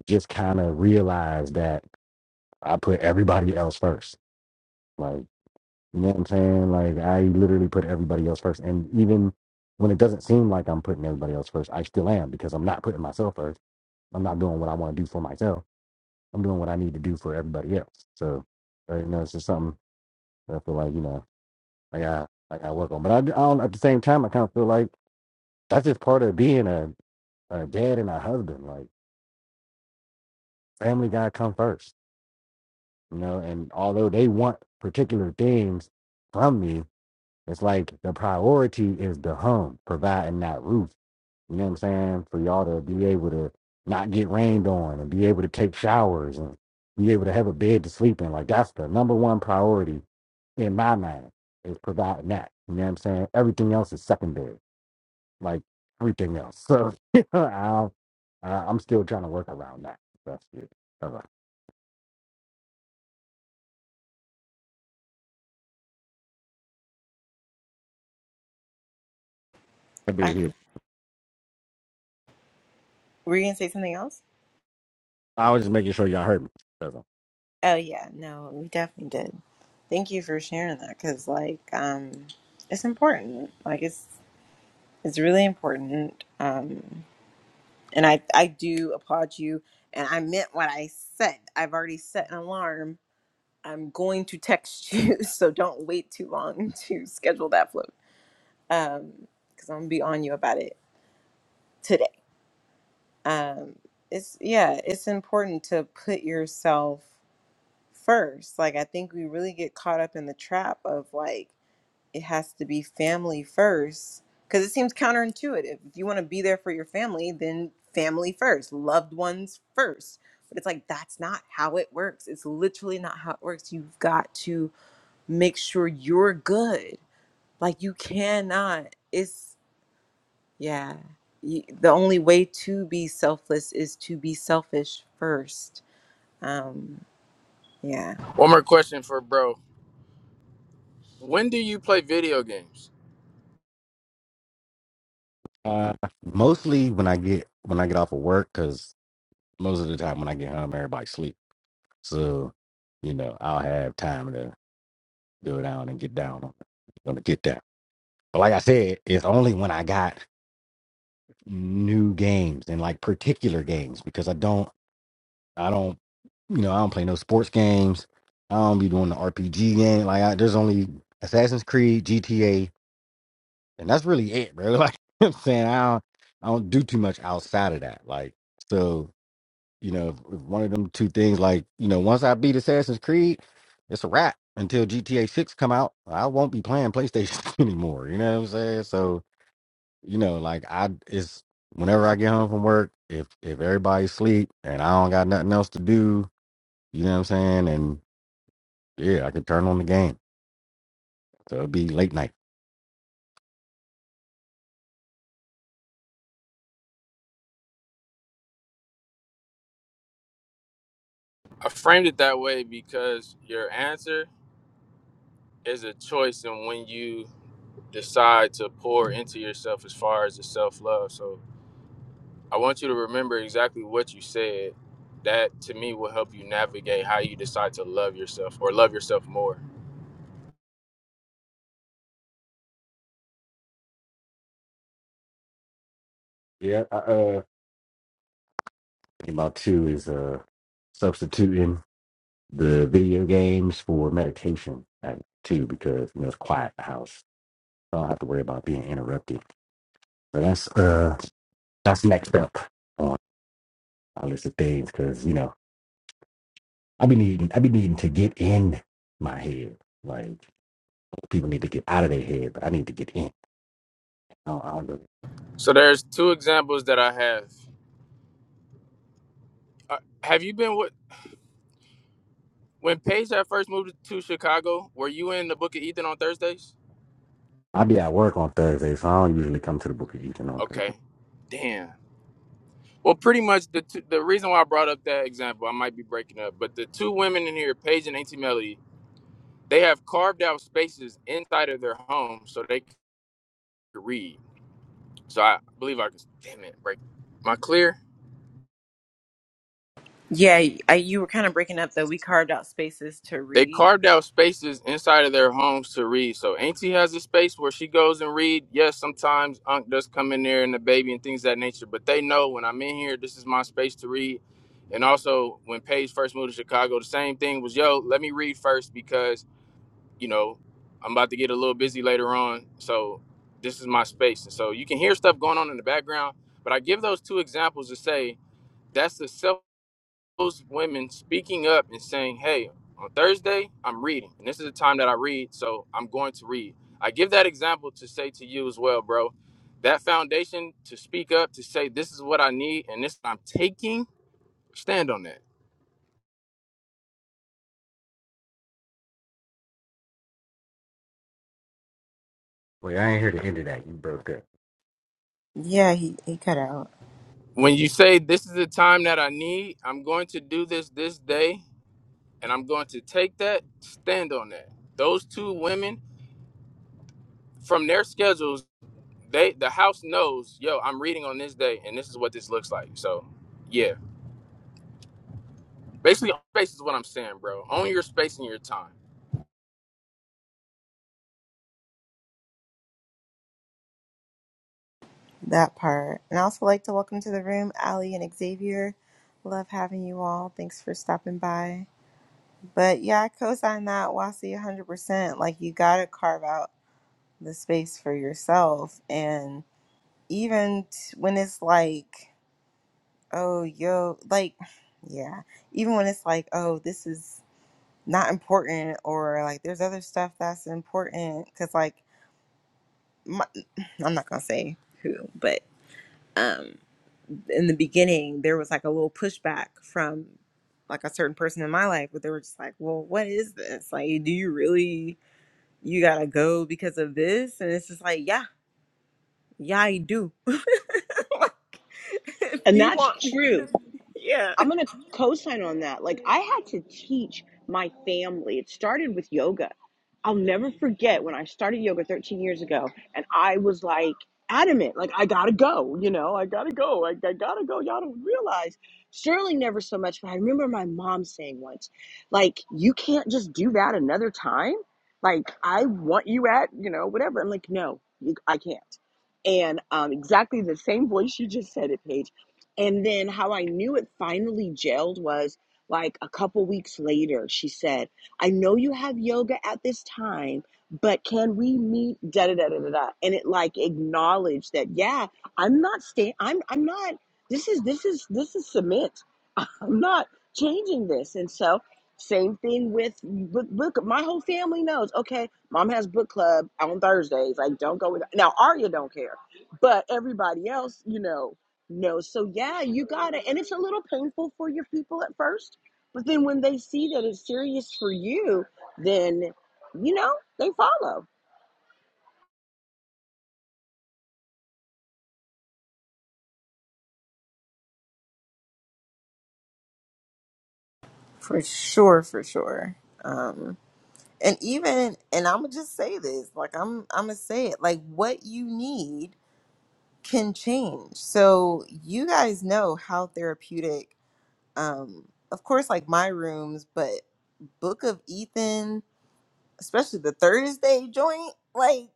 S2: just kind of realized that I put everybody else first. Like, you know what I'm saying? Like, I literally put everybody else first. And even when it doesn't seem like I'm putting everybody else first, I still am because I'm not putting myself first. I'm not doing what I want to do for myself. I'm doing what I need to do for everybody else. So, uh, you know, it's just something that I feel like, you know, I got, I got to work on. But I, I don't, at the same time, I kind of feel like that's just part of being a, a dad and a husband. Like, family got to come first you know and although they want particular things from me it's like the priority is the home providing that roof you know what i'm saying for y'all to be able to not get rained on and be able to take showers and be able to have a bed to sleep in like that's the number one priority in my mind is providing that you know what i'm saying everything else is secondary like everything else so you know, I'll, uh, i'm still trying to work around that that's it All right. I did
S1: I,
S2: hear-
S1: were you gonna say something else?
S2: I was just making sure y'all heard me
S1: Oh yeah, no, we definitely did. Thank you for sharing that because like um it's important. Like it's it's really important. Um and I I do applaud you and I meant what I said. I've already set an alarm. I'm going to text you, so don't wait too long to schedule that float. Um cuz I'm going to be on you about it today. Um it's yeah, it's important to put yourself first. Like I think we really get caught up in the trap of like it has to be family first because it seems counterintuitive. If you want to be there for your family, then family first, loved ones first. But it's like that's not how it works. It's literally not how it works. You've got to make sure you're good. Like you cannot. It's yeah. You, the only way to be selfless is to be selfish first. Um yeah.
S3: one more question for bro when do you play video games
S2: Uh, mostly when I get when I get off of work, because most of the time when I get home, everybody sleep. So, you know, I'll have time to go down and get down on it. gonna get down. But like I said, it's only when I got new games and like particular games because I don't I don't you know I don't play no sports games. I don't be doing the RPG game. Like I, there's only Assassin's Creed, GTA, and that's really it, bro. Like I'm saying, I don't I don't do too much outside of that. Like so You know, if- one of them two things. Like, you know, once I beat Assassin's Creed, it's a wrap. Until GTA Six come out, I won't be playing PlayStation anymore. You know what I'm saying? So, you know, like I, it's whenever I get home from work, if if everybody's asleep and I don't got nothing else to do, you know what I'm saying? And yeah, I can turn on the game. So it'll be late night.
S3: i framed it that way because your answer is a choice and when you decide to pour into yourself as far as the self-love so i want you to remember exactly what you said that to me will help you navigate how you decide to love yourself or love yourself more
S2: Yeah, I, uh, think about two is uh substituting the video games for meditation at two because you know it's quiet in the house. So I don't have to worry about being interrupted. So that's uh that's next up on my list of things because you know I be needing I be needing to get in my head. Like people need to get out of their head, but I need to get in. I don't, I don't really-
S3: so there's two examples that i have Uh, have you been with? When Paige had first moved to Chicago, were you in the Book of Ethan on Thursdays?
S2: I be at work on Thursday, so I don't usually come to the Book of Eaton on Thursday.
S3: Okay. Damn. Well, pretty much the two, the reason why I brought up that example, I might be breaking up, but the two women in here, Paige and Auntie Melody, they have carved out spaces inside of their home so they could read. So I believe I can. Damn it, break. Am I clear?
S1: Yeah, I, you were kind of breaking up though. We carved out spaces to
S3: They
S1: read.
S3: carved out spaces inside of their homes to read. So Auntie has a space where she goes and read. Yes, sometimes Unc does come in there and the baby and things of that nature, but they know when I'm in here, this is my space to read. And also when Paige first moved to Chicago, the same thing was, yo, let me read first because, you know, I'm about to get a little busy later on. So this is my space. And so you can hear stuff going on in the background. But I give those two examples to say that's the self those women speaking up and saying, "Hey, on Thursday I'm reading, and this is the time that I read, so I'm going to read." I give that example to say to you as well, bro. That foundation to speak up to say this is what I need and this I'm taking, stand on that.
S2: Wait, I ain't here to end of that. You broke up.
S1: Yeah, he, he cut out.
S3: When you say this is the time that I need, I'm going to do this this day and I'm going to take that, stand on that. Those two women from their schedules, they the house knows, yo, I'm reading on this day and this is what this looks like. So, yeah Basically, own space is what I'm saying, bro. Own your space and your time.
S1: That part. And I also like to welcome to the room Ali and Xavier. Love having you all. Thanks for stopping by. But yeah, I co-sign that Wasi 100%. Like you got to carve out the space for yourself. And even t- when it's like, oh, yo, like, yeah, even when it's like, oh, this is not important or like there's other stuff that's important. Cause like, my, I'm not going to say who, but. um. in the beginning there was like a little pushback from like a certain person in my life but they were just like well what is this like do you really you gotta go because of this and it's just like yeah yeah i do like if
S4: And
S1: you
S4: that's
S1: want me to
S4: true.
S1: yeah
S4: I'm gonna co-sign on that. Like I had to teach my family. It started with yoga. I'll never forget when I started yoga 13 years ago, and I was like adamant, like I gotta go. You know, I gotta go. I, I gotta go. Y'all don't realize. Sterling never so much, but I remember my mom saying once, like you can't just do that another time. Like I want you at you know whatever. I'm like no, you, I can't. And um, exactly the same voice you just said it, Paige and then how I knew it finally gelled was like a couple weeks later, she said, I know you have yoga at this time, but can we meet? Da da da da da da. And it like acknowledged that, yeah, I'm not staying, I'm I'm not, this is this is this is cement. I'm not changing this. And so, same thing with book. book my whole family knows. Okay, mom has book club on Thursdays. Like, don't go with now. Arya don't care, but everybody else, you know, knows. So yeah, you gotta. And it's a little painful for your people at first, but then when they see that it's serious for you, then you know they follow.
S1: for sure for sure um and even and i'm gonna just say this like i'm i'm gonna say it like what you need can change so you guys know how therapeutic um of course like my rooms but Book of Ethan, especially the Thursday joint, like.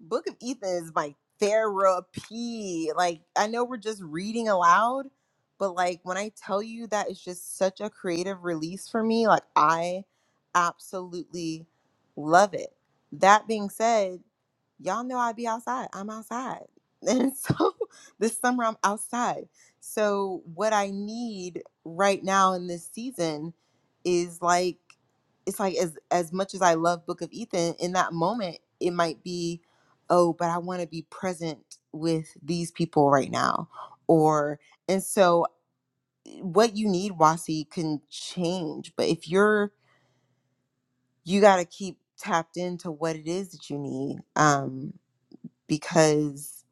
S1: Book of Ethan is my therapy. Like I know we're just reading aloud, but like when I tell you that it's just such a creative release for me, like I absolutely love it. That being said, y'all know I be outside. I'm outside. And so this summer I'm outside. So what I need right now in this season is like it's like as as much as I love Book of Ethan, in that moment it might be oh, but I want to be present with these people right now. Or, and so eh, what you need, Wasi, can change. But if you're, you got to keep tapped into what it is that you need um, because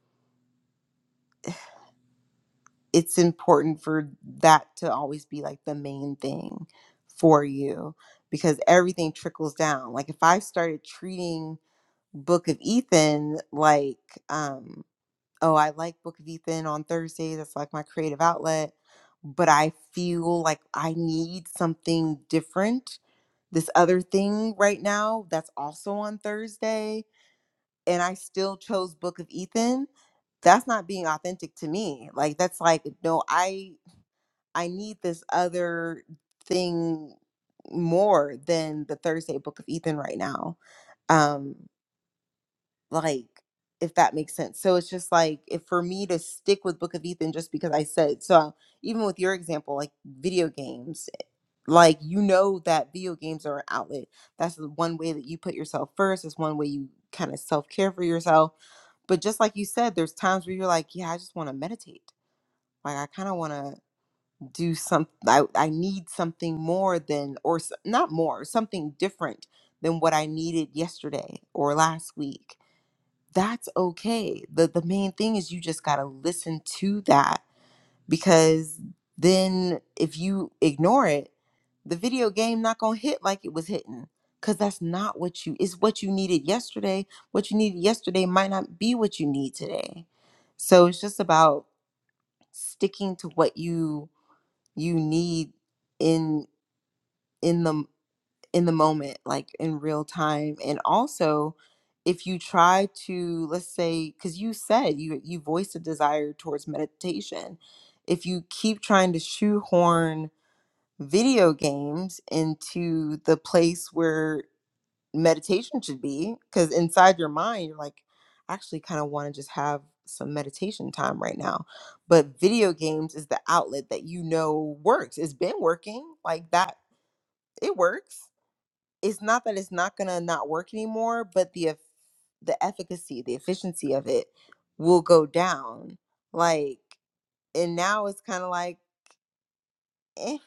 S1: it's important for that to always be like the main thing for you because everything trickles down. Like if I started treating Book of Ethan like, um, oh, I like Book of Ethan on Thursdays. That's like my creative outlet. But I feel like I need something different. This other thing right now that's also on Thursday, and I still chose Book of Ethan. That's not being authentic to me. Like that's like no, I I need this other thing more than the Thursday Book of Ethan right now. Um like if that makes sense so it's just like if for me to stick with book of ethan just because i said so even with your example like video games like you know that video games are an outlet that's the one way that you put yourself first it's one way you kind of self-care for yourself but just like you said there's times where you're like yeah i just want to meditate like i kind of want to do some I, I need something more than or s- not more something different than what i needed yesterday or last week that's okay. The the main thing is you just got to listen to that because then if you ignore it, the video game not going to hit like it was hitting cuz that's not what you is what you needed yesterday. What you needed yesterday might not be what you need today. So it's just about sticking to what you you need in in the in the moment, like in real time. And also, if you try to, let's say, because you said you you voiced a desire towards meditation, if you keep trying to shoehorn video games into the place where meditation should be, because inside your mind you're like, I actually kind of want to just have some meditation time right now. But video games is the outlet that you know works. It's been working like that. It works it's not that it's not gonna not work anymore, but the eff- the efficacy, the efficiency of it will go down. Like, and now it's kind of like, eh,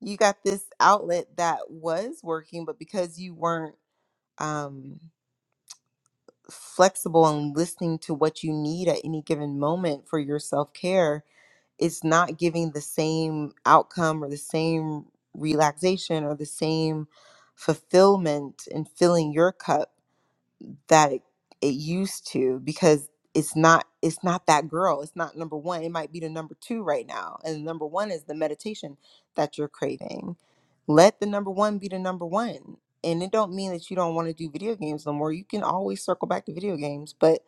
S1: you got this outlet that was working, but because you weren't um, flexible and listening to what you need at any given moment for your self care, it's not giving the same outcome or the same relaxation or the same fulfillment and filling your cup that it, it used to because it's not it's not that girl it's not number one it might be the number two right now and number one is the meditation that you're craving let the number one be the number one and it don't mean that you don't want to do video games no more you can always circle back to video games but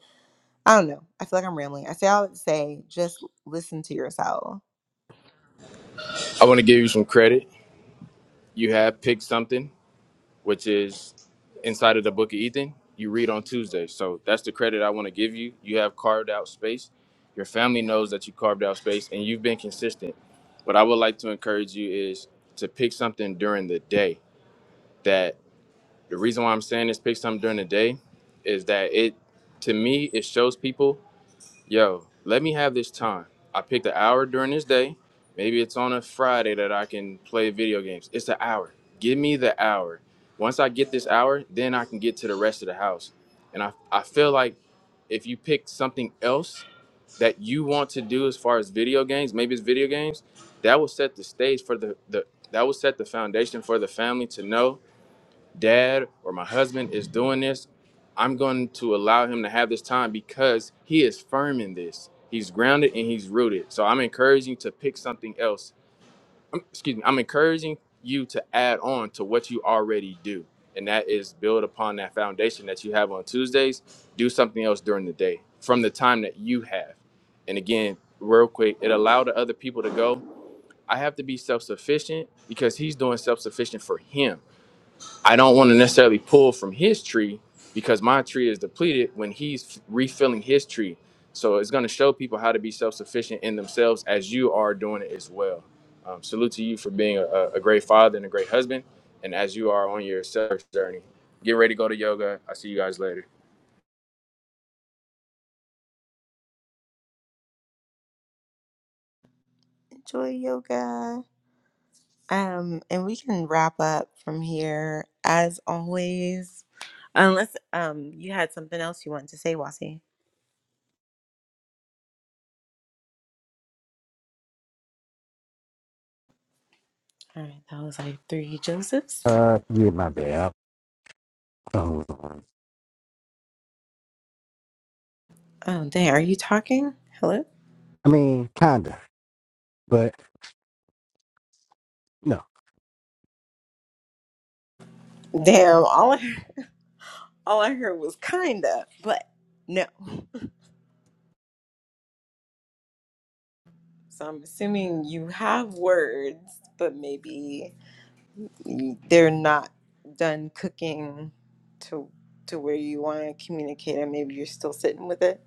S1: i don't know i feel like i'm rambling i say all that to say just listen to yourself
S3: I want to give you some credit. You have picked something, which is inside of the book of Ethan. You read on Tuesday. So that's the credit I want to give you. You have carved out space. Your family knows that you carved out space and you've been consistent. What I would like to encourage you is to pick something during the day. That the reason why I'm saying is pick something during the day is that it, to me, it shows people yo, let me have this time. I picked an hour during this day. Maybe it's on a Friday that I can play video games. It's an hour. Give me the hour. Once I get this hour, then I can get to the rest of the house. And I, I feel like if you pick something else that you want to do as far as video games, maybe it's video games, that will set the stage for the, the that will set the foundation for the family to know dad or my husband is doing this, I'm going to allow him to have this time because he is firm in this. He's grounded and he's rooted. So I'm encouraging to pick something else. Um, excuse me. I'm encouraging you to add on to what you already do. And that is build upon that foundation that you have on Tuesdays. Do something else during the day from the time that you have. And again, real quick, it allowed the other people to go. I have to be self sufficient because he's doing self sufficient for him I don't want to necessarily pull from his tree because my tree is depleted when he's refilling his tree. So it's going to show people how to be self sufficient in themselves as you are doing it as well. Um, salute to you for being a, a great father and a great husband. And as you are on your self journey, get ready to go to yoga. I'll see you guys later.
S1: enjoy yoga Um, and we can wrap up from here as always, unless um you had something else you wanted to say, Wasi. All right, that was like three Josephs.
S2: Uh, yeah, my bad. I um,
S1: Oh, dang, are you talking? Hello?
S2: I mean, kinda, but no.
S1: Damn, all I, all I heard was kinda, but no. So I'm assuming you have words, but maybe you- they're not done cooking to to where you want to communicate, and maybe you're still sitting with it.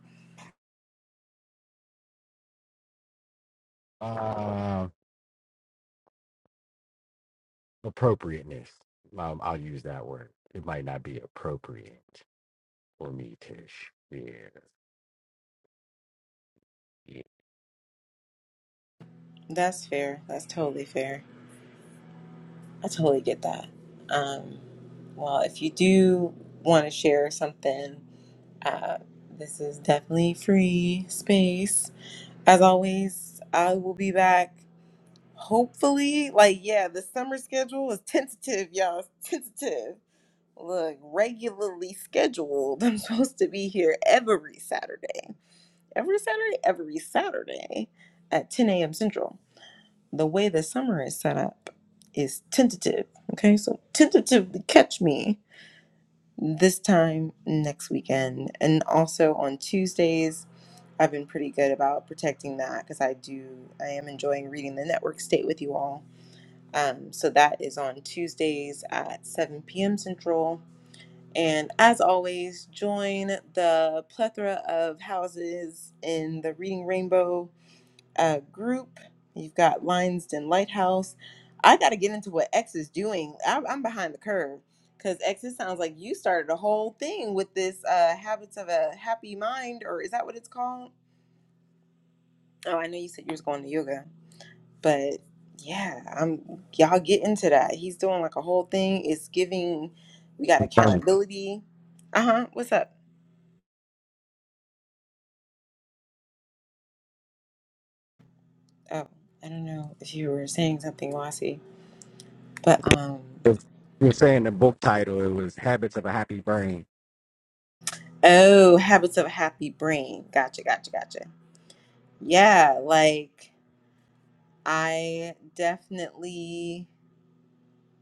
S2: Um, appropriateness. Um, I'll use that word. It might not be appropriate. for me, Tish. Yeah. yeah.
S1: That's fair. That's totally fair. I totally get that. Um, well, if you do want to share something, uh, this is definitely free space. As always, I will be back. Hopefully, like yeah, the summer schedule is tentative, y'all. It's tentative. Look, regularly scheduled. I'm supposed to be here every Saturday, every Saturday, every Saturday at 10 a.m. Central the way the summer is set up is tentative. Okay, so tentatively catch me this time next weekend. And also on Tuesdays, I've been pretty good about protecting that because I do, I am enjoying reading the network state with you all. Um, so that is on Tuesdays at 7 p.m. Central. And as always, join the plethora of houses in the Reading Rainbow uh, group. You've got Lionsden Lighthouse. I got to get into what X is doing. I'm, I'm behind the curve because X, it sounds like you started a whole thing with this uh, Habits of a Happy Mind, or is that what it's called? Oh, I know you said you was going to yoga, but yeah, I'm y'all get into that. He's doing like a whole thing. It's giving. We got
S2: Um,
S1: accountability. Uh huh. What's up? Oh, I don't know if you were saying something, Wasi, but um.
S2: you're saying the book title, it was Habits of a Happy Brain.
S1: Oh, habits of a happy brain. Gotcha, gotcha, gotcha. Yeah, like I definitely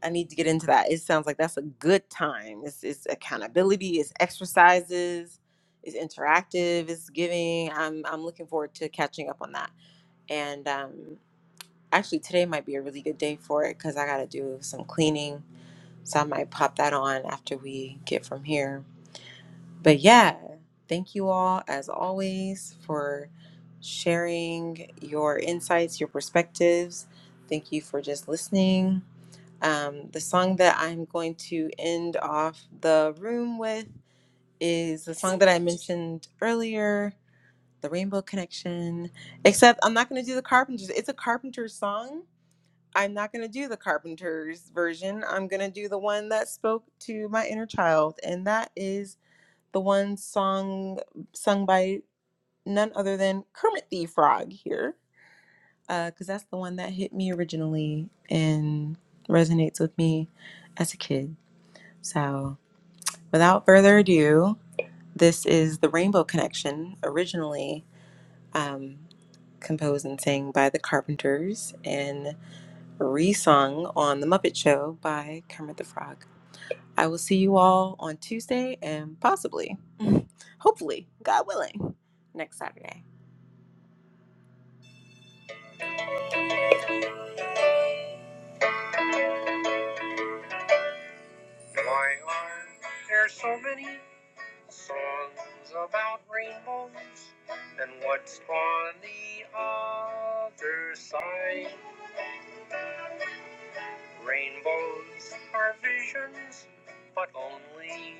S1: I need to get into that. It sounds like that's a good time. It's it's accountability, it's exercises, it's interactive, it's giving. I'm I'm looking forward to catching up on that. And um actually today might be a really good day for it because I gotta do some cleaning. So I might pop that on after we get from here. but yeah, thank you all as always for sharing your insights, your perspectives. Thank you for just listening. Um, the song that I'm going to end off the room with is the song that I mentioned earlier, The Rainbow Connection. Except I'm not going to do the Carpenters. It's a Carpenters song. I'm not going to do the Carpenters version. I'm going to do the one that spoke to my inner child, and that is the one song sung by none other than Kermit the Frog here, because that's the one that hit me originally and resonates with me as a kid. So, without further ado, this is the Rainbow Connection, originally um, composed and sang by the Carpenters and resung on The Muppet Show by Kermit the Frog. I will see you all on Tuesday and possibly, hopefully, God willing, next Saturday. My arm, there's so many songs about rainbows and what's on the other side. Rainbows are visions, but only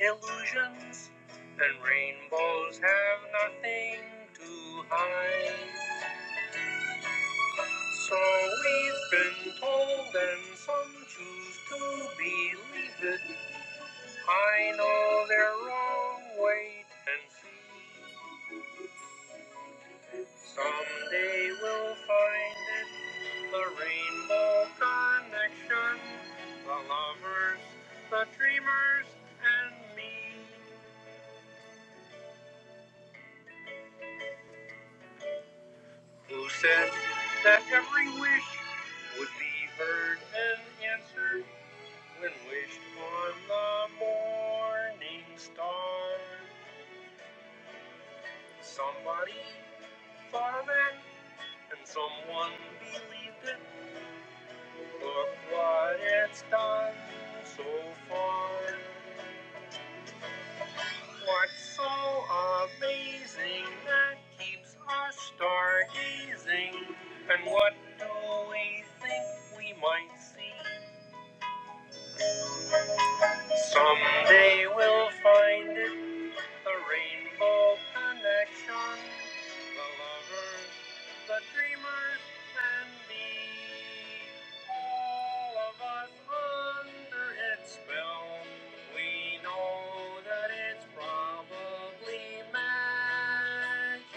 S1: illusions, and rainbows have nothing to hide. So we've been told, and some choose to believe it. I know their wrong. Wait and see. Someday we'll find it. The rainbow connection. The lovers, the dreamers, and me. Who said that every wish would be heard and answered when wished on the morning star? Somebody thought it, and someone believed it. Look what it's done so far. What's so amazing that keeps us stargazing? And what do we think we might see? Someday we'll find it. The rainbow connection, the lovers, the dreamers, and me. All of us under its spell. We know that it's probably magic.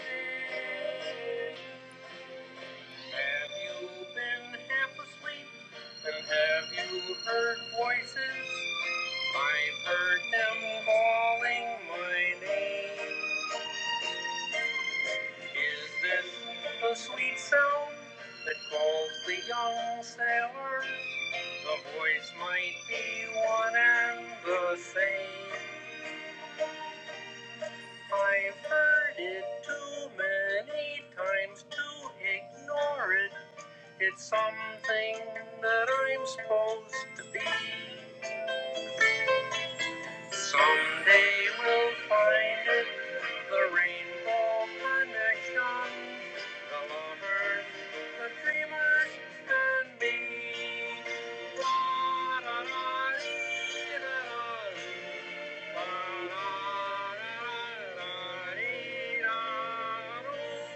S1: Have you been half asleep? And have you heard voices? I've heard them calling my name. Is this the sweet sound that calls the young sailor? The voice might be one and the same. I've heard it too many times to ignore it. It's something that I'm supposed to be. Someday we'll find it, the rainbow connection, the lovers, the dreamers, and me. Da-da-da-dee, da-da-dee, da-da-da-da-dee, da-doo.